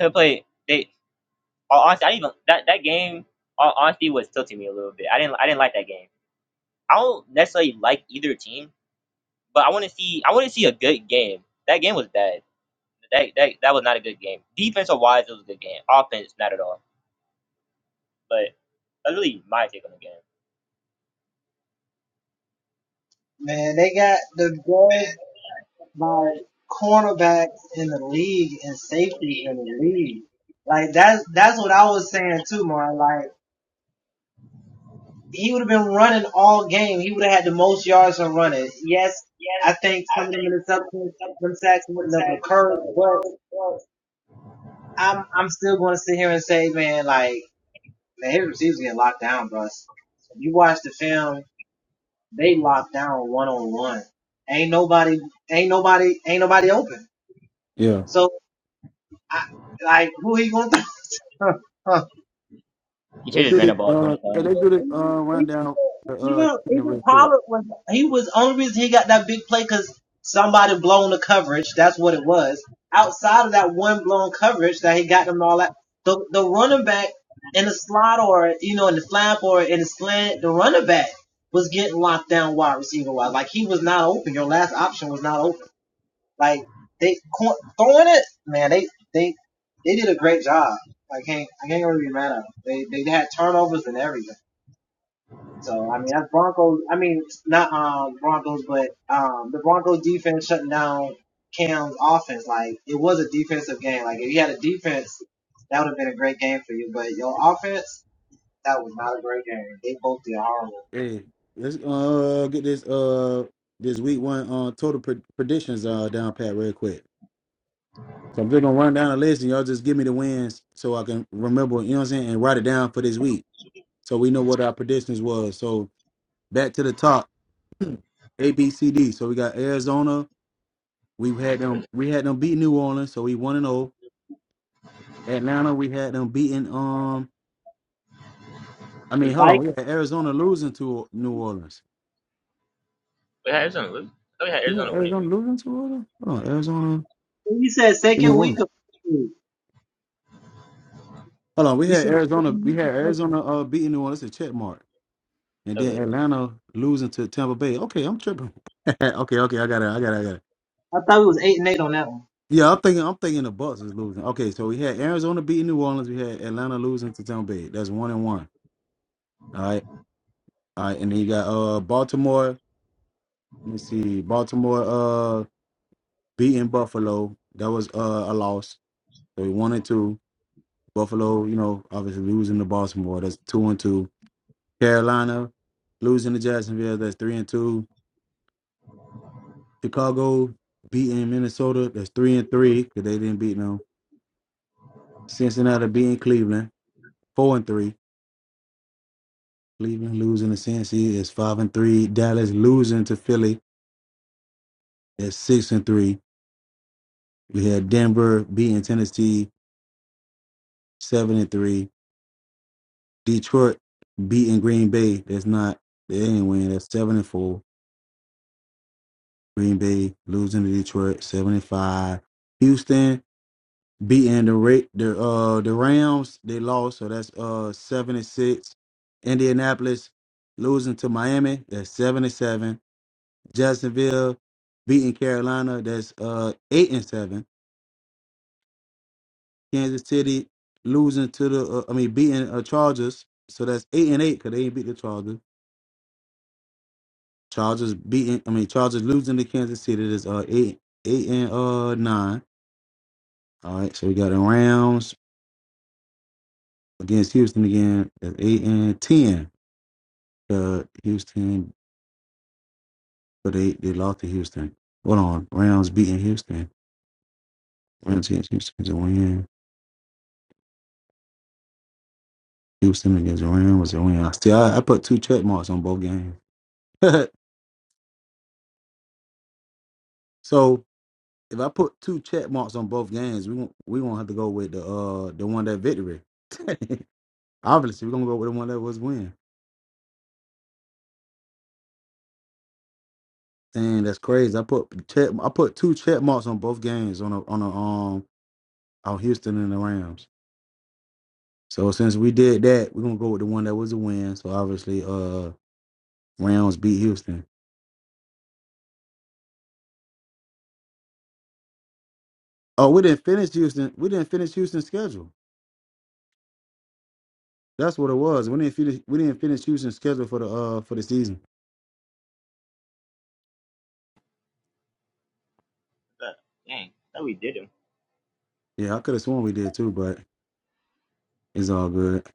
Speaker 3: Could play. They honestly, I didn't even that that game. Honestly, was tilting me a little bit. I didn't I didn't like that game. I don't necessarily like either team, but I want to see I want to see a good game. That game was bad. That, that that was not a good game. Defensive wise, it was a good game. Offense, not at all. But that's really my take on the game.
Speaker 1: man, they got the guard by cornerback in the league and safeties in the league. Like that's that's what I was saying too, Mar. Like he would have been running all game. He would have had the most yards on running. Yes, I think some of them interceptions, them sacks wouldn't have occurred, but I'm I'm still going to sit here and say, man, like man, his receivers getting locked down, bro. If you watch the film, they locked down one on one. Ain't nobody, ain't nobody, ain't nobody open. So. I, like who he gonna throw? to?
Speaker 3: You should
Speaker 2: Let's
Speaker 3: just
Speaker 2: do
Speaker 3: ran the
Speaker 2: the
Speaker 3: ball
Speaker 2: uh
Speaker 3: twenty
Speaker 2: hey, let's
Speaker 3: times.
Speaker 2: do the uh rundown uh
Speaker 1: [LAUGHS]
Speaker 2: uh,
Speaker 1: even
Speaker 2: chicken
Speaker 1: even
Speaker 2: real quick.
Speaker 1: Pollard was he was only reason he got that big play because somebody blown the coverage. That's what it was. Outside of that one blown coverage that he got them all that the the running back in the slot or you know in the flap or in the slant, the running back was getting locked down wide receiver wise. Like he was not open. Your last option was not open. Like they co- throwing it, man. They they they did a great job. I can't I can't really be mad at them. They they had turnovers and everything. So I mean that's Broncos. I mean not um Broncos, but um the Broncos defense shutting down Cam's offense. Like it was a defensive game. Like if you had a defense, that would have been a great game for you. But your offense, that was not a great game. They both did horrible.
Speaker 2: Hey, let's uh get this uh this week one uh total pre- predictions uh down pat real quick. So I'm just gonna run down the list and y'all just give me the wins so I can remember, you know what I'm saying, and write it down for this week so we know what our predictions was. So back to the top, A B C D. So we got Arizona, we had them we had them beat New Orleans, so we one and oh. Atlanta, we had them beating um I mean
Speaker 1: The
Speaker 2: hold on,
Speaker 1: Vikings.
Speaker 2: we had Arizona losing to New Orleans. You had Arizona losing to New Orleans? Hold on, Arizona
Speaker 1: You said
Speaker 2: and New
Speaker 1: second
Speaker 2: Orleans.
Speaker 1: week of you
Speaker 2: Hold on, we had
Speaker 1: said second
Speaker 2: Arizona, we had
Speaker 1: week of Christmas.
Speaker 2: Arizona uh, beating New Orleans. That's a check mark, and then Atlanta losing to Tampa Bay. Okay, I'm tripping. [LAUGHS] okay, okay, I got it, I got it, I got it.
Speaker 1: I thought it was eight and eight on that one.
Speaker 2: Yeah, I'm thinking, I'm thinking the Bucks is losing. Okay, so we had Arizona beating New Orleans. We had Atlanta losing to Tampa Bay. That's one and one. All right, all right, and then you got uh Baltimore. Let me see, Baltimore uh beating Buffalo. That was uh a loss. So we one and two. Buffalo, you know, obviously losing to Baltimore. That's two and two. Carolina losing to Jacksonville, that's three and two. Chicago beating Minnesota, that's three and three because they didn't beat them. Cincinnati beating Cleveland, four and three. Cleveland losing to Cincy is five and three. Dallas losing to Philly is six and three. We had Denver beating Tennessee, seven and three. Detroit beating Green Bay, that's not they didn't win. That's seven and four. Green Bay losing to Detroit, seven and five. Houston beating the Ra- the uh the Rams. They lost, so that's uh seven and six. Indianapolis losing to Miami. That's seven and seven. Jacksonville beating Carolina. That's uh eight and seven. Kansas City losing to the uh, I mean beating uh, Chargers. So that's eight and eight because they ain't beat the Chargers. Chargers beating I mean Chargers losing to Kansas City. That's uh eight eight and uh nine. All right, so we got the Rams against Houston again. That's eight and ten. the Houston, but they, they lost to Houston. Hold on, Rams beating Houston. Rams against Houston is a win. Houston against the Rams was a win. I still I, I put two check marks on both games. [LAUGHS] so if I put two check marks on both games, we won't we won't have to go with the uh the one that victory. [LAUGHS] Obviously, we're gonna go with the one that was win. Dang, that's crazy. I put check I put two check marks on both games on a on a um on Houston and the Rams. So since we did that, we're gonna go with the one that was a win. So obviously, uh, Rams beat Houston. Oh, we didn't finish Houston. We didn't finish Houston's schedule. That's what it was. We didn't finish. We didn't finish Houston's schedule for the uh for the season.
Speaker 3: But, Dang.
Speaker 2: Yeah, I could have sworn we did too, but it's all good. Let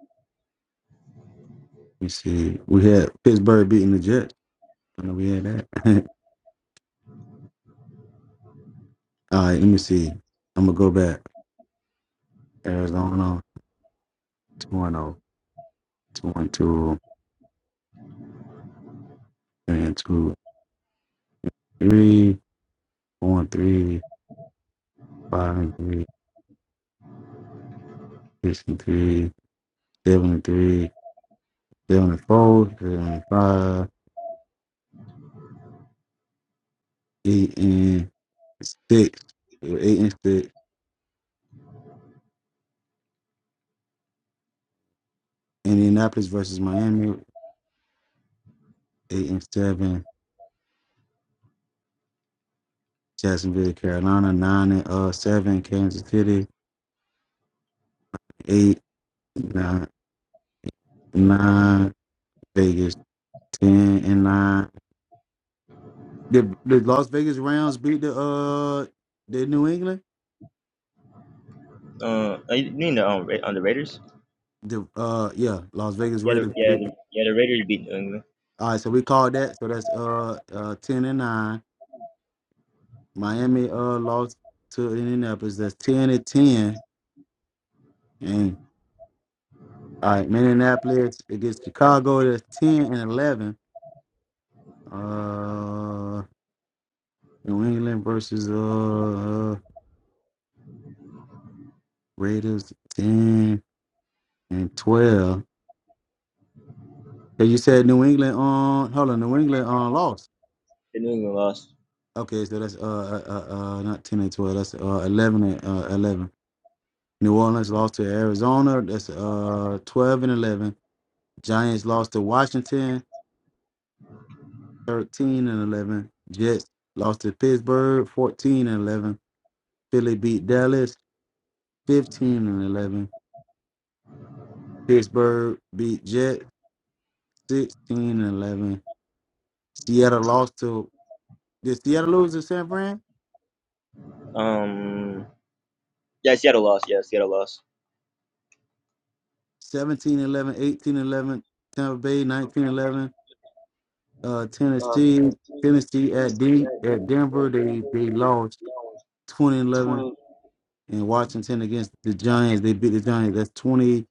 Speaker 2: me see. We had Pittsburgh beating the Jets. I know we had that. [LAUGHS] all right. Let me see. I'm gonna go back. Arizona two one zero two one two three and two three four and three five and three six and three seven and three seven and four seven and five eight and six, eight and six. Indianapolis versus Miami, eight and seven. Jacksonville, Carolina, nine and uh seven. Kansas City, eight, nine, nine. Vegas, ten and nine. The the Las Vegas Rams beat the uh the New England.
Speaker 3: Uh, you you mean the um, Ra- on the Raiders?
Speaker 2: The uh yeah, Las Vegas
Speaker 3: Yeah, the,
Speaker 2: Raiders.
Speaker 3: yeah,
Speaker 2: beat-
Speaker 3: the- yeah. The Raiders beat New England.
Speaker 2: All right, so we called that. So that's uh uh ten and nine. Miami uh lost to Indianapolis. That's ten and ten. All right, Minneapolis against Chicago. That's ten and eleven. Uh, New England versus uh Raiders ten and twelve. So you said New England on. Hold on, New England on lost.
Speaker 3: The New England lost.
Speaker 2: Okay, so that's uh uh, uh uh, not ten and twelve. That's uh eleven and uh, eleven. New Orleans lost to Arizona. That's uh twelve and eleven. Giants lost to Washington. Thirteen and eleven. Jets lost to Pittsburgh. Fourteen and eleven. Philly beat Dallas. 15 and 11. Pittsburgh beat Jets 16 and 11. Seattle lost to, did Seattle lose to San Fran?
Speaker 3: Um, yeah, Seattle lost. Yeah, Seattle lost.
Speaker 2: 17 11, 18 11. Tampa Bay 19 11. Uh, Tennessee, Tennessee at D, at Denver, they, they lost 20 11. And Washington against the Giants, they beat the Giants. That's 21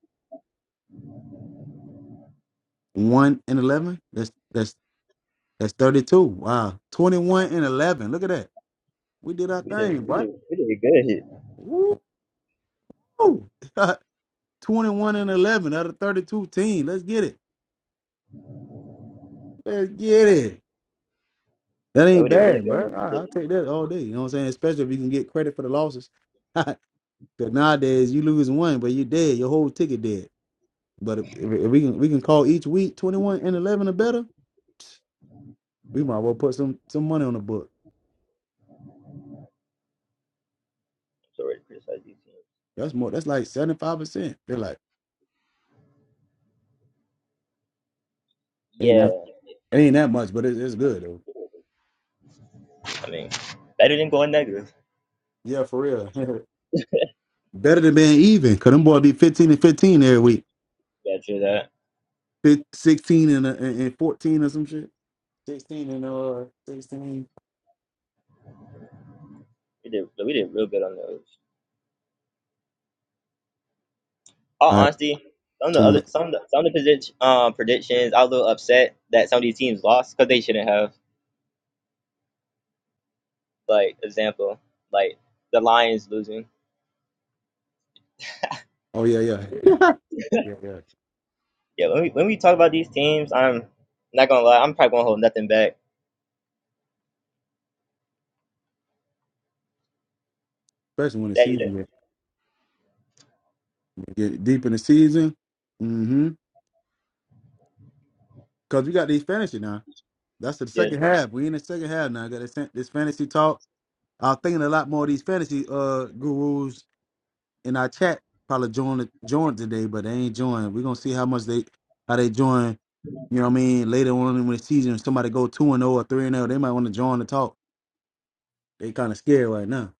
Speaker 2: and 11. That's, that's, that's 32. Wow. 21 and 11. Look at that. We did our thing, boy. Woo! [LAUGHS] 21 and 11 out of 32 teams. Let's get it. Let's get it. That
Speaker 3: That
Speaker 2: ain't
Speaker 3: would have really
Speaker 2: bad,
Speaker 3: gone.
Speaker 2: bro.
Speaker 3: I'm
Speaker 2: I, I'll take that all day. You know what I'm saying? Especially if you can get credit for the losses. [LAUGHS] Because nowadays you lose one, but you're dead. Your whole ticket dead. But if, if, if we can we can call each week 21 and 11 or better, [TSK] we might well put some some money on the book.
Speaker 3: sorry to criticize these teams.
Speaker 2: That's more. That's like 75. percent They're like ain't that
Speaker 3: Yeah,
Speaker 2: ain't that much, but it's, it's good though.
Speaker 3: I mean, that didn't go in negative.
Speaker 2: Yeah, for real. [LAUGHS] better than being even. Cause them boys be 15 and 15 every week.
Speaker 3: Yeah, true that.
Speaker 2: fif- 16 and, uh, and and 14 or some shit. 16 and uh 16.
Speaker 3: We did. We did real good on those. All
Speaker 2: All right,
Speaker 3: honesty, some of the other,
Speaker 2: 20.
Speaker 3: some of the, some of the position, um, predictions. I was a little upset that some of these teams lost because they shouldn't have. Like example, like the Lions losing.
Speaker 2: Oh yeah, yeah. [LAUGHS] yeah, yeah.
Speaker 3: Yeah, when we when we talk about these teams, I'm not gonna lie. I'm probably gonna hold nothing back.
Speaker 2: Especially when the
Speaker 3: That you did.
Speaker 2: season get, get deep in the season. Mm-hmm. Cause we got these fantasy now. That's the
Speaker 3: Yeah,
Speaker 2: second half. We in the second half now. Got this, fan- this fantasy talk. I was thinking a lot more of these fantasy uh gurus in our chat probably joined joined today, but they ain't joined. We're gonna see how much they how they join you know what I mean? Later on in the season, if somebody go two and zero or three and zero, they might want to join the talk. they kind of scared right now.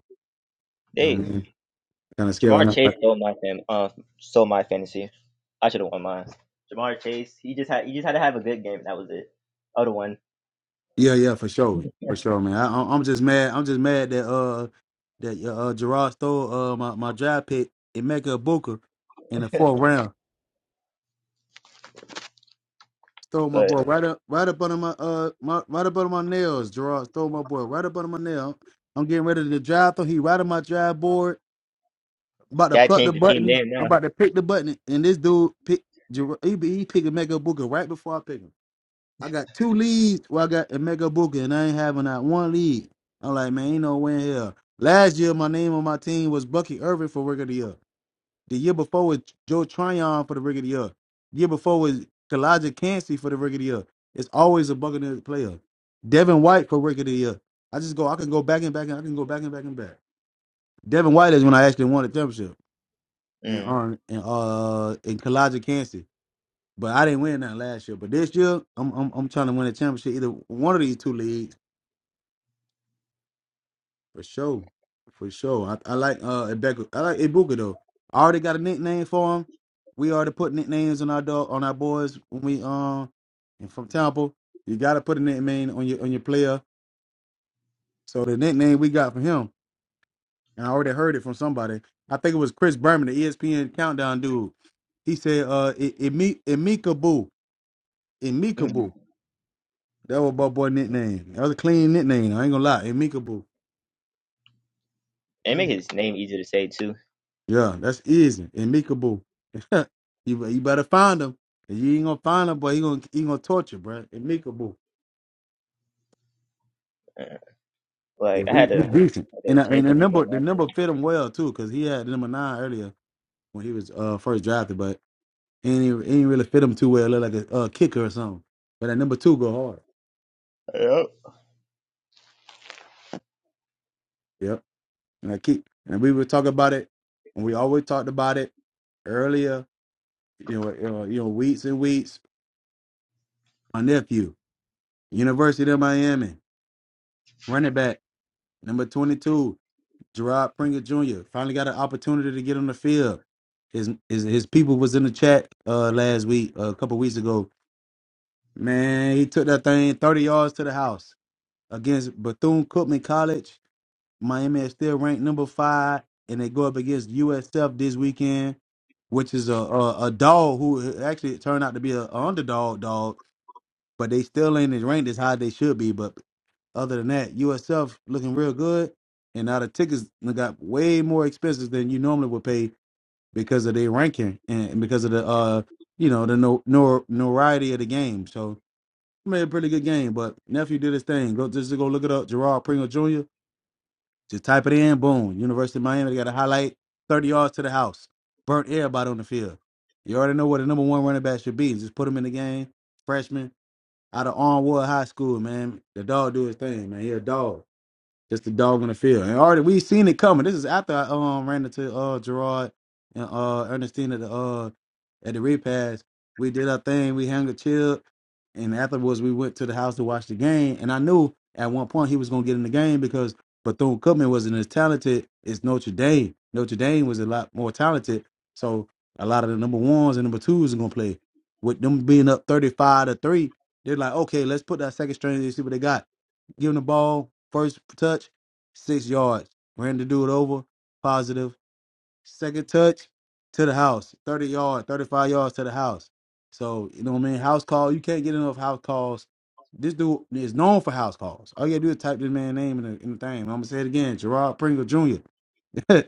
Speaker 2: You know what I
Speaker 3: they
Speaker 2: mean? Kind of scared right
Speaker 3: Jamar
Speaker 2: now.
Speaker 3: Chase
Speaker 2: But
Speaker 3: stole my fan, uh, stole my fantasy. I should have won mine. Jamar Chase, he just had he just had to have a good game. That was it. I would have won,
Speaker 2: yeah, yeah, for sure, for sure, man. I, I'm I'm just mad. I'm just mad that uh that yeah, uh Gerard stole uh my my draft pick Emeka Booker in the fourth round. Stole my
Speaker 3: but
Speaker 2: boy right up right up under my uh my right up under my nails. Gerard stole my boy right up under my nail. I'm getting ready to draft him. He right on my draft board. About to
Speaker 3: guy
Speaker 2: pluck the
Speaker 3: changed the team
Speaker 2: button.
Speaker 3: name now.
Speaker 2: I'm about to pick the button, and this dude pick. Ger- He, he picked Emeka Booker right before I pick him. I got two leads. Well, I got Emeka Booker, and I ain't having that one lead. I'm like, man, ain't no win here. Last year, my name on my team was Bucky Irvin for Rig of the Year. The year before was Joe Tryon for the Rig of the Year. The year before was Kalijah Cansey for the Rig of the Year. It's always a Buccaneers player. Devin White for Rig of the Year. I just go, I can go back and back and I can go back and back and back. Devin White is when I actually won the championship, and
Speaker 3: Mm.
Speaker 2: um, and uh, and Kalijah Cansey. But I didn't win that last year. But this year, I'm I'm I'm trying to win a championship, either one of these two leagues for sure, for sure. I, I like uh Ibeka. I like Ibuka though. I already got a nickname for him. We already put nicknames on our dog on our boys when we um and from Temple. You got to put a nickname on your on your player. So the nickname we got for him, and I already heard it from somebody. I think it was Chris Berman, the ESPN countdown dude. He said, "Uh, I- Imi- Imika Boo, Emika Boo."
Speaker 3: Mhm.
Speaker 2: That was my boy nickname. That was a clean nickname. I ain't gonna lie. Amicable.
Speaker 3: And make his name easier to say too.
Speaker 2: Yeah, that's easy. Amicable. [LAUGHS] you, be- you better find him. You ain't gonna find him, but he gonna he gonna torture, bro. Amicable.
Speaker 3: Uh, like
Speaker 2: Yeah,
Speaker 3: I
Speaker 2: we,
Speaker 3: had to,
Speaker 2: we
Speaker 3: I
Speaker 2: decent.
Speaker 3: had
Speaker 2: And I-
Speaker 3: to change
Speaker 2: and the
Speaker 3: some people.
Speaker 2: number
Speaker 3: in
Speaker 2: the
Speaker 3: my-
Speaker 2: number fit him well too, cause he had number nine earlier when he was uh first drafted, but he ain't, he ain't really fit him too well. Look like a uh, kicker or something. But that number two go hard.
Speaker 3: Yep.
Speaker 2: Yep. And I keep and we were talking about it, and we always talked about it earlier. You know, uh, you know, weeks and weeks. my nephew, University of Miami, running back, number 22, Gerard Pringer Jr. Finally got an opportunity to get on the field. His his, his people was in the chat uh, last week, uh, a couple weeks ago. Man, he took that thing 30 yards to the house against Bethune Cookman College. Miami is still ranked number five, and they go up against USF this weekend, which is a a, a dog who uh, actually turned out to be an underdog dog but they still ain't as ranked as high they should be. But other than that, USF looking real good, and now the tickets got way more expensive than you normally would pay because of their ranking and because of the uh you know the no nor notoriety of the game. So it made a pretty good game, but nephew did his thing. Go just go look it up, Gerard Pringle Jr. Just type it in, boom. University of Miami they got a highlight, thirty yards to the house, burnt everybody on the field. You already know what the number one running back should be. Just put him in the game, freshman out of Arnwood High School, man. The dog do his thing, man. He a dog. Just the dog on the field. And already we seen it coming. This is after I um ran into uh Gerard and uh Ernestine at the uh at the repass. We did our thing, we hung a chill, and afterwards we went to the house to watch the game. And I knew at one point he was gonna get in the game because Bethune Cookman wasn't as talented as Notre Dame. Notre Dame was a lot more talented. So a lot of the number ones and number twos are gonna play. With them being up thirty five to three, they're like, okay, let's put that second string and see what they got Give him the ball, first touch, six yards. Ran the dude over, positive. Second touch, to the house, 30 yard, 35 yards to the house. So, you know what I mean? House call, you can't get enough house calls. This dude is known for house calls. All you gotta do is type this man's name in the, in the thing. I'm gonna say it again Gerard Pringle Jr. [LAUGHS] you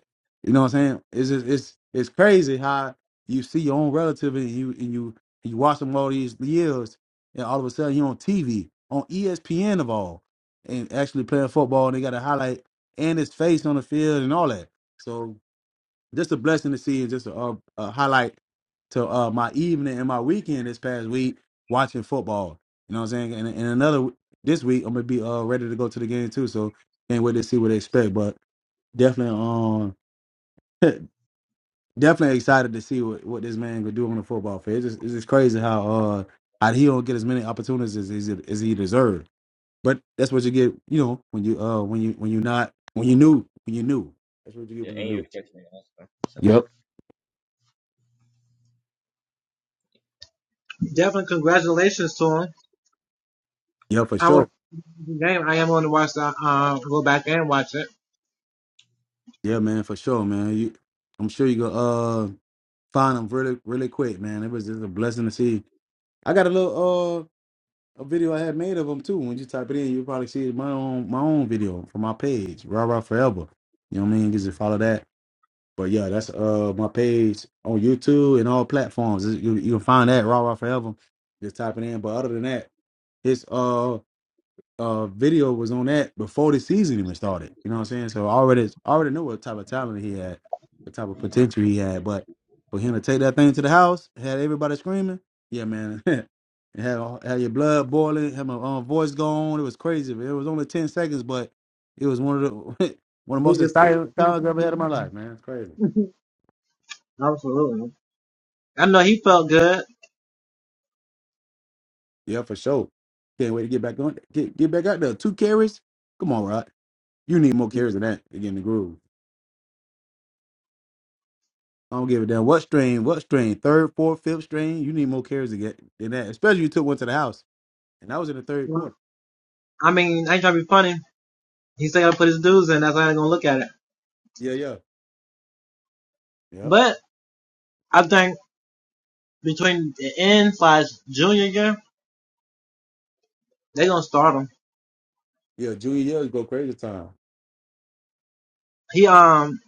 Speaker 2: know what I'm saying? It's just, it's it's crazy how you see your own relative and you and you and you watch them all these years, and all of a sudden you're on TV on ESPN of all, and actually playing football, and they got a highlight and his face on the field and all that. So just a blessing to see, and just a, a, a highlight to uh, my evening and my weekend this past week watching football. You know what I'm saying? And, and another this week I'm gonna be uh, ready to go to the game too. So can't wait to see what they expect, but definitely um. [LAUGHS] definitely excited to see what, what this man could do on the football field. It's just, it's just crazy how uh how he don't get as many opportunities as, as, as he deserved. But that's what you get, you know, when you uh when you when you not when you knew when you knew. That's what you get
Speaker 3: Yeah,
Speaker 2: when you
Speaker 3: and your
Speaker 2: knew.
Speaker 3: protection also. So.
Speaker 2: Yep.
Speaker 1: Definitely congratulations to him.
Speaker 2: Yeah, for
Speaker 1: I was
Speaker 2: sure.
Speaker 1: game. I am going to watch the um go back and watch it.
Speaker 2: Yeah, man, for sure, man. You, I'm sure you gonna uh find him really really quick, man. It was just a blessing to see. I got a little uh a video I had made of him too. When you type it in, you probably see my own my own video from my page, Rah Rah Forever. You know what I mean? Just follow that But yeah, that's uh my page on YouTube and all platforms. You you can find that Raw Raw Forever. Just type it in. But other than that, his uh uh video was on that before the season even started. You know what I'm saying? So I already already knew what type of talent he had, the type of potential he had. But for him to take that thing to the house, had everybody screaming, yeah, man. [LAUGHS] It had all- had your blood boiling, had my um, voice gone. It was crazy. It was only ten seconds, but it was one of the [LAUGHS] one of the most exciting times I've ever had in my life, man. It's crazy.
Speaker 1: Absolutely. I know he felt good.
Speaker 2: Yeah, for sure. Can't wait to get back on. Get get back out there. Two carries. Come on, Rod. You need more carries than that to get in the groove. I don't give a damn what strain, what strain, third, fourth, fifth strain. You need more carries to get than that. Especially you took one to the house, and that was in the third quarter.
Speaker 1: I mean, I ain't trying to be funny. He said I put his dues in. That's how they're gonna look at it.
Speaker 2: Yeah, yeah, yeah,
Speaker 1: But I think between the end slash junior year, they're gonna start him.
Speaker 2: yeah. Junior years go crazy time.
Speaker 1: He um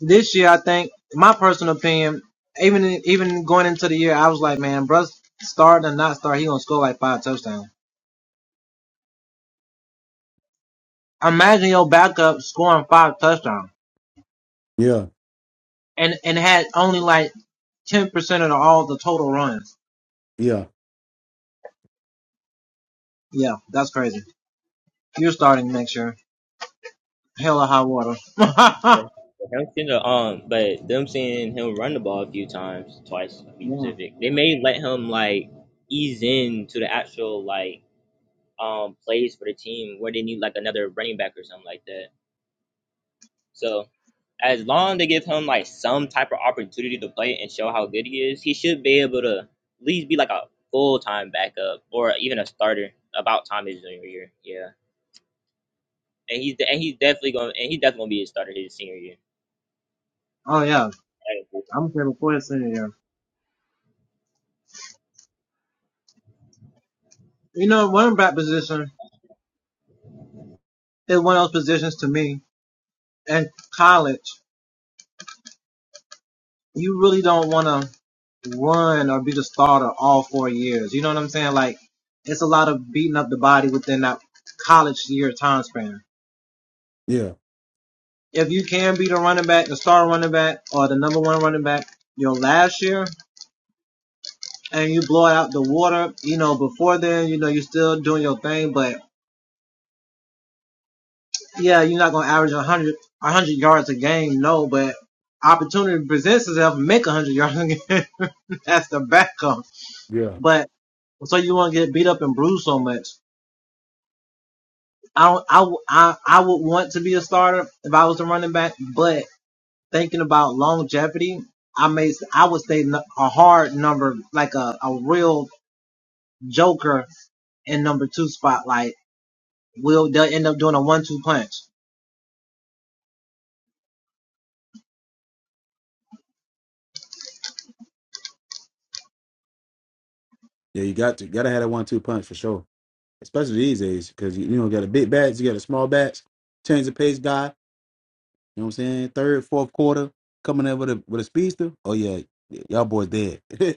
Speaker 1: this year I think my personal opinion, even even going into the year, I was like, man, bruh, start and not start, he gonna score like five touchdowns. Imagine your backup scoring five touchdowns
Speaker 2: Yeah,
Speaker 1: and and had only like ten percent of the, all the total runs.
Speaker 2: yeah,
Speaker 1: Yeah, that's crazy. You're starting next year. Hell or high water. [LAUGHS] yeah.
Speaker 3: But him seeing the, um, but them seeing him run the ball a few times, twice to be specific, they may let him like ease in to the actual like um plays for the team where they need like another running back or something like that. So as long they give him like some type of opportunity to play and show how good he is, he should be able to at least be like a full time backup or even a starter about time his junior year. Yeah. And he's and he's definitely going and he's definitely gonna be a starter his senior year.
Speaker 1: Oh yeah.
Speaker 3: And
Speaker 1: I'm saying before the senior year. You know, running back position is one of those positions to me. In college, you really don't want to run or be the starter all four years. You know what I'm saying? Like, it's a lot of beating up the body within that college year time span.
Speaker 2: yeah,
Speaker 1: if you can be the running back, the star running back, or the number one running back your last year, and you blow it out the water, you know, before then, you know, you're still doing your thing, but yeah, you're not going to average 100, 100 yards a game, no, but opportunity presents itself, make 100 [LAUGHS] yards a game. [LAUGHS] That's the backup.
Speaker 2: yeah,
Speaker 1: But so you won't get beat up and bruised so much. I don't, I, w- I would want to be a starter if I was the running back, but thinking about longevity, I may I would say n- a hard number like a a real joker in number two spot. spotlight will they'll end up doing a one two punch
Speaker 2: yeah. You got to gotta have that one-two punch for sure, especially these days because you, you know got a big bats, you got a small bats, change the pace guy. You know what I'm saying? Third, fourth quarter, coming in with a with a speedster. Oh yeah, y- y'all boys dead. [LAUGHS]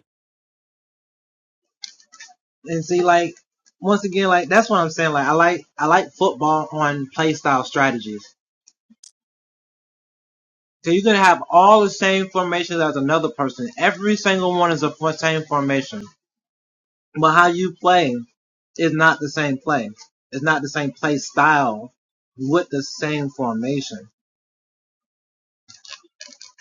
Speaker 1: and see like once again like that's what I'm saying like I like I like football on play style strategies. So you're gonna have all the same formations as another person. Every single one is a fo- same formation, but how you play is not the same play. It's not the same play style with the same formation.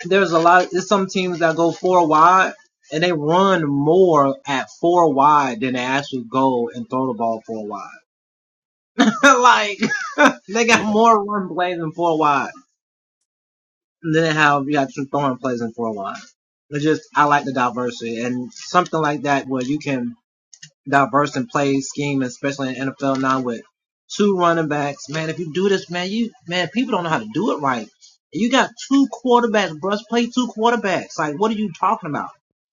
Speaker 1: there's a lot. There's some teams that go four wide and they run more at four wide than they actually go and throw the ball four wide. [LAUGHS] like [LAUGHS] they got more run plays than four wide. And then they have you got some throwing plays in four wide. It's just I like the diversity and something like that where you can diverse and play scheme, especially in NFL now with two running backs. Man, if you do this, man, you man, people don't know how to do it right. You got two quarterbacks, bruh. Play two quarterbacks. Like, what are you talking about?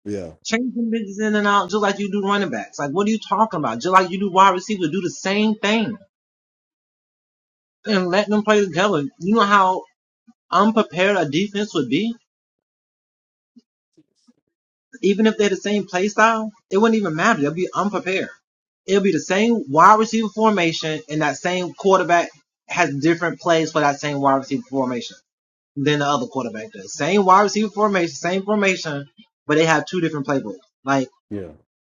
Speaker 2: yeah,
Speaker 1: Change them bitches in and out just like you do running backs. Like, what are you talking about? Just like you do wide receivers, do the same thing and let them play together. You know how unprepared a defense would be? Even if they're the same play style, it wouldn't even matter. They'll be unprepared. It'll be the same wide receiver formation and that same quarterback has different plays for that same wide receiver formation than the other quarterback does. Same wide receiver formation, same formation, but they have two different playbooks. Like,
Speaker 2: yeah.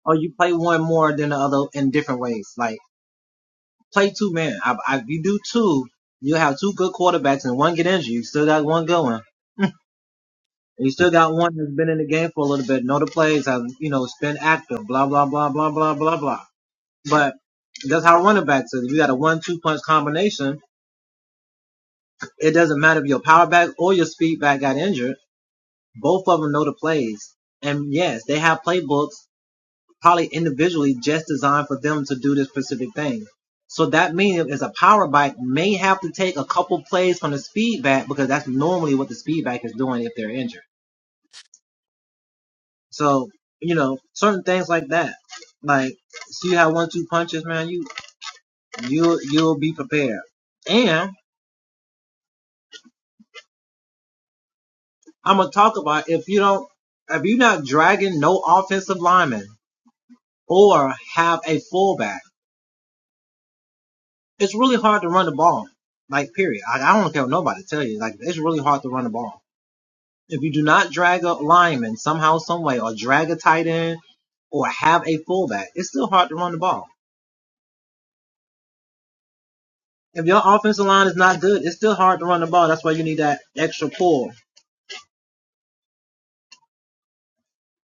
Speaker 1: oh, you play one more than the other in different ways. Like, play two man. I, I, if you do two, you have two good quarterbacks and one get injured. You still got one going. And you still got one that's been in the game for a little bit. Know the plays, have you know, it's been active. Blah blah blah blah blah blah blah. But that's how running backs is. If you got a one-two punch combination, it doesn't matter if your power back or your speed back got injured. Both of them know the plays. And yes, they have playbooks probably individually just designed for them to do this specific thing. So that means as a power bike may have to take a couple plays from the speed back because that's normally what the speed back is doing if they're injured. So, you know, certain things like that. Like, see how one two punches, man, you you you'll be prepared. And I'm gonna talk about if you don't if you're not dragging no offensive lineman or have a fullback. it's really hard to run the ball. Like period. I, I don't care what nobody tell you. Like it's really hard to run the ball. If you do not drag a lineman somehow, some way, or drag a tight end, or have a fullback, it's still hard to run the ball. If your offensive line is not good, it's still hard to run the ball. That's why you need that extra pull.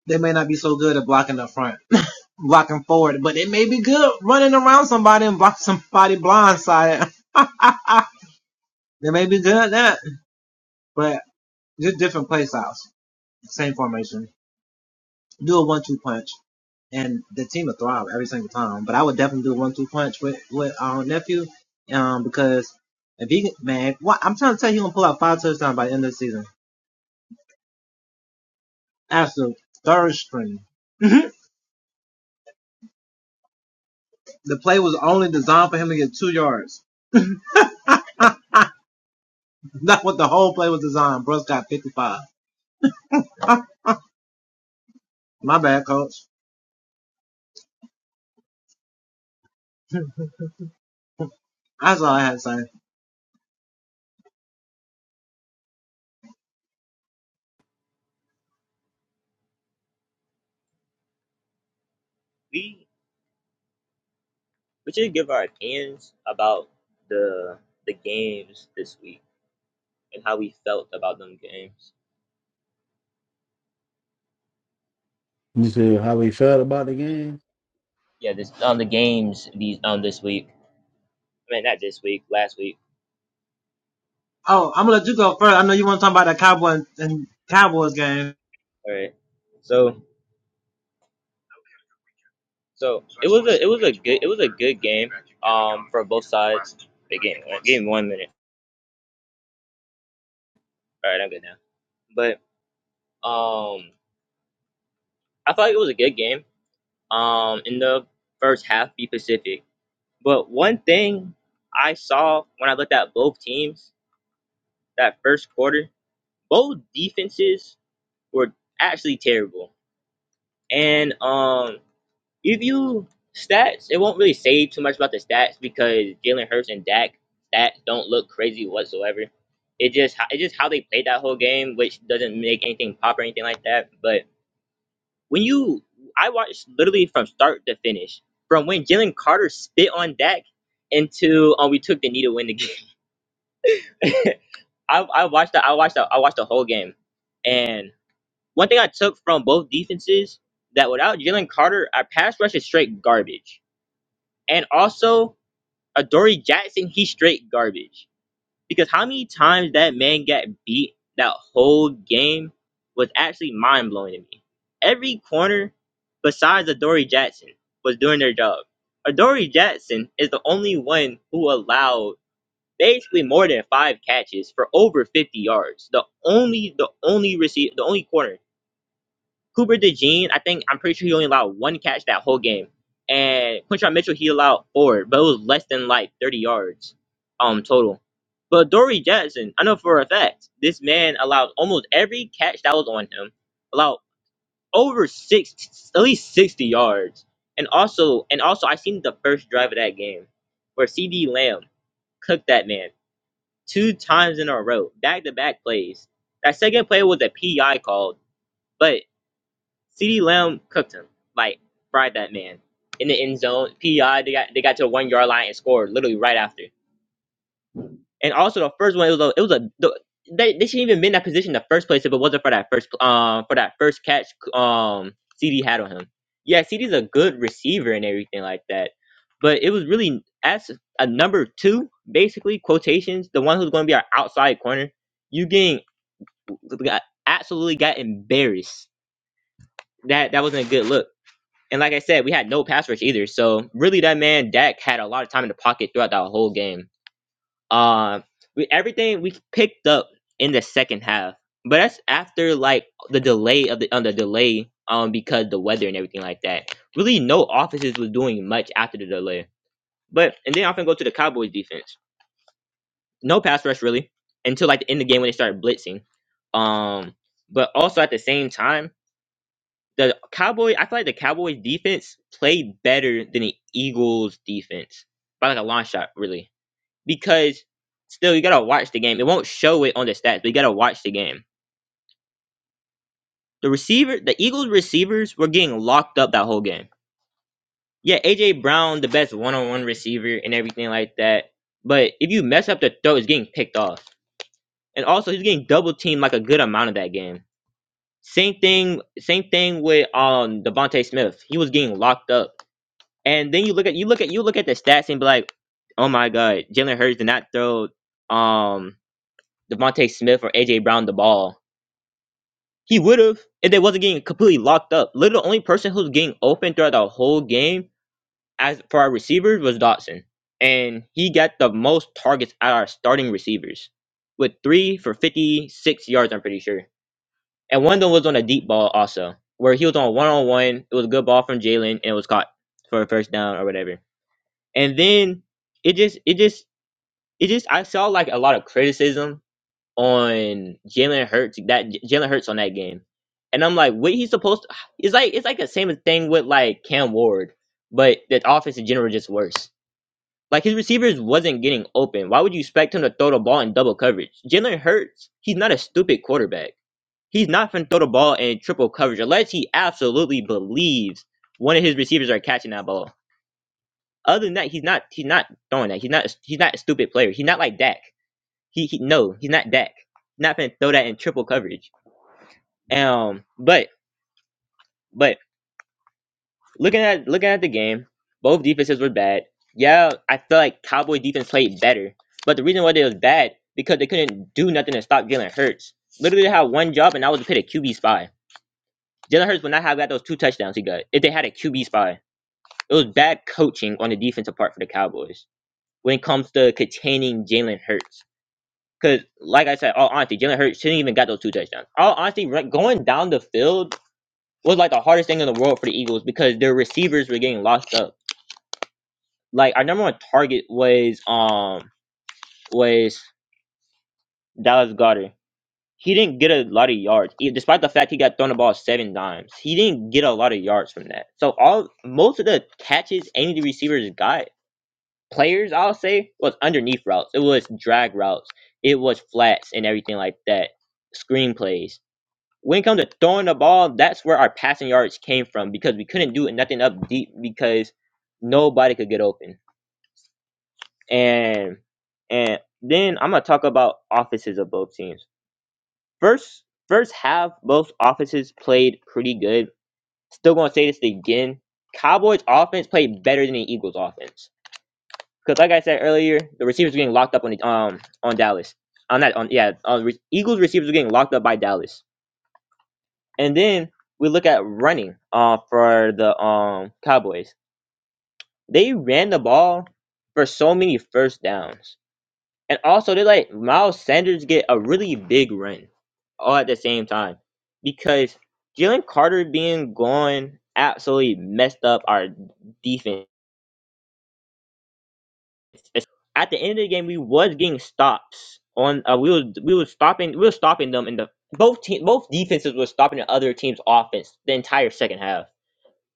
Speaker 1: They may not be so good at blocking up front, [LAUGHS] blocking forward, but they may be good running around somebody and block somebody blindsided. [LAUGHS] they may be good at that, but just different play styles, same formation. do a one-two punch, and the team will thrive every single time. But I would definitely do a one-two punch with with our um, nephew, um, because if he man, what I'm trying to tell you, he gonna pull out five touchdowns by the end of the season. Absolute third string. [LAUGHS] the play was only designed for him to get two yards. [LAUGHS] That's what the whole play was designed. Bruce got 55. [LAUGHS] My bad, coach. [LAUGHS] That's all I had to say.
Speaker 3: We we should give our opinions about the the games this week and how we felt about them games.
Speaker 2: You see how we felt about the game?
Speaker 3: Yeah, this on the games these on this week. I mean, not this week, last week.
Speaker 1: Oh, I'm gonna let you go first. I know you want to talk about that Cowboy and Cowboys game.
Speaker 3: All right. So, so it was a it was a good it was a good game. Um, for both sides. Big game. Give me one minute. All right, I'm good now. But um, I thought it was a good game. Um, in the first half, be Pacific. But one thing I saw when I looked at both teams that first quarter, both defenses were actually terrible. And um, If you stats, it won't really say too much about the stats because Jalen Hurts and Dak stats don't look crazy whatsoever. It just it just how they played that whole game, which doesn't make anything pop or anything like that. But when you, I watched literally from start to finish, from when Jalen Carter spit on Dak until um, we took the knee to win the game. [LAUGHS] I, I watched the I watched the I watched the whole game, and one thing I took from both defenses that without Jalen Carter, our pass rush is straight garbage. And also, Adoree Jackson, he's straight garbage. Because how many times that man got beat that whole game was actually mind blowing to me. Every corner besides Adoree Jackson was doing their job. Adoree Jackson is the only one who allowed basically more than five catches for over fifty yards. The only the only receive the only corner Cooper DeJean, I think I'm pretty sure he only allowed one catch that whole game. And Quinshon Mitchell, he allowed four, but it was less than like 30 yards um total. But Dory Jackson, I know for a fact, this man allowed almost every catch that was on him, allowed over six at least 60 yards. And also and also I seen the first drive of that game where C D Lamb cooked that man two times in a row, back to back plays. That second play was a PI called. but CeeDee Lamb cooked him, like fried that man in the end zone. PI, they got they got to a one yard line and scored literally right after. And also the first one, it was a it was a the, they, they shouldn't even been in that position in the first place if it wasn't for that first um for that first catch um CD had on him. Yeah, CD's a good receiver and everything like that, but it was really as a number two basically quotations the one who's going to be our outside corner. You getting got absolutely got embarrassed. That that wasn't a good look. And like I said, we had no pass rush either. So really, that man Dak had a lot of time in the pocket throughout that whole game. Uh, we everything we picked up in the second half, but that's after like the delay of the on the delay um because the weather and everything like that. Really, no offenses was doing much after the delay. But and then I'm gonna go to the Cowboys defense. No pass rush really until like the end of the game when they started blitzing. Um, but also at the same time the Cowboy. I feel like the Cowboys defense played better than the Eagles defense by like a long shot, really. Because still, you gotta watch the game. It won't show it on the stats, but you gotta watch the game. The receiver, the Eagles receivers were getting locked up that whole game. Yeah, AJ Brown, the best one-on-one receiver and everything like that. But if you mess up the throw, it's getting picked off. And also, he's getting double teamed like a good amount of that game. Same thing, same thing with um Devontae Smith. He was getting locked up And then you look at you look at you look at the stats and be like, oh my god, Jalen Hurts did not throw um Devontae Smith or AJ Brown the ball. He would have if they wasn't getting completely locked up. Literally, the only person who was getting open throughout the whole game as for our receivers was Dotson, and he got the most targets out of our starting receivers with three for fifty six yards. I'm pretty sure, and one of them was on a deep ball also, where he was on one on one. It was a good ball from Jalen and it was caught for a first down or whatever. and then it just it just it just I saw like a lot of criticism on Jalen Hurts that Jalen Hurts on that game, and I'm like, what he's supposed to? It's like it's like the same thing with like Cam Ward, but the offense in general just worse. Like his receivers wasn't getting open. Why would you expect him to throw the ball in double coverage? Jalen Hurts, he's not a stupid quarterback. He's not gonna throw the ball in triple coverage unless he absolutely believes one of his receivers are catching that ball. Other than that, he's not he's not throwing that. He's not he's not a stupid player. He's not like Dak. He, he no, he's not Dak. Not gonna throw that in triple coverage. Um, but but looking at looking at the game, both defenses were bad. Yeah, I feel like Cowboy defense played better, but the reason why they was bad because they couldn't do nothing to stop Jalen Hurts. Literally they had one job, and that was to hit a QB spy. Jalen Hurts would not have got those two touchdowns he got if they had a QB spy. It was bad coaching on the defensive part for the Cowboys when it comes to containing Jalen Hurts. Because, like I said, all honesty, Jalen Hurts shouldn't even got those two touchdowns. All honesty, right, going down the field was like the hardest thing in the world for the Eagles because their receivers were getting locked up. Like our number one target was um was Dallas Goddard. He didn't get a lot of yards, e- despite the fact he got thrown the ball seven times. He didn't get a lot of yards from that. So all most of the catches any of the receivers got players, I'll say, was underneath routes. It was drag routes. It was flats and everything like that. Screenplays when it comes to throwing the ball, that's where our passing yards came from because we couldn't do nothing up deep because nobody could get open. And and then I'm gonna talk about offenses of both teams. First first half, both offenses played pretty good. Still gonna say this again. Cowboys offense played better than the Eagles offense. Because like I said earlier, the receivers were getting locked up on the, um on Dallas. On that on yeah, on re- Eagles receivers were getting locked up by Dallas. And then we look at running uh, for the um, Cowboys. They ran the ball for so many first downs. And also, they let Miles Sanders get a really big run all at the same time because Jalen Carter being gone absolutely messed up our defense. At the end of the game, we was getting stops on. Uh, we was we was stopping we was stopping them in the both team both defenses was stopping the other team's offense the entire second half.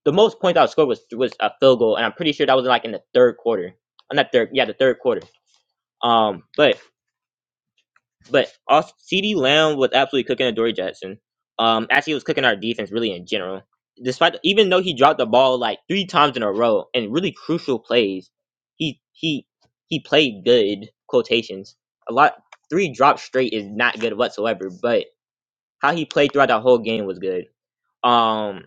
Speaker 3: the most points I scored was was a field goal, and I'm pretty sure that was like in the third quarter. I'm Not third, yeah, the third quarter. Um, but but also, C.D. Lamb was absolutely cooking Adoree Jackson. Um, actually he was cooking our defense really in general. Despite even though he dropped the ball like three times in a row and really crucial plays, he he he played good quotations. A lot three drops straight is not good whatsoever, but how he played throughout the whole game was good. Um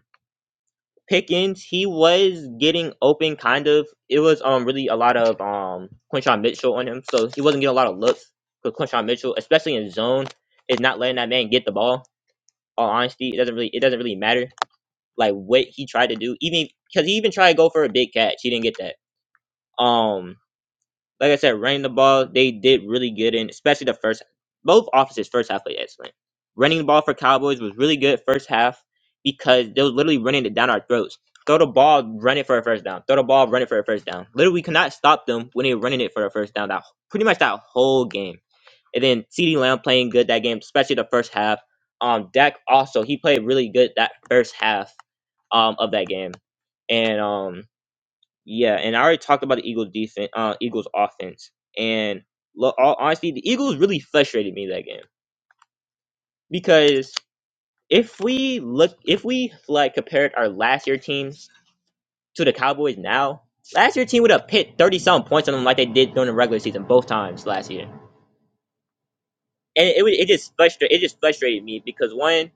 Speaker 3: Pickens, he was getting open kind of. It was um really a lot of um Quinshon Mitchell on him, so he wasn't getting a lot of looks. Cause Quinshon Mitchell, especially in zone, is not letting that man get the ball. All honesty, it doesn't really it doesn't really matter like what he tried to do, even because he even tried to go for a big catch, he didn't get that. Um, like I said, running the ball, they did really good in, especially the first. Both offenses first half played excellent. Running the ball for Cowboys was really good first half because they were literally running it down our throats. Throw the ball, run it for a first down. Throw the ball, run it for a first down. Literally, we could not stop them when they were running it for a first down. That pretty much that whole game. And then CeeDee Lamb Lamb playing good that game, especially the first half. Um, Dak also he played really good that first half um of that game, and um. Yeah, and I already talked about the Eagles defense, uh, Eagles offense, and look, all honestly, the Eagles really frustrated me that game because if we look, if we like compared our last year teams to the Cowboys now, last year team would have hit thirty some points on them like they did during the regular season both times last year, and it would it just frustrated it just frustrated me because one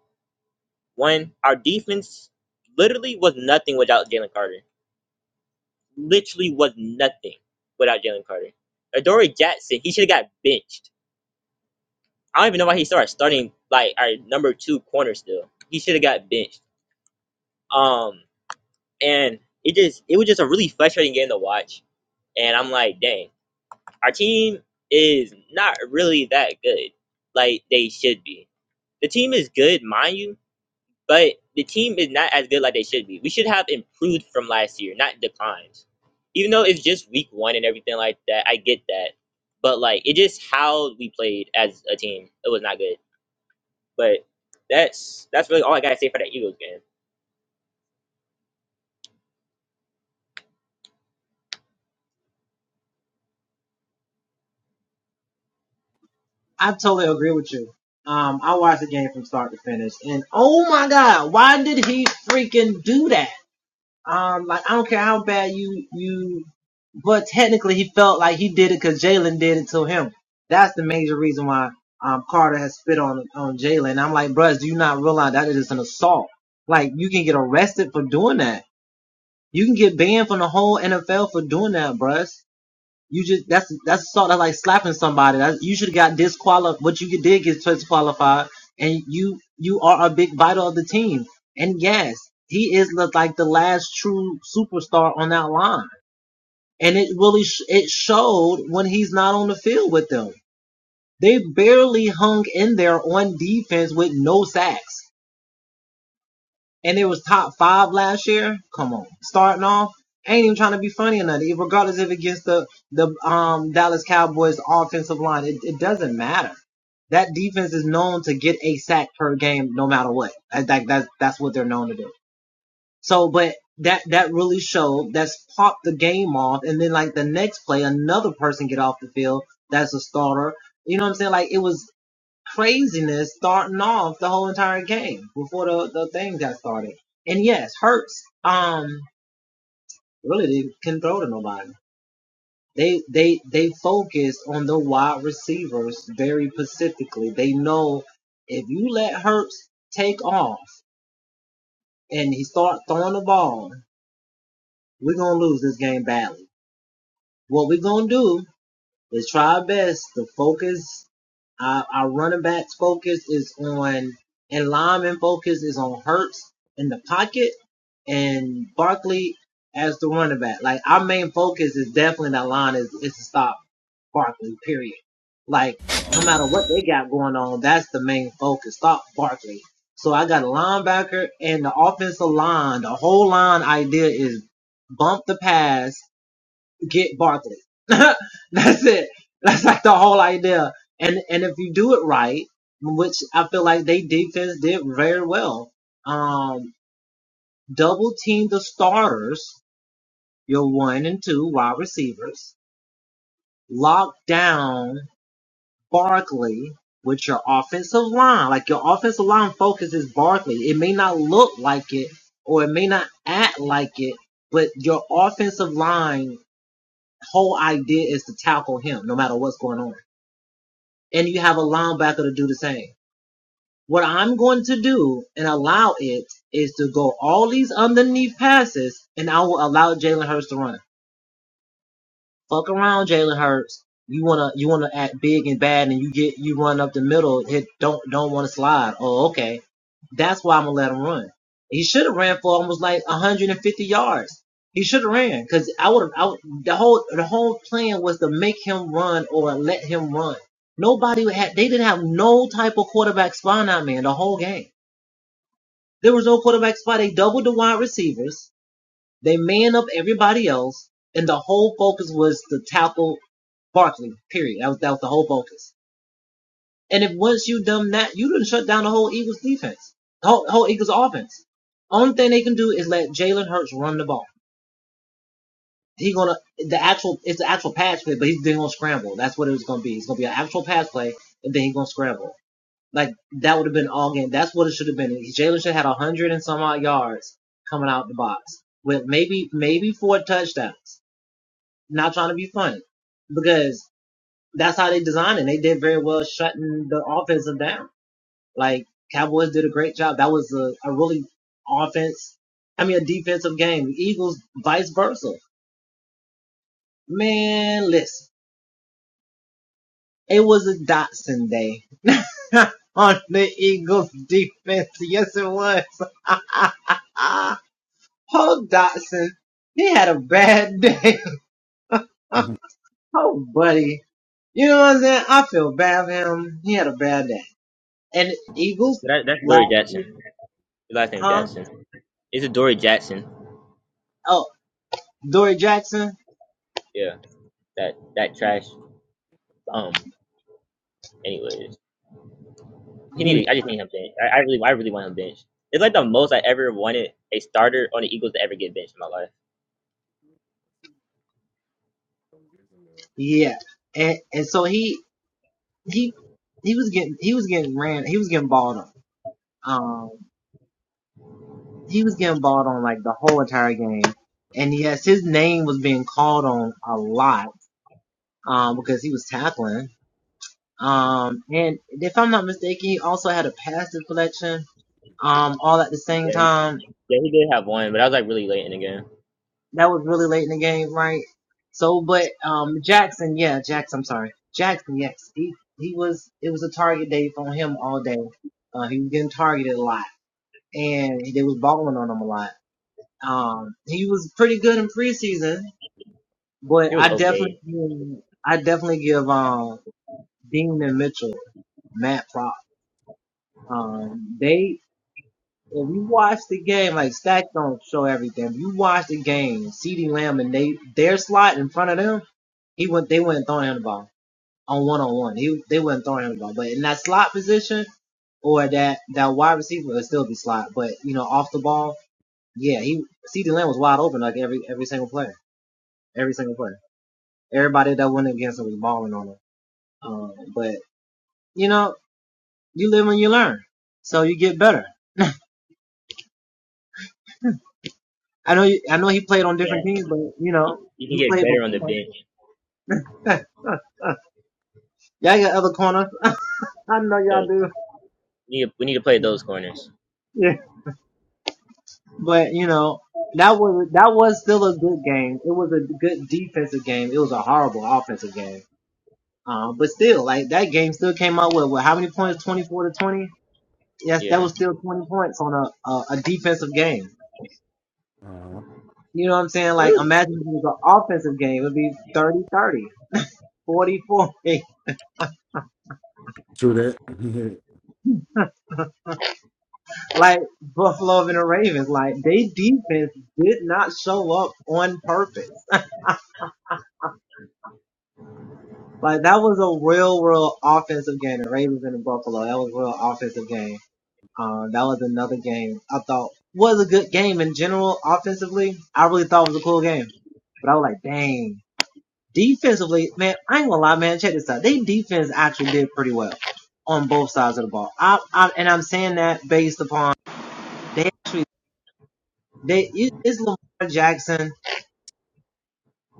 Speaker 3: one our defense literally was nothing without Jalen Carter, literally was nothing without Jalen Carter. Adoree Jackson, he should have got benched I don't even know why he started starting like our number two corner still. He should have got benched. Um, and it just it was just a really frustrating game to watch. And I'm like, dang, our team is not really that good like they should be. The team is good, mind you, but the team is not as good like they should be. We should have improved from last year, not declined. Even though it's just week one and everything like that, I get that. But like it just how we played as a team, it was not good. But that's that's really all I gotta say for that Eagles game.
Speaker 1: I totally agree with you. Um, I watched the game from start to finish, and oh my god, why did he freaking do that? Um, like I don't care how bad you you, but technically he felt like he did it because Jalen did it to him. That's the major reason why um Carter has spit on on Jalen. I'm like, bruh, do you not realize that it is an assault? Like you can get arrested for doing that. You can get banned from the whole NFL for doing that, bruh. You just that's that's assault. That's like slapping somebody. That you should have got disqualified. What you did get disqualified, and you you are a big vital of the team. And yes, he is look like the last true superstar on that line, and it really sh- it showed when he's not on the field with them. They barely hung in there on defense with no sacks and it was top five last year. Come on, starting off, I ain't even trying to be funny or nothing. Regardless if it gets the the um Dallas Cowboys offensive line, it, it doesn't matter. That defense is known to get a sack per game, no matter what. Like that's that's what they're known to do. So, but that that really showed. That's popped the game off, and then like the next play, another person get off the field. That's a starter. You know what I'm saying? Like it was craziness starting off the whole entire game before the, the thing got started. And yes, Hurts um really didn't can throw to nobody. They they they focused on the wide receivers very specifically. They know if you let Hurts take off and he start throwing the ball, we're gonna lose this game badly. What we're gonna do They try our best. The focus, our, our running backs focus is on, and lineman focus is on Hurts in the pocket and Barkley as the running back. Like our main focus is definitely that line is, is to stop Barkley, period. Like no matter what they got going on, that's the main focus. Stop Barkley. So I got a linebacker and the offensive line. The whole line idea is bump the pass get Barkley. [LAUGHS] That's it. That's like the whole idea. And and if you do it right, which I feel like they defense did very well. Um, double team the starters, your one and two wide receivers. Lock down Barkley with your offensive line. Like your offensive line focus is Barkley. It may not look like it or it may not act like it, but your offensive line whole idea is to tackle him no matter what's going on. and you have a linebacker to do the same. What I'm going to do and allow it is to go all these underneath passes, and I will allow Jalen Hurts to run. Fuck around, Jalen Hurts. You wanna you wanna act big and bad, and you get you run up the middle. Hit don't don't want to slide. Oh, okay. That's why I'm gonna let him run. He should have ran for almost like 150 yards. He should have ran because I would have. The whole the whole plan was to make him run or let him run. Nobody had. They didn't have no type of quarterback spy on that man the whole game. There was no quarterback spy. They doubled the wide receivers. They man up everybody else, and the whole focus was to tackle Barkley. Period. That was that was the whole focus. And if once you done that, you done shut down the whole Eagles defense, the whole, whole Eagles offense. Only thing they can do is let Jalen Hurts run the ball. He gonna the actual it's the actual pass play, but he's then gonna scramble. That's what it was gonna be. It's gonna be an actual pass play, and then he gonna scramble. Like that would have been all game. That's what it should have been. Jalen should have had a hundred and some odd yards coming out the box with maybe maybe four touchdowns. Not trying to be funny because that's how they designed it. They did very well shutting the offensive down. Like Cowboys did a great job. That was a, a really offense. I mean, a defensive game. The Eagles, vice versa. Man, listen, it was a Dotson day [LAUGHS] on the Eagles defense. Yes, it was. [LAUGHS] Paul Dotson, he had a bad day. [LAUGHS] oh, buddy. You know what I'm saying? I feel bad for him. He had a bad day. and Eagles
Speaker 3: That, that's
Speaker 1: last
Speaker 3: Dory
Speaker 1: year,
Speaker 3: Jackson. His last name
Speaker 1: huh?
Speaker 3: Jackson. It's a Dory Jackson.
Speaker 1: Oh, Dory Jackson,
Speaker 3: Yeah, that that trash. Um. Anyways, he
Speaker 2: Mm-hmm.
Speaker 3: needed.
Speaker 2: [LAUGHS]
Speaker 3: I just need him benched. I, I really, I really want him benched. It's like the most I ever wanted a starter on the Eagles to ever get benched in my life.
Speaker 1: yeah, and and so he he he was getting he was getting ran he was getting balled on. Um, he was getting balled on like the whole entire game, and yes, his name was being called on a lot, um, because he was tackling. Um, and if I'm not mistaken, he also had a pass deflection, um, all at the same
Speaker 3: Yeah, he,
Speaker 1: time
Speaker 3: yeah, he did have one, but I was like really late in the game.
Speaker 1: That was really late in the game, right? So, but um, Jackson, yeah, Jackson. I'm sorry, Jackson. Yes, he he was. It was a target day on him all day. Uh, he was getting targeted a lot, and they was balling on him a lot. Um, he was pretty good in preseason, but
Speaker 3: He was
Speaker 1: I definitely,
Speaker 3: okay.
Speaker 1: give- I definitely give um Dean and Mitchell mad prop. Um, they If you watch the game, like stats don't show everything. If you watch the game, CeeDee Lamb and they their slot in front of them, he went they wouldn't throwing him the ball on one on one. He they wouldn't throwing him the ball. But in that slot position or that that wide receiver would still be slot. But you know, off the ball, yeah, he CeeDee Lamb was wide open like every every single player. Every single player. Everybody that went against him was balling on him. Um, but you know, you live and you learn. So you get better. I know, you, I know he played on
Speaker 3: Yeah,
Speaker 1: different teams, but you
Speaker 3: you,
Speaker 1: know,
Speaker 3: you can
Speaker 1: he
Speaker 3: get
Speaker 1: played
Speaker 3: better on the
Speaker 1: before.
Speaker 3: bench.
Speaker 1: [LAUGHS] y'all got other corners. [LAUGHS] I know
Speaker 3: Yeah,
Speaker 1: y'all do.
Speaker 3: we need, to, we need to play those corners.
Speaker 1: Yeah. But you know, that was that was still a good game. It was a good defensive game. It was a horrible offensive game. Um, but still, like that game still came out with, with how many points? Twenty four to twenty. Yes, that
Speaker 3: Yeah,
Speaker 1: was still twenty points on a, a a defensive game.
Speaker 2: Uh,
Speaker 1: You know what I'm saying?
Speaker 3: It
Speaker 1: Like
Speaker 3: was-
Speaker 1: imagine if it was an offensive game, it'd be thirty, thirty, forty, forty. [LAUGHS]
Speaker 2: true that. [LAUGHS]
Speaker 1: like Buffalo and the Ravens. Like they defense did not show up on purpose. Like that was a real, real offensive game. The Ravens and the Buffalo. That was a real offensive game. Um, that was another game I thought was a good game in general offensively. I really thought it was a cool game. But I was like, dang. Defensively, man, I ain't gonna lie, man. Check this out. They defense actually did pretty well on both sides of the ball. I, I and I'm saying that based upon they actually they it- it's Lamar Jackson,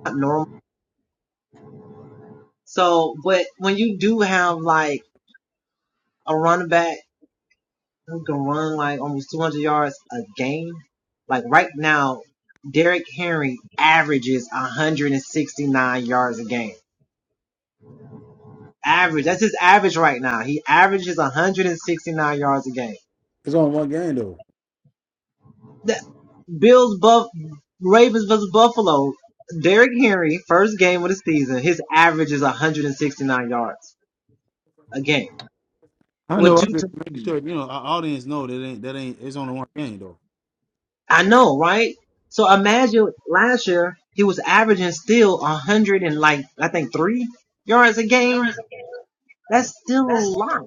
Speaker 1: not normal. So, but when you do have like a running back who can run like almost 200 yards a game, like right now, Derrick Henry averages 169 yards a game. Average. That's his average right now. He averages 169 yards a game.
Speaker 2: It's only one game though.
Speaker 1: The Bills buff, Ravens vs Buffalo. Derrick Henry, first game of the season, his average is 169 yards a game
Speaker 2: I
Speaker 1: with
Speaker 2: know. I
Speaker 1: two
Speaker 2: just make
Speaker 1: touchdowns.
Speaker 2: sure you know our audience know that ain't that ain't. It's only one game though.
Speaker 1: I know, right? So imagine last year he was averaging still a hundred and like I think three yards a game. That's still a lot,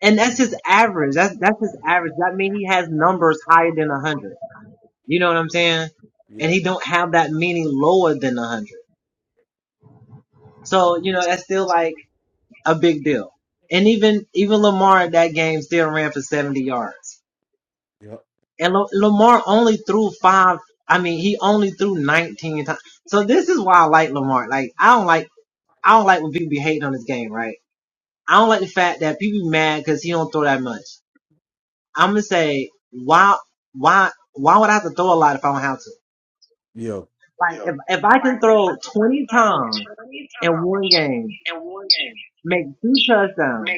Speaker 1: and that's his average. That's that's his average. That means he has numbers higher than a hundred. You know what I'm saying? And
Speaker 2: Yeah,
Speaker 1: he don't have that many lower than a hundred. So you know that's still like a big deal. And even even Lamar in that game still ran for 70 yards.
Speaker 2: yeah,
Speaker 1: And Lo- Lamar only threw five. I mean, he only threw 19 times. So this is why I like Lamar. Like, I don't like, I don't like when people be hating on this game, right? I don't like the fact that people be mad because he don't throw that much. I'm gonna say, why, why, why would I have to throw a lot if I don't have to?
Speaker 2: yeah.
Speaker 1: Like, if, if I can throw 20 times in one game, make two touchdowns,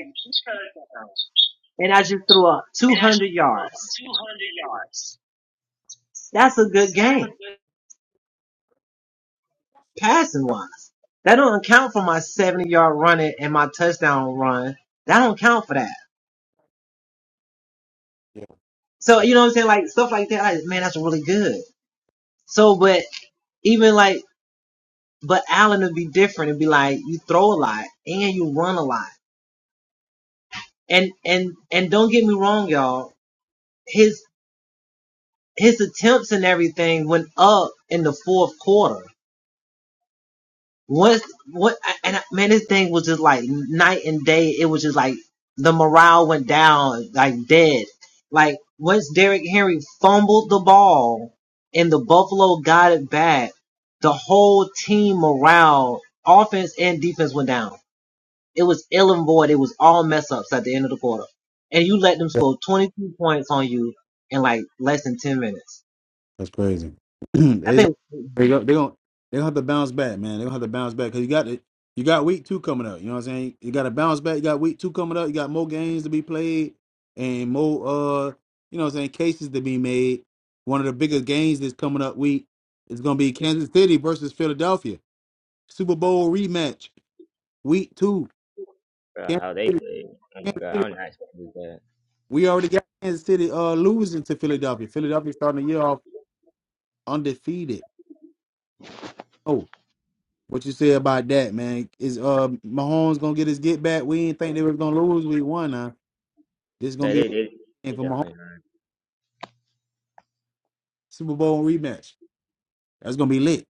Speaker 1: and I just threw up 200 yards, that's a good game. passing wise. That don't account for my 70 yard running and my touchdown run. That don't count for that. So, you know what I'm saying? Like stuff like that, like, man, that's really good. So, but even like, but Allen would be different. It'd be like, you throw a lot and you run a lot. And, and, and don't get me wrong, y'all. His, his attempts and everything went up in the fourth quarter. What what and man, this thing was just like night and day. It was just like the morale went down like dead. Like once Derrick Henry fumbled the ball and the Buffalo got it back, the whole team morale, offense and defense went down. It was ill and void. It was all mess ups at the end of the quarter, and you let them score 22 points on you in like less than 10 minutes.
Speaker 2: That's crazy. [CLEARS THROAT]
Speaker 1: I
Speaker 2: they gon-
Speaker 1: think.
Speaker 2: they gon- they gon' they gonna have to bounce back, man. They gonna have to bounce back because you got it. You got week two coming up. You know what I'm saying? You got to bounce back. You got week two coming up. You got more games to be played and more uh, you know what I'm saying, cases to be made. One of the biggest games that's coming up week is gonna be Kansas City versus Philadelphia Super Bowl rematch week two.
Speaker 3: Bro,
Speaker 2: Kansas
Speaker 3: how they
Speaker 2: City,
Speaker 3: played. Oh my
Speaker 2: Kansas
Speaker 3: god, I
Speaker 2: City.
Speaker 3: don't know how to do that.
Speaker 2: We already got Kansas City uh losing to Philadelphia. Philadelphia starting the year off undefeated. Oh, What you say about that, man? Is uh Mahomes gonna get his get back? We didn't think they were gonna lose. We won now. This is gonna
Speaker 3: That
Speaker 2: be a
Speaker 3: it, it,
Speaker 2: game
Speaker 3: it
Speaker 2: for Mahomes
Speaker 3: definitely. are.
Speaker 2: Super Bowl rematch. That's gonna be lit.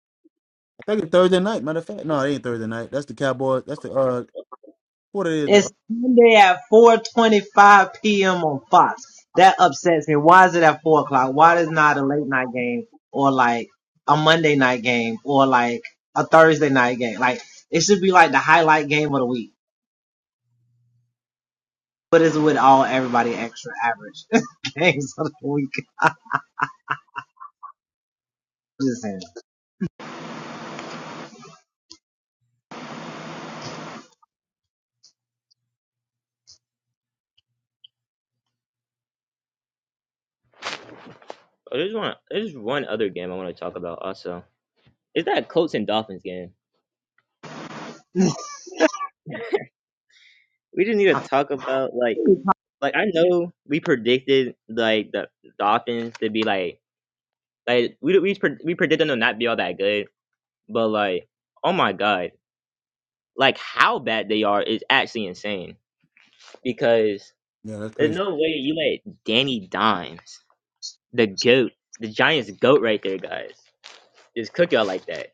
Speaker 2: I think it's Thursday night. Matter of fact, no, it ain't Thursday night. That's the Cowboys. That's the uh what it is. The,
Speaker 1: It's Sunday at 4:25 p.m. on Fox. That upsets me. Why is it at four o'clock? Why is not a late night game or like a Monday night game or like a Thursday night game? Like it should be like the highlight game of the week, but it's with all everybody extra average [LAUGHS] games of the week. Listen,
Speaker 3: Oh, there's one. There's one other game I want to talk about. Also, is that Colts and Dolphins game? We just need to talk about like, like I know we predicted like the Dolphins to be like, like we we pre- we predicted them to not be all that good, but like, oh my god, like how bad they are is actually insane. Because
Speaker 2: yeah, that's
Speaker 3: there's
Speaker 2: crazy.
Speaker 3: no way you let Danny Dimes, the goat, the Giants goat right there, guys, just cook y'all like that.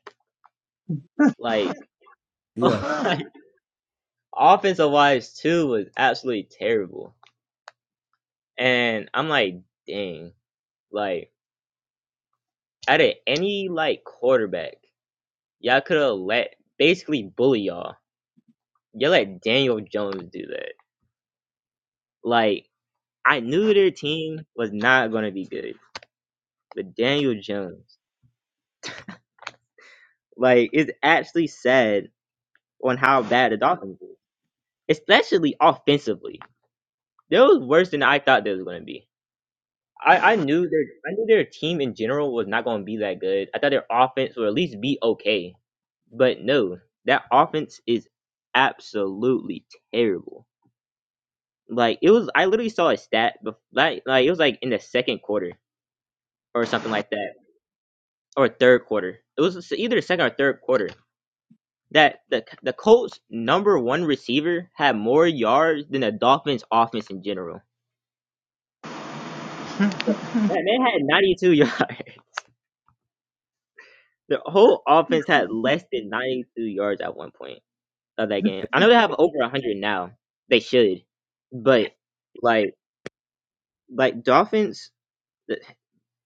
Speaker 3: Like, [LAUGHS]
Speaker 2: Yeah,
Speaker 3: oh. Offensive wise too was absolutely terrible. And I'm like, dang, like out of any like quarterback, y'all could have let basically bully y'all. Y'all let Daniel Jones do that. Like I knew their team was not gonna be good, but Daniel Jones, like, it's actually sad on how bad the Dolphins were, especially offensively. They was worse than I thought they was gonna be. I I knew their I knew their team in general was not going to be that good. I thought their offense would at least be okay, but no, that offense is absolutely terrible. Like it was, I literally saw a stat, bef- like like it was like in the second quarter or something like that, or third quarter. It was either second or third quarter that the the Colts number one receiver had more yards than the Dolphins offense in general. That man had ninety two [LAUGHS] yards. The whole offense had less than 92 yards at one point of that game. I know they have over 100 now. They should. But like like Dolphins th-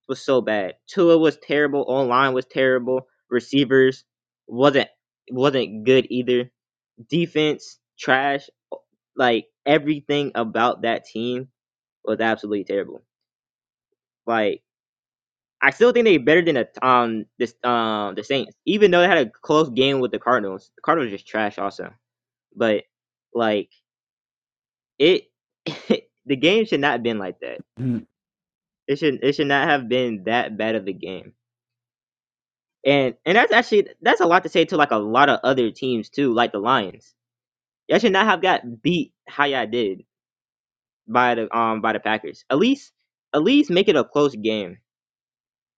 Speaker 3: was so bad. Tua was terrible, online was terrible. Receivers wasn't wasn't good either. Defense trash. Like everything about that team was absolutely terrible. Like I still think they're better than the um this um the Saints, even though they had a close game with the Cardinals. The Cardinals are just trash also. but like it, [LAUGHS] the game should not have been like that.
Speaker 2: Mhm.
Speaker 3: It should it should not have been that bad of a game. And and that's actually that's a lot to say to like a lot of other teams too, like the Lions. Y'all should not have got beat how y'all did by the um by the Packers. At least at least make it a close game.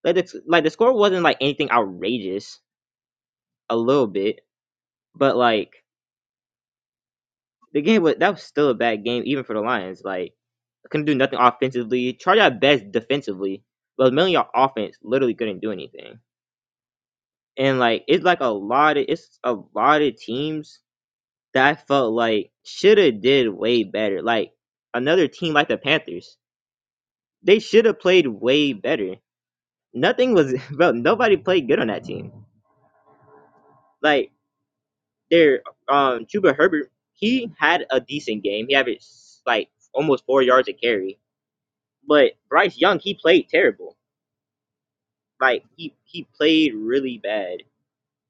Speaker 3: Like the like the score wasn't like anything outrageous, a little bit, but like the game was that was still a bad game even for the Lions. Like couldn't do nothing offensively. Charge at best defensively, but mainly our offense literally couldn't do anything. And like it's like a lot of it's a lot of teams that I felt like should have did way better. Like another team like the Panthers, they should have played way better. Nothing was [LAUGHS] well, nobody played good on that team. Like their um Chuba Herbert, he had a decent game. He averaged like almost four yards a carry. But Bryce Young, he played terrible Like he he played really bad,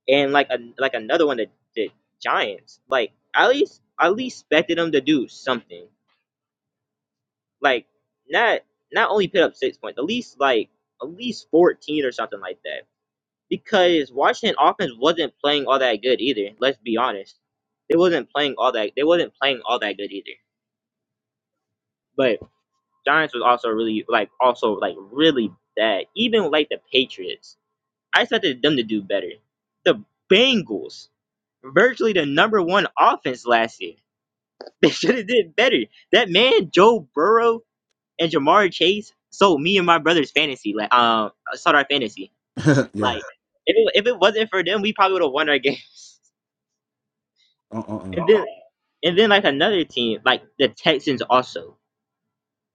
Speaker 3: and like a, like another one the the Giants. Like at least I at least expected them to do something. Like not not only put up six points, at least like at least fourteen or something like that. Because Washington offense wasn't playing all that good either. Let's be honest, they wasn't playing all that they wasn't playing all that good either. But Giants was also really like also like really bad. Even like the Patriots, I expected them to do better. The Bengals. virtually the number one offense last year. [LAUGHS] They should have did better. That man, Joe Burrow and Jamar Chase, sold me and my brother's fantasy. Like, um, uh, sold our fantasy.
Speaker 2: [LAUGHS] yeah.
Speaker 3: Like, if it, if it wasn't for them, we probably would have won our games. [LAUGHS]
Speaker 2: Uh, uh, uh.
Speaker 3: And then, and then like another team, like the Texans, also.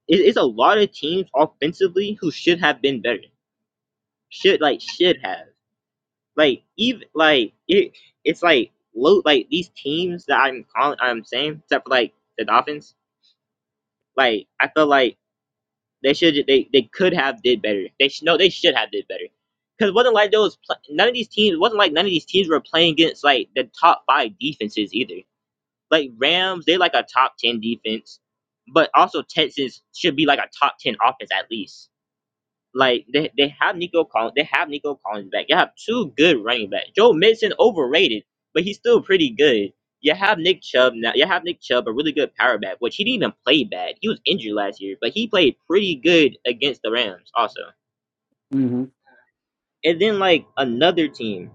Speaker 3: It, it's a lot of teams offensively who should have been better. Should like should have like even like it. It's like low like these teams that I'm calling. I'm saying except for like the Dolphins Like I felt like they should they they could have did better. They should no they should have did better. Because it wasn't like those pl- none of these teams it wasn't like none of these teams were playing against like the top five defenses either. Like Rams, they like a top ten defense, but also Texans should be like a top ten offense at least. Like they, they have Nico Collins, they have Nico Collins back. You have two good running backs. Joe Mixon overrated, but he's still pretty good. You have Nick Chubb now. You have Nick Chubb, a really good power back, which he didn't even play bad. He was injured last year, but he played pretty good against the Rams also.
Speaker 2: Mm-hmm.
Speaker 3: And then like another team,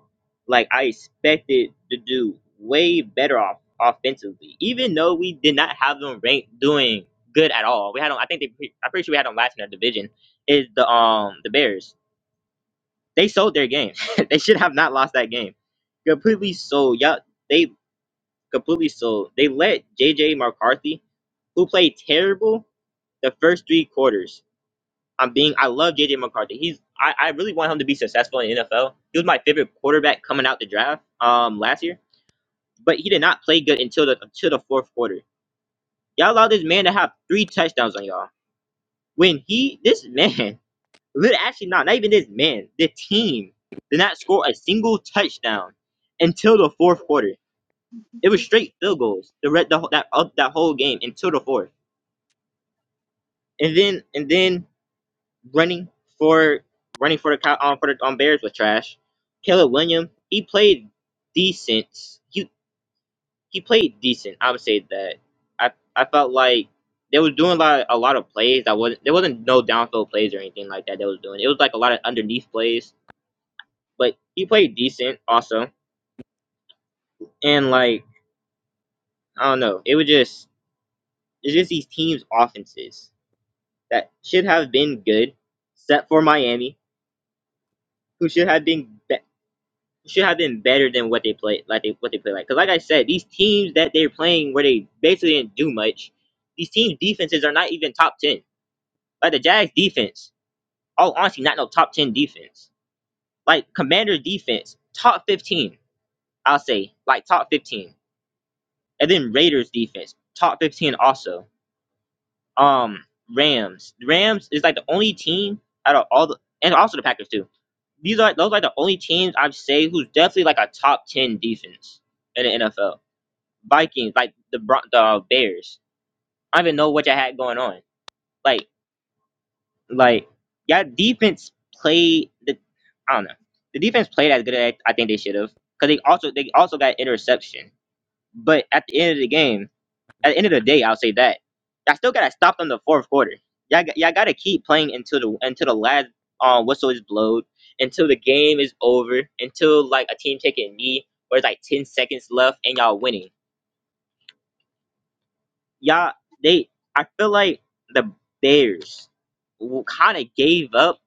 Speaker 3: like I expected to do way better off offensively, even though we did not have them ranked doing good at all. We had them. I think they. pre- I'm pretty sure we had them last in our division. Is the um the Bears? They sold their game. [LAUGHS] they should have not lost that game. Completely sold. Yeah, they completely sold. They let JJ McCarthy, who played terrible the first three quarters. I'm being I love JJ McCarthy. He's I, I really want him to be successful in the NFL. He was my favorite quarterback coming out the draft um last year. But he did not play good until the until the fourth quarter. Y'all allowed this man to have three touchdowns on y'all. When he this [LAUGHS] man Lit- Actually, not not even this man. The team did not score a single touchdown until the fourth quarter. It was straight field goals the re- the whole- that uh, that whole game until the fourth, and then and then running for running for the Cow- um, for the um, Bears was trash. Caleb Williams he played decent. He he played decent. I would say that. I I felt like they was doing a lot a lot of plays that wasn't there wasn't no downfield plays or anything like that they was doing. It was like a lot of underneath plays but he played decent also. And like I don't know, it was just it's just these teams' offenses that should have been good, except for Miami, who should have been be- should have been better than what they played like they what they played like. Because like I said, these teams that they're playing where they basically didn't do much, these teams' defenses are not even top ten. Like the Jags defense, all honestly, not no top ten defense. Like Commanders' defense, top fifteen, I'll say, like top fifteen. And then Raiders defense, top fifteen also um Rams. The Rams is like the only team out of all the and also the Packers too. These are those are like the only teams I'd say who's definitely like a top ten defense in the NFL. Vikings, like the Bron- the Bears. I don't even know what you had going on. Like like y'all defense played the I don't know. The defense played as good as I think they should have because they also they also got interception. But at the end of the game, at the end of the day, I'll say that. I still gotta stop them the fourth quarter. Y'all, g- y'all gotta keep playing until the until the last um, whistle is blowed, until the game is over, until like a team taking a knee or it's like ten seconds left and y'all winning. Y'all, they, I feel like the Bears kind of gave up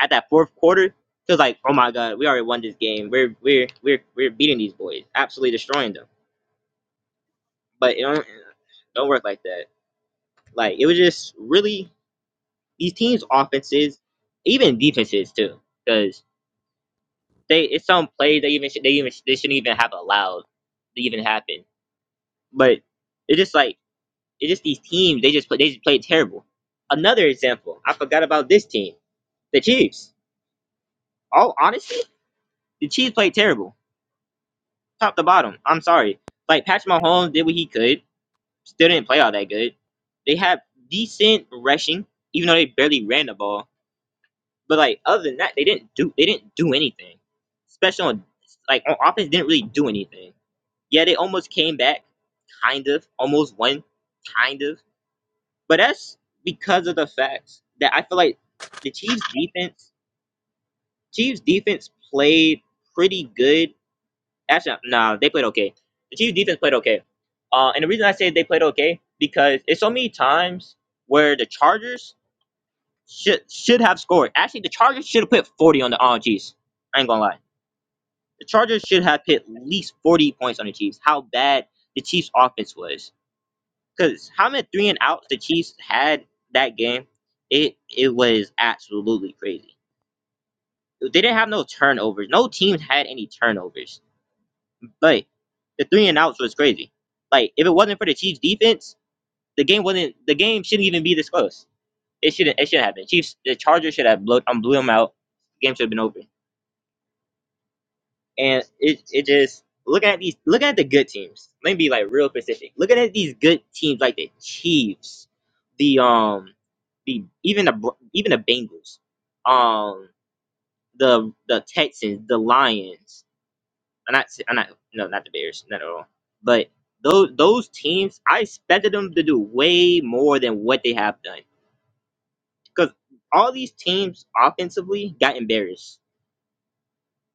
Speaker 3: at that fourth quarter. Cause like, oh my god, we already won this game. We're we're we're we're beating these boys, absolutely destroying them. But it don't, it don't work like that. Like it was just really these teams' offenses, even defenses too, because they it's some plays they even they even they shouldn't even have allowed to even happen. But it's just like it's just these teams they just play they just play terrible. Another example, I forgot about this team, the Chiefs. All honestly, the Chiefs played terrible, top to bottom. I'm sorry. Like Patrick Mahomes did what he could, still didn't play all that good. They have decent rushing, even though they barely ran the ball But like other than that, they didn't do they didn't do anything. Special on like on offense didn't really do anything. Yeah, they almost came back, kind of, almost won, kind of. But that's because of the fact that I feel like the Chiefs defense Chiefs defense played pretty good. Actually, no, nah, they played okay. The Chiefs defense played okay. Uh, and the reason I say they played okay because it's so many times where the Chargers should should have scored. Actually, the Chargers should have put forty on the on Chiefs. I ain't gonna lie The Chargers should have hit at least 40 points on the Chiefs. How bad the Chiefs' offense was. Because how many three and outs the Chiefs had that game, it it was absolutely crazy. They didn't have no turnovers. No team had any turnovers. But the three and outs was crazy. Like if it wasn't for the Chiefs' defense, the game wasn't. The game shouldn't even be this close. It shouldn't. It shouldn't have been. Chiefs. The Chargers should have blown. Um, blew them out. The game should have been over. and it it just looking at these looking at the good teams. Let me be like real specific. Looking at these good teams like the Chiefs, the um, the even the Br- even the Bengals, um, the the Texans, the Lions. I'm not I'm not no not the Bears not at all. But those those teams, I expected them to do way more than what they have done because all these teams offensively got embarrassed.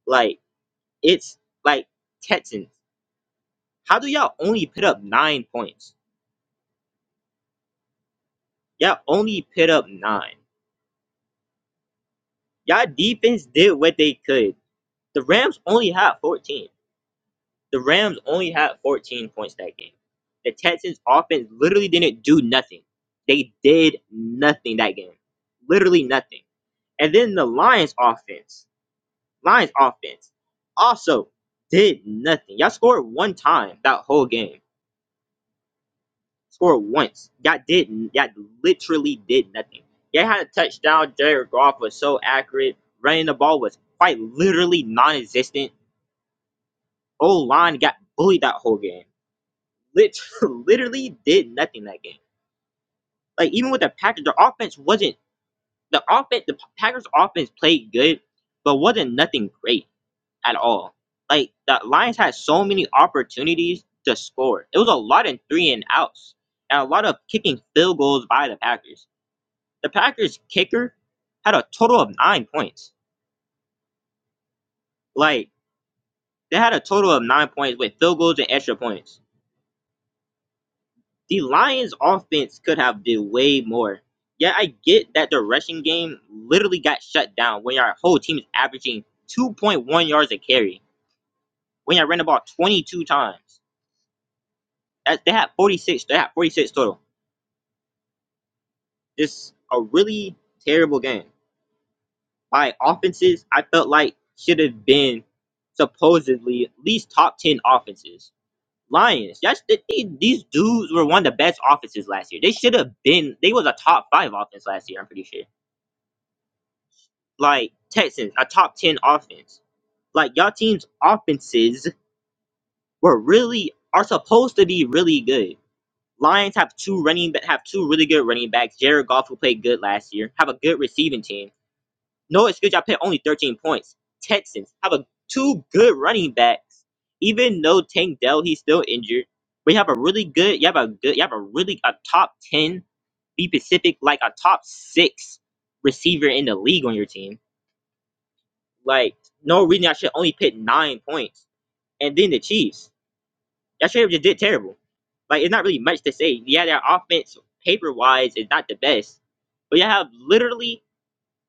Speaker 3: Like it's like Texans. How do y'all only put up nine points? Y'all only put up nine. Y'all defense did what they could. The Rams only had 14. The Rams only had 14 points that game. The Texans offense literally didn't do nothing. They did nothing that game. Literally nothing. And then the Lions offense. Lions offense also did nothing. Y'all scored one time that whole game. Score once. you didn't. you literally did nothing. They had a touchdown. Jared Goff was so accurate. Running the ball was quite literally non-existent. O line got bullied that whole game. Lit- [LAUGHS] literally did nothing that game. Like even with the Packers, the offense wasn't the offense. The Packers offense played good, but wasn't nothing great at all. Like the Lions had so many opportunities to score. It was a lot in three and outs and a lot of kicking field goals by the Packers the Packers kicker had a total of nine points. Like they had a total of nine points with field goals and extra points. The Lions offense could have did way more. Yeah, I get that the rushing game literally got shut down when your whole team is averaging 2.1 yards a carry. When you ran the ball 22 times, that they had 46. They had 46 total. It's a really terrible game. My offenses, I felt like should have been supposedly at least top 10 offenses Lions. That's the, they, these dudes were one of the best offenses last year. They should have been. They was a top five offense last year. I'm pretty sure. Like Texans, a top ten offense. Like y'all team's offenses were really are supposed to be really good. Lions have two running ba- have two really good running backs. Jared Goff who played good last year. Have a good receiving team No excuse. Y'all put only 13 points. Texans have a two good running backs. Even though Tank Dell he's still injured, but you have a really good. You have a good. You have a really a top 10. Be Pacific like a top six receiver in the league on your team. Like no reason I should only pick nine points. And then the Chiefs. Y'all should have just did terrible. Like it's not really much to say. Yeah, their offense paper wise is not the best, but you have literally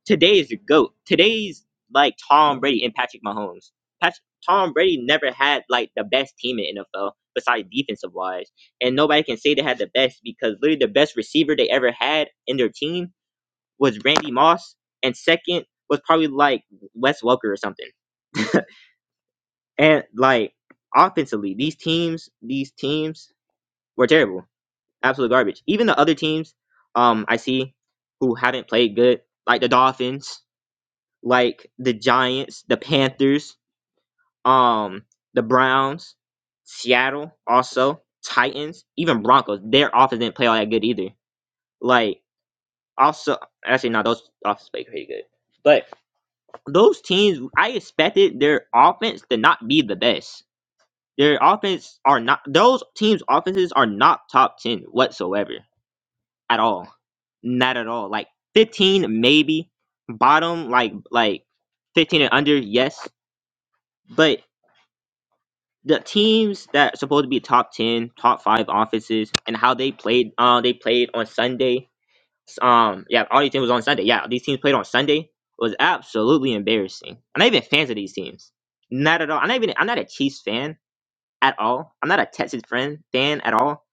Speaker 3: Today is your goat. Today's like Tom Brady and Patrick Mahomes. Pat- Tom Brady never had like the best team in NFL besides defensive wise, and nobody can say they had the best because literally the best receiver they ever had in their team was Randy Moss, and second was probably like Wes Welker or something. And like offensively, these teams, these teams were terrible, absolute garbage. Even the other teams, um, I see who haven't played good, like the Dolphins. like the Giants, the Panthers, um, the Browns, Seattle, also Titans, even Broncos. Their offense didn't play all that good either. Like also, actually, no, those offense played pretty good. But those teams, I expected their offense to not be the best. Their offense are not; those teams' offenses are not top ten whatsoever at all. Not at all. Like fifteen, maybe bottom, like like fifteen and under, yes. But the teams that are supposed to be top ten, top five offices, and how they played. Uh, they played on Sunday. Um, yeah, all these teams was on Sunday. Yeah, these teams played on Sunday. was absolutely embarrassing. I'm not even fans of these teams. Not at all. I'm not even. I'm not a Chiefs fan at all. I'm not a Texas friend fan at all.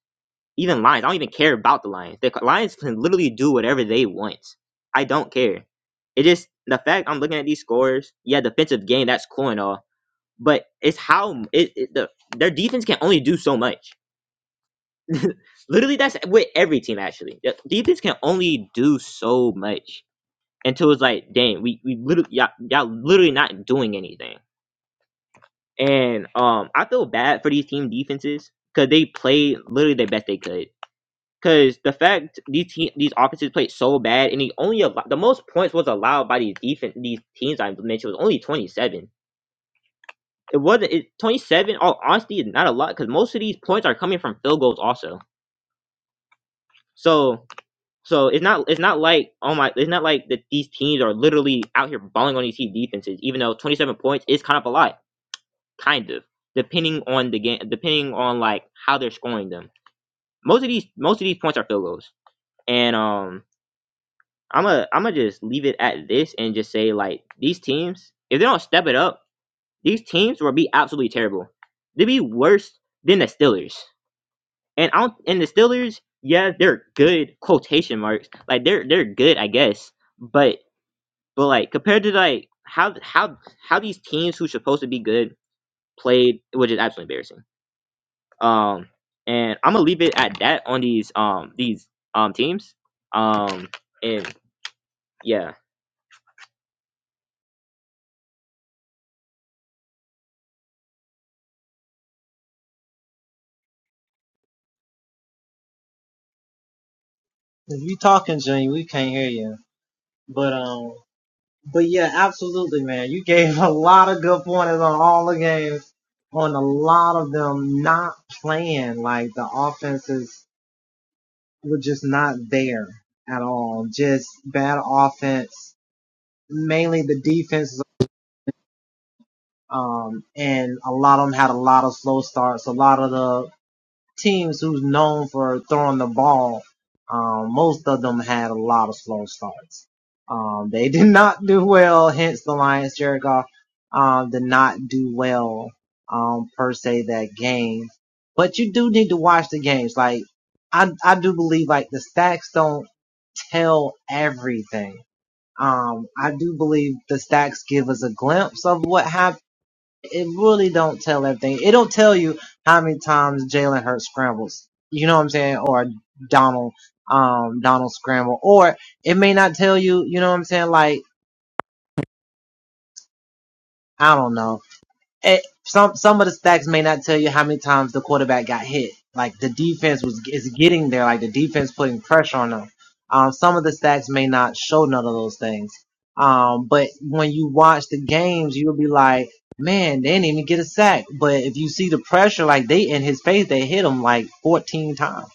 Speaker 3: Even Lions. I don't even care about the Lions. The Lions can literally do whatever they want. I don't care. It just the fact I'm looking at these scores. Yeah, defensive game. That's cool and all but it's how it, it the their defense can only do so much. [LAUGHS] Literally, that's with every team actually. The defense can only do so much until it's like, dang, we we literally y'all, y'all literally not doing anything. And um, I feel bad for these team defenses because they played literally the best they could. Because the fact these te- these offenses played so bad, and the only al- the most points was allowed by these defense these teams I mentioned was only twenty seven It wasn't it, 27. All honesty, is not a lot because most of these points are coming from field goals also. So so it's not it's not like oh my it's not like that these teams are literally out here balling on these team defenses. Even though 27 points is kind of a lot, kind of depending on the game, depending on like how they're scoring them. Most of these most of these points are field goals, and um I'm a am gonna just leave it at this and just say like these teams if they don't step it up, these teams will be absolutely terrible. They'll be worse than the Steelers. And I don't, and the Steelers, yeah, they're good quotation marks. Like they're they're good, I guess. But but like compared to like how how how these teams who supposed to be good played, which is absolutely embarrassing. Um, and I'm gonna leave it at that on these um these um teams. Um, and yeah,
Speaker 1: if you talking, Junior, we can't hear you. But um. But yeah, absolutely, man. You gave a lot of good pointers on all the games, on a lot of them not playing. Like the offenses were just not there at all. Just bad offense, mainly the defenses. Um, and a lot of them had a lot of slow starts. A lot of the teams who's known for throwing the ball, um, most of them had a lot of slow starts. Um, they [LAUGHS] did not do well, hence the Lions, Jared Goff, um, did not do well, um, per se that game. But you do need to watch the games. Like, I, I do believe like the stacks don't tell everything. Um, I do believe the stacks give us a glimpse of what happened it really don't tell everything. It don't tell you how many times Jalen Hurts scrambles. You know what I'm saying? Or Donald, um, Donald scramble. Or it may not tell you, you know what I'm saying? Like, I don't know eh, some some of the stacks may not tell you how many times the quarterback got hit. Like the defense was is getting there. Like the defense putting pressure on them. Um, some of the stats may not show none of those things. Um, but when you watch the games, you'll be like, man, they didn't even get a sack. But if you see the pressure, like they in his face, they hit him like 14 times.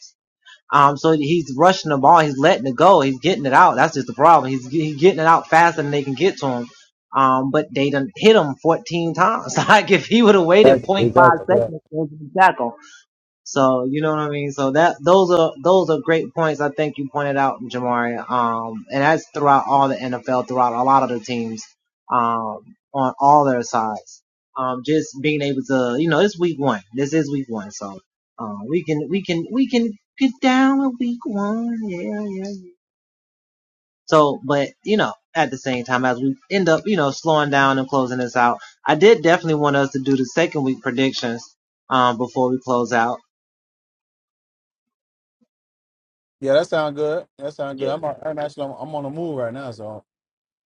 Speaker 1: Um, so he's rushing the ball. He's letting it go. He's getting it out. That's just the problem. He's, he's getting it out faster than they can get to him. Um, but they done hit him 14 times. [LAUGHS] Like if he would have waited
Speaker 2: Exactly.
Speaker 1: point five
Speaker 2: Exactly.
Speaker 1: seconds,
Speaker 2: Yeah.
Speaker 1: it would have been tackle. So you know what I mean. So that those are those are great points. I think you pointed out, Jamari. Um, and that's throughout all the NFL, throughout a lot of the teams, um, on all their sides. Um, just being able to, you know, it's week one. This is week one, so uh, we can we can we can get down with week one. Yeah, yeah. yeah. So, but you know, at the same time, as we end up, you know, slowing down and closing this out, I did definitely want us to do the second week predictions um, before we close out.
Speaker 2: Yeah, that sound good. That sound good.
Speaker 3: yeah.
Speaker 2: I'm, I'm actually on, I'm on the move right now, so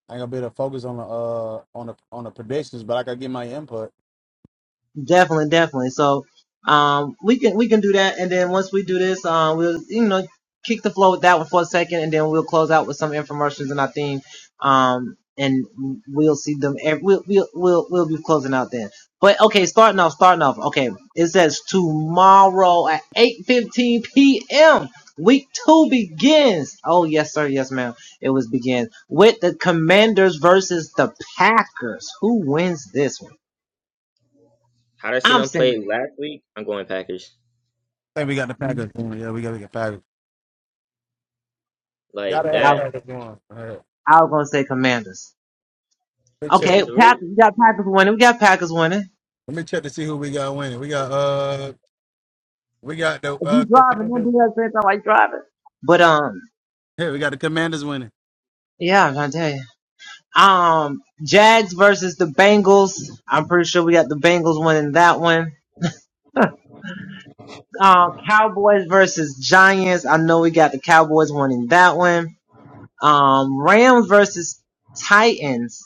Speaker 2: I ain't gonna be able to focus on the uh on the on the predictions, but I gotta get my input.
Speaker 1: Definitely, definitely. So, um, we can we can do that, and then once we do this, um, we'll you know kick the flow with that one for a second, and then we'll close out with some infomercials and our theme. Um, and we'll see them. ev- We'll we'll we'll we'll be closing out then. But okay, starting off, starting off. Okay, it says tomorrow at eight fifteen p.m. Week two begins. Oh yes, sir. Yes, ma'am. It was begins with the Commanders versus the Packers. Who wins this one?
Speaker 3: How did I see
Speaker 1: I'm
Speaker 3: them play
Speaker 1: saying.
Speaker 3: last week? I'm going Packers.
Speaker 2: I think we got the Packers. Yeah, we got to get Packers.
Speaker 3: Like
Speaker 2: Gotta have a
Speaker 1: I,
Speaker 3: that.
Speaker 2: practice going. All right.
Speaker 1: I was gonna say Commanders.
Speaker 2: Let me
Speaker 3: The,
Speaker 2: check.
Speaker 1: Okay,
Speaker 3: the reason
Speaker 1: Packers. We got Packers winning. We got Packers winning.
Speaker 2: Let me check to see who we got winning. We got uh we got the
Speaker 1: If you
Speaker 2: uh
Speaker 1: driving, don't
Speaker 2: commanders
Speaker 1: do that same time while you driving. But um,
Speaker 2: here, we got the commanders winning.
Speaker 1: yeah, I'm trying to tell you. Um, Jags versus the Bengals. I'm pretty sure we got the Bengals winning that one. [LAUGHS] Uh, Cowboys versus Giants. I know we got the Cowboys winning that one. Um, Rams versus Titans.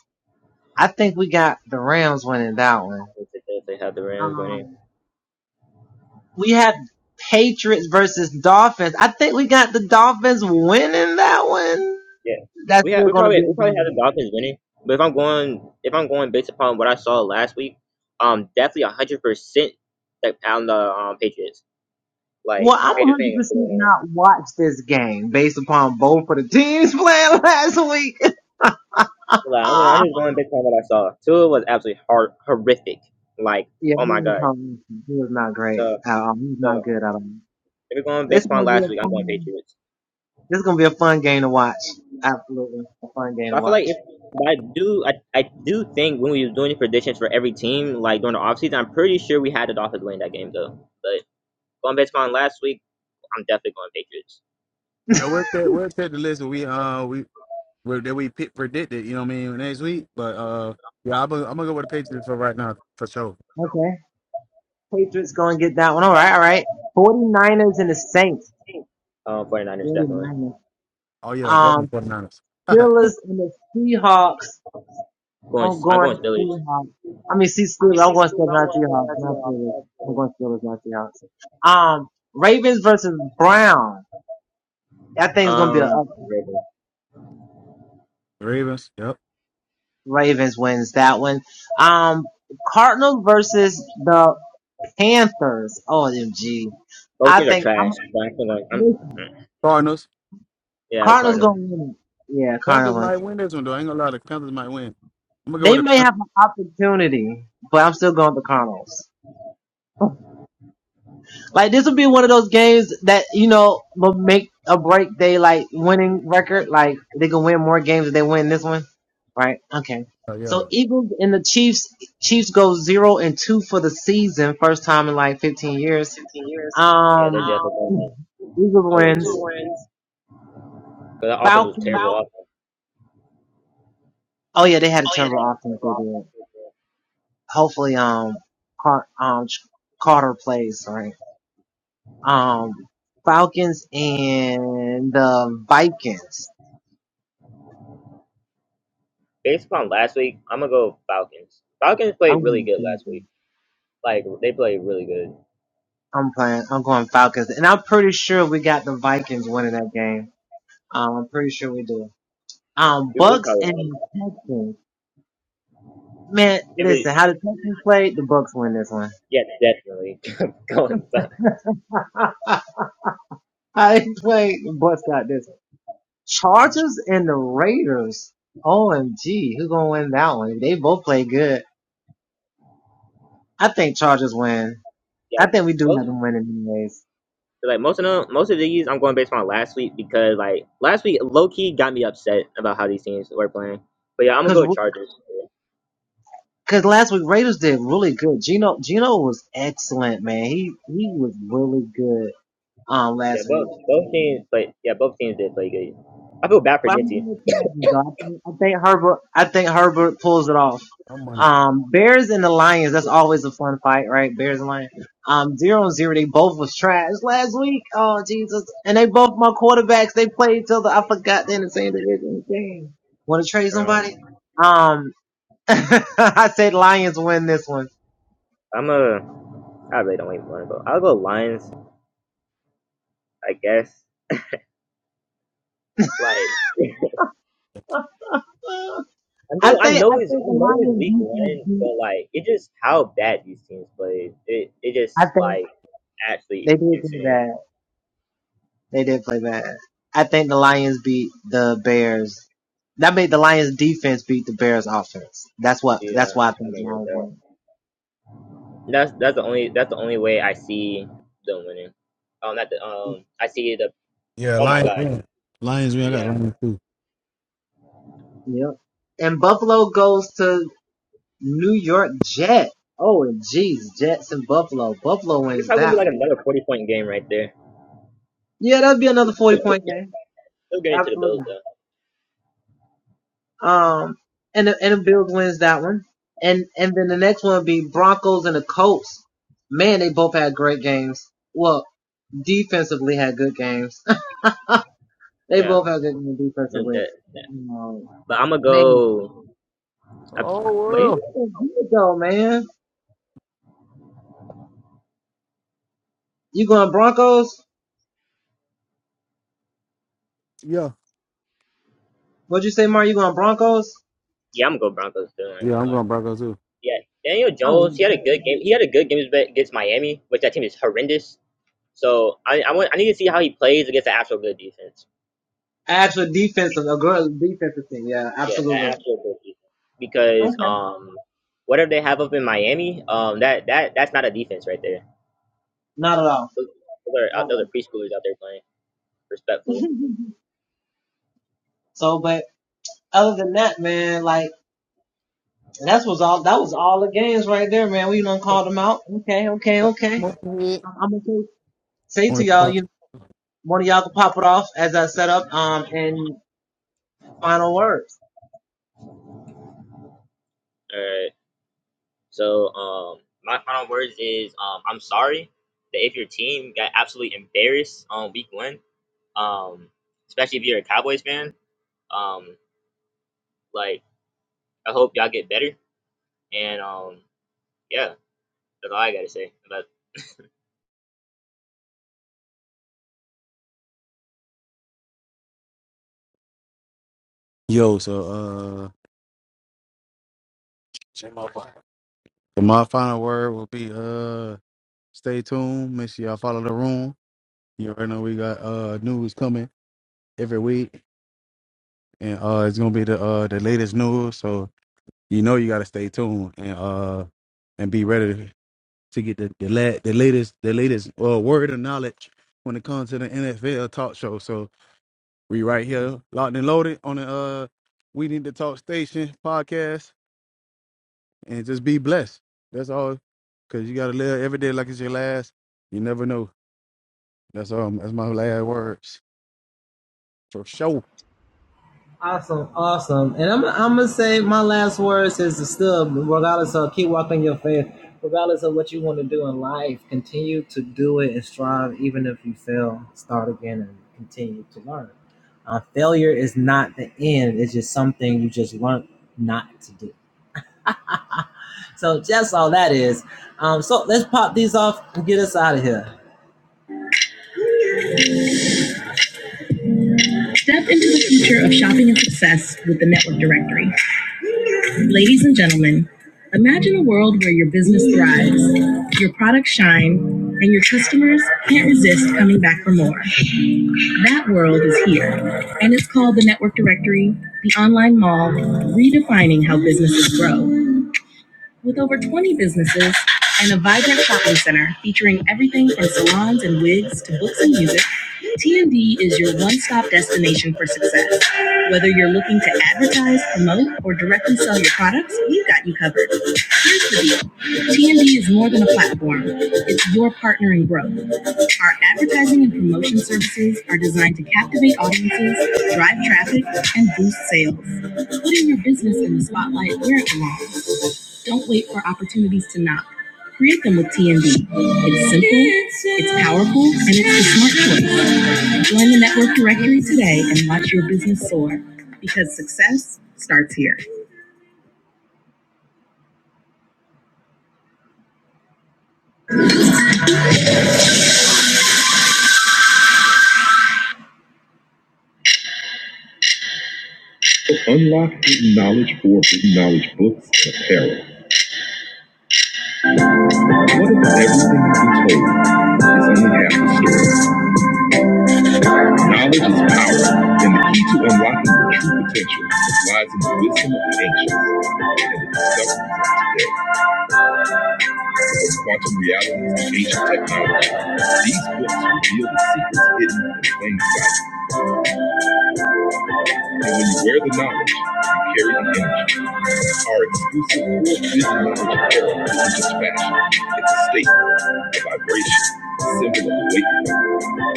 Speaker 1: I think we got the Rams winning that one.
Speaker 3: if they have the Rams winning.
Speaker 1: Um, We had Patriots versus Dolphins. I think we got the Dolphins winning that one.
Speaker 3: Yeah,
Speaker 1: That's
Speaker 3: we had
Speaker 1: still
Speaker 3: we
Speaker 1: going to
Speaker 3: probably
Speaker 1: be a
Speaker 3: we probably had
Speaker 1: game.
Speaker 3: the Dolphins winning, but if I'm going if I'm going based upon what I saw last week, um, definitely hundred percent that on the um Patriots.
Speaker 1: Well,
Speaker 3: Like
Speaker 1: I'm 100%
Speaker 3: Patriots ain't gonna win.
Speaker 1: not watch this game based upon both of the teams [LAUGHS] playing last week.
Speaker 3: Like I'm, I'm
Speaker 1: Ah,
Speaker 3: just going based on what I saw. Tua was absolutely hor- horrific. Like
Speaker 1: yeah, he
Speaker 3: oh my
Speaker 1: was
Speaker 3: god.
Speaker 1: home. He was not great
Speaker 3: So
Speaker 1: at all. He not
Speaker 3: so
Speaker 1: good at all.
Speaker 3: if we're going
Speaker 1: This
Speaker 3: based
Speaker 1: is
Speaker 3: upon
Speaker 1: gonna be a
Speaker 3: last week, I'm going
Speaker 1: fun.
Speaker 3: Patriots.
Speaker 1: This is gonna be a fun game to watch. Absolutely, a fun game to
Speaker 3: But I feel like
Speaker 1: watch.
Speaker 3: if but I do I, I do think when we was doing the predictions for every team like during the offseason, I'm pretty sure we had the Dolphins winning that game though. Going based on last week, I'm definitely going Patriots.
Speaker 1: [LAUGHS]
Speaker 2: Yeah, we'll check we'll check the list that we uh we we- that we pick predicted, you know what I mean, next week. But uh yeah, I'm gonna, I'm gonna go with the Patriots for right now for sure.
Speaker 1: Okay. Patriots going to get that one. All right, all right. 49ers and the Saints.
Speaker 3: Um, 49ers definitely.
Speaker 1: 49ers.
Speaker 2: Oh yeah,
Speaker 1: Um,
Speaker 2: definitely 49ers. [LAUGHS]
Speaker 1: Steelers and the Seahawks.
Speaker 3: Going,
Speaker 1: I'm
Speaker 3: I'm going
Speaker 1: going
Speaker 3: Steelers.
Speaker 1: Seahawks. I mean, see Steelers. I'm going Steelers, not Seahawks, not Steelers. I'm going Steelers, not Seahawks. Um, Ravens versus Brown. That thing's gonna be a
Speaker 3: Um,
Speaker 1: up.
Speaker 3: Ravens.
Speaker 2: Ravens, yep.
Speaker 1: Ravens wins that one. Um, Cardinals versus the Panthers. OMG.
Speaker 3: both
Speaker 1: I
Speaker 3: teams are
Speaker 1: think I'm
Speaker 3: trash. But I'm still going. I'm, mm.
Speaker 2: Cardinals.
Speaker 3: yeah,
Speaker 1: Cardinals gonna
Speaker 3: Cardinals.
Speaker 1: win it. Yeah,
Speaker 2: Panthers
Speaker 1: Cardinals. Win.
Speaker 2: might win this one though. I ain't gonna lie, the Panthers might win. I'm gonna go with
Speaker 1: They
Speaker 2: the
Speaker 1: may have
Speaker 2: Panthers.
Speaker 1: an opportunity, but I'm still going with the Cardinals. [LAUGHS] Like this would be one of those games that you know will make a break. They like winning record. Like they can win more games if they win this one, right? Okay.
Speaker 2: Oh, yeah,
Speaker 1: So Eagles and the Chiefs. Chiefs go zero and two for the season, first time in like 15 years.
Speaker 3: Yeah, they're
Speaker 1: Um,
Speaker 3: definitely going.
Speaker 1: Eagles
Speaker 3: Oh, and
Speaker 1: wins.
Speaker 3: two. Because the offense was
Speaker 1: Falcons.
Speaker 3: terrible. Wow.
Speaker 1: Oh yeah, they had a terrible offense. They did. Hopefully, um, Car- um, Carter plays right. Um, Falcons and the Vikings.
Speaker 3: Based upon last week, I'm gonna go Falcons. Falcons
Speaker 1: I'm
Speaker 3: played really
Speaker 1: going
Speaker 3: good last week.
Speaker 1: Falcons.
Speaker 3: Like they played really good.
Speaker 1: I'm playing. I'm going Falcons, and I'm pretty sure we got the Vikings winning that game. Um, I'm pretty sure we do. Um,
Speaker 3: We, we
Speaker 1: Bucks
Speaker 3: probably
Speaker 1: and
Speaker 3: have
Speaker 1: Texans. Man,
Speaker 3: every
Speaker 1: listen, how the Texans played, the Bucks win this one.
Speaker 3: yeah definitely [LAUGHS] going. Fal-
Speaker 1: [LAUGHS] how they played, the Bucks got this one. Chargers and the Raiders. OMG, who gonna win that one? They both play good. I think Chargers win.
Speaker 3: Yeah,
Speaker 1: I think we do have
Speaker 3: most
Speaker 1: them winning anyways.
Speaker 3: 'Cause, like most of them, most of these, I'm going based on last week because like last week, low key got me upset about how these teams were playing. But yeah, I'm gonna go with Chargers.
Speaker 1: Cause last week Raiders did really good. Gino Gino was excellent, man. He he was really good um
Speaker 3: Yeah,
Speaker 1: last week.
Speaker 3: both both teams, but yeah, both teams did play good. I feel bad for
Speaker 1: But I'm gonna
Speaker 3: Genty.
Speaker 1: give it to Dolphins, though. I think, I think Herbert I think Herbert pulls it off.
Speaker 2: I'm on it.
Speaker 1: Um Bears and the Lions, that's always a fun fight, right? Bears and Lions. Um zero and zero, they both was trash last week. Oh Jesus. And they both my quarterbacks, they played each other. I forgot they're in the same division. Dang. Wanna trade somebody?
Speaker 3: Um,
Speaker 1: Um [LAUGHS] I said Lions win this one.
Speaker 3: I'm a, I really don't even want to go. I'll go Lions, I guess. Like [LAUGHS] I
Speaker 1: I
Speaker 3: know, I
Speaker 1: think
Speaker 3: know
Speaker 1: I
Speaker 3: it's, I
Speaker 1: think the
Speaker 3: know it's
Speaker 1: Lions
Speaker 3: week
Speaker 1: defense
Speaker 3: one,
Speaker 1: beat.
Speaker 3: but like it just how bad these teams played. It, it
Speaker 1: I
Speaker 3: just
Speaker 1: think
Speaker 3: like
Speaker 1: they
Speaker 3: actually
Speaker 1: did play
Speaker 3: insane.
Speaker 1: bad. They did play bad. I think the Lions beat the Bears. That made the Lions defense beat the Bears offense. That's what.
Speaker 3: Yeah,
Speaker 1: That's why I
Speaker 3: I
Speaker 1: think the
Speaker 3: don't
Speaker 1: Lions
Speaker 3: know
Speaker 1: won.
Speaker 3: That's that's the only that's the only way I see them winning. Um, not the um, I see the.
Speaker 2: Yeah,
Speaker 3: Oh my
Speaker 2: Lions
Speaker 3: God,
Speaker 2: win. Lions win. I got
Speaker 3: yeah,
Speaker 2: Lions too.
Speaker 1: Yep. And Buffalo goes to New York Jet. Oh, and geez, Jets and Buffalo. Buffalo
Speaker 3: it's
Speaker 1: wins
Speaker 3: probably gonna be
Speaker 1: that
Speaker 3: like
Speaker 1: one.
Speaker 3: another forty point game right there.
Speaker 1: Yeah, that'd be another forty point game.
Speaker 3: Still getting to the Bills
Speaker 1: Absolutely.
Speaker 3: though.
Speaker 1: Um, and the, and the Bills wins that one. And and then the next one would be Broncos and the Colts. Man, they both had great games. Well, defensively had good games. [LAUGHS] they
Speaker 3: Yeah,
Speaker 1: both had good games
Speaker 3: no,
Speaker 1: defensively.
Speaker 3: that, that.
Speaker 1: Um,
Speaker 3: but I'm gonna
Speaker 1: man,
Speaker 3: go. I,
Speaker 2: Oh
Speaker 3: I-
Speaker 1: good,
Speaker 3: wait,
Speaker 2: world.
Speaker 1: good though, man. You going Broncos?
Speaker 2: Yeah.
Speaker 1: What'd you say, Mar? You going Broncos?
Speaker 3: yeah, I'm gonna go Broncos too. I ain't
Speaker 2: Yeah,
Speaker 3: gonna
Speaker 2: I'm
Speaker 3: lie.
Speaker 2: going Broncos too.
Speaker 3: Yeah, Daniel
Speaker 1: Oh,
Speaker 3: Jones. He had a good game. He had a good game against Miami, which that team is horrendous. So I I, want, I need to see how he plays against the actual good defense.
Speaker 1: actual defensive, a good defensive team. Yeah,
Speaker 3: Yeah, a-
Speaker 1: absolutely.
Speaker 3: actual bowl Because
Speaker 1: Okay.
Speaker 3: um, whatever they have up in Miami, um, that that that's not a defense right there.
Speaker 1: Not at all.
Speaker 3: Those those are
Speaker 1: Not at
Speaker 3: out- those are
Speaker 1: all.
Speaker 3: preschoolers out there playing respectfully.
Speaker 1: [LAUGHS] So, but other than that, man, like. And that's was all. That was all the games right there, man. We done called them out. Okay, okay, okay. I'm, I'm gonna say, say to y'all, you one of y'all can pop it off as I set up. Um, and final words.
Speaker 3: All right. So um, my final words is um, I'm sorry that if your team got absolutely embarrassed on week one, um, especially if you're a Cowboys fan, um, like I hope y'all get better. And um, yeah, that's all I gotta say about
Speaker 2: Yo, so uh, so my final word will be uh, stay tuned. Make sure y'all follow the room. You already know we got uh news coming every week, and uh, it's gonna be the uh the latest news. So you know you gotta stay tuned and uh and be ready to get the the, la- the latest the latest uh word of knowledge when it comes to the NFL talk show. So we right here locked and loaded on the uh we need to talk station podcast. and just be blessed. That's all. Cause you gotta live every day like it's your last. You never know. That's all. That's my last words. For sure.
Speaker 1: Awesome, awesome. And I'm, I'm gonna say my last words is to still, regardless of keep walking your faith, regardless of what you want to do in life, continue to do it and strive, even if you fail, start again and continue to learn. Uh, failure is not the end; it's just something you just learn not to do. So that's all that is. Um, so let's pop these off and get us out of here. Step into the future of shopping and success with the Network Directory. Ladies and gentlemen, imagine a world where your business thrives, your products shine, and your customers can't resist coming back for more. That world is here, and it's called the Network Directory, the online mall, redefining how businesses grow. With over 20 businesses and a vibrant shopping center featuring everything from salons and wigs to books and music, TND is your one stop destination for success. Whether you're looking to advertise, promote, or directly sell your products, we've got you covered. Here's the deal TND is more than a platform, it's your partner in growth. Our advertising and promotion services are designed to captivate audiences, drive traffic, and boost sales. Putting your business in the spotlight where it belongs don't wait for opportunities to knock. Create them with TND. It's simple, it's powerful, and it's the smart choice. Join the network directory today and watch your business soar because success starts here. So Unlock hidden knowledge for hidden knowledge books and apparel. What if everything you've been told is only half the story? Knowledge is power, and the key to unlocking your true potential lies in the wisdom of the ancients and the discoveries of today. of quantum reality and ancient technology. These books reveal the secrets hidden in plain sight. And when you wear the knowledge, you carry the energy. Our exclusive world vision knowledge apparel isn't just fashion, it's a state, a vibration, a symbol of awakening.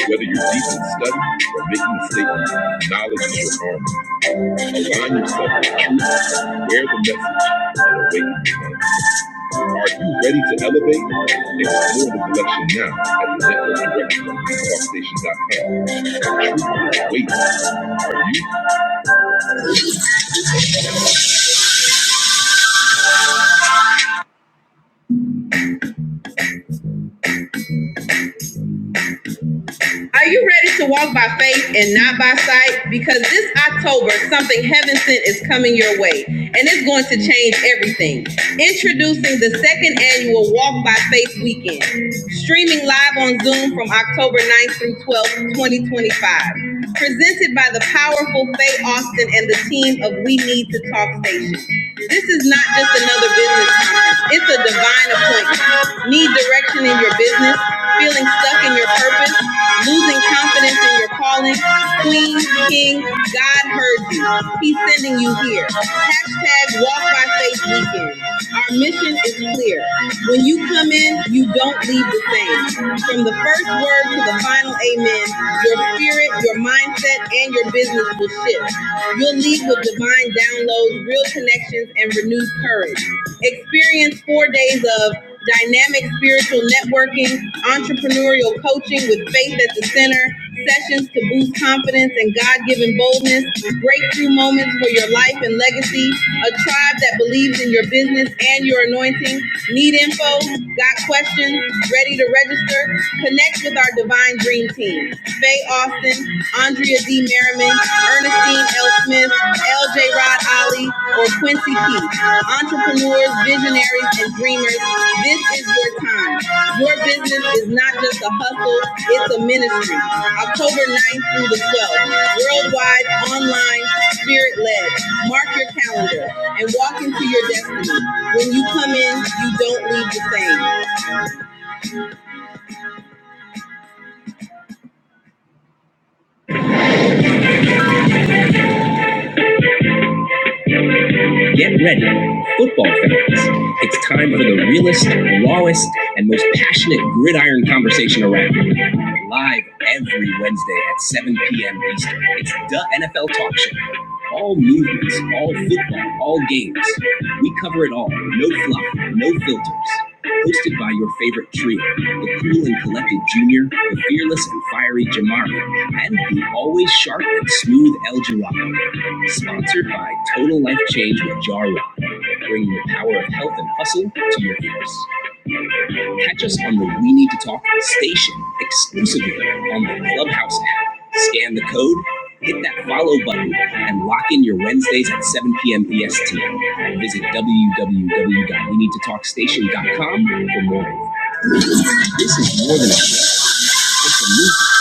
Speaker 1: Whether you're deep in study or making a statement, knowledge is your armor. Align yourself with truth, wear the message, and awaken your mind. Are you ready to elevate? Explore the collection now at the network directory on talkstation.com. Wait. Are you ready to walk by faith and not by sight? Because this October, something heaven sent is coming your way, and it's going to change everything. Introducing the second annual Walk by Faith Weekend, streaming live on Zoom from October 9th through 12th, 2025 presented by the powerful Faye Austin and the team of We Need to Talk Station. This is not just another business conference. It's a divine appointment. Need direction in your business? Feeling stuck in your purpose? Losing confidence in your calling? Queen, King, God heard you. He's sending you here. Hashtag walk by faith Safe Weekend. Our mission is clear. When you come in, you don't leave the same. From the first word to the final amen, your spirit, your mindset, and your business will shift. You'll leave with divine downloads, real connections, and renewed courage. Experience four days of dynamic spiritual networking, entrepreneurial coaching with faith at the center, sessions to boost confidence and God given boldness, breakthrough moments for your life and legacy, a tribe that believes in your business and your anointing. Need info? Got questions? Ready to register? Connect with our Divine Dream Team. Faye Austin, Andrea. Asia D. Merriman, Ernestine L. Smith, LJ Rod Ollie, or Quincy Keith. Entrepreneurs, visionaries, and dreamers, this is your time. Your business is not just a hustle, it's a ministry. October 9th through the 12th, worldwide, online, spirit-led. Mark your calendar and walk into your destiny. When you come in, you don't leave the same. Get ready, football fans. It's time for the realest, rawest, and most passionate gridiron conversation around live every Wednesday at 7 p.m. Eastern. It's the NFL Talk Show. All movements, all football, all games. We cover it all. No fluff, no filters. Hosted by your favorite trio, the cool and collected Junior, the fearless and fiery Jamari, and the always sharp and smooth El Jirado. Sponsored by Total Life Change with Jar Rod, bringing the power of health and hustle to your ears. Catch us on the We Need to Talk station exclusively on the Clubhouse app. Scan the code, hit that follow button, and lock in your Wednesdays at 7 p.m. EST. Visit w w w dot we need to talk station dot com for more. This is more than a show. It's a movie.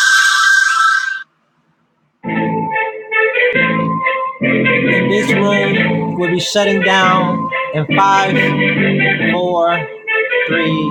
Speaker 1: We'll be shutting down in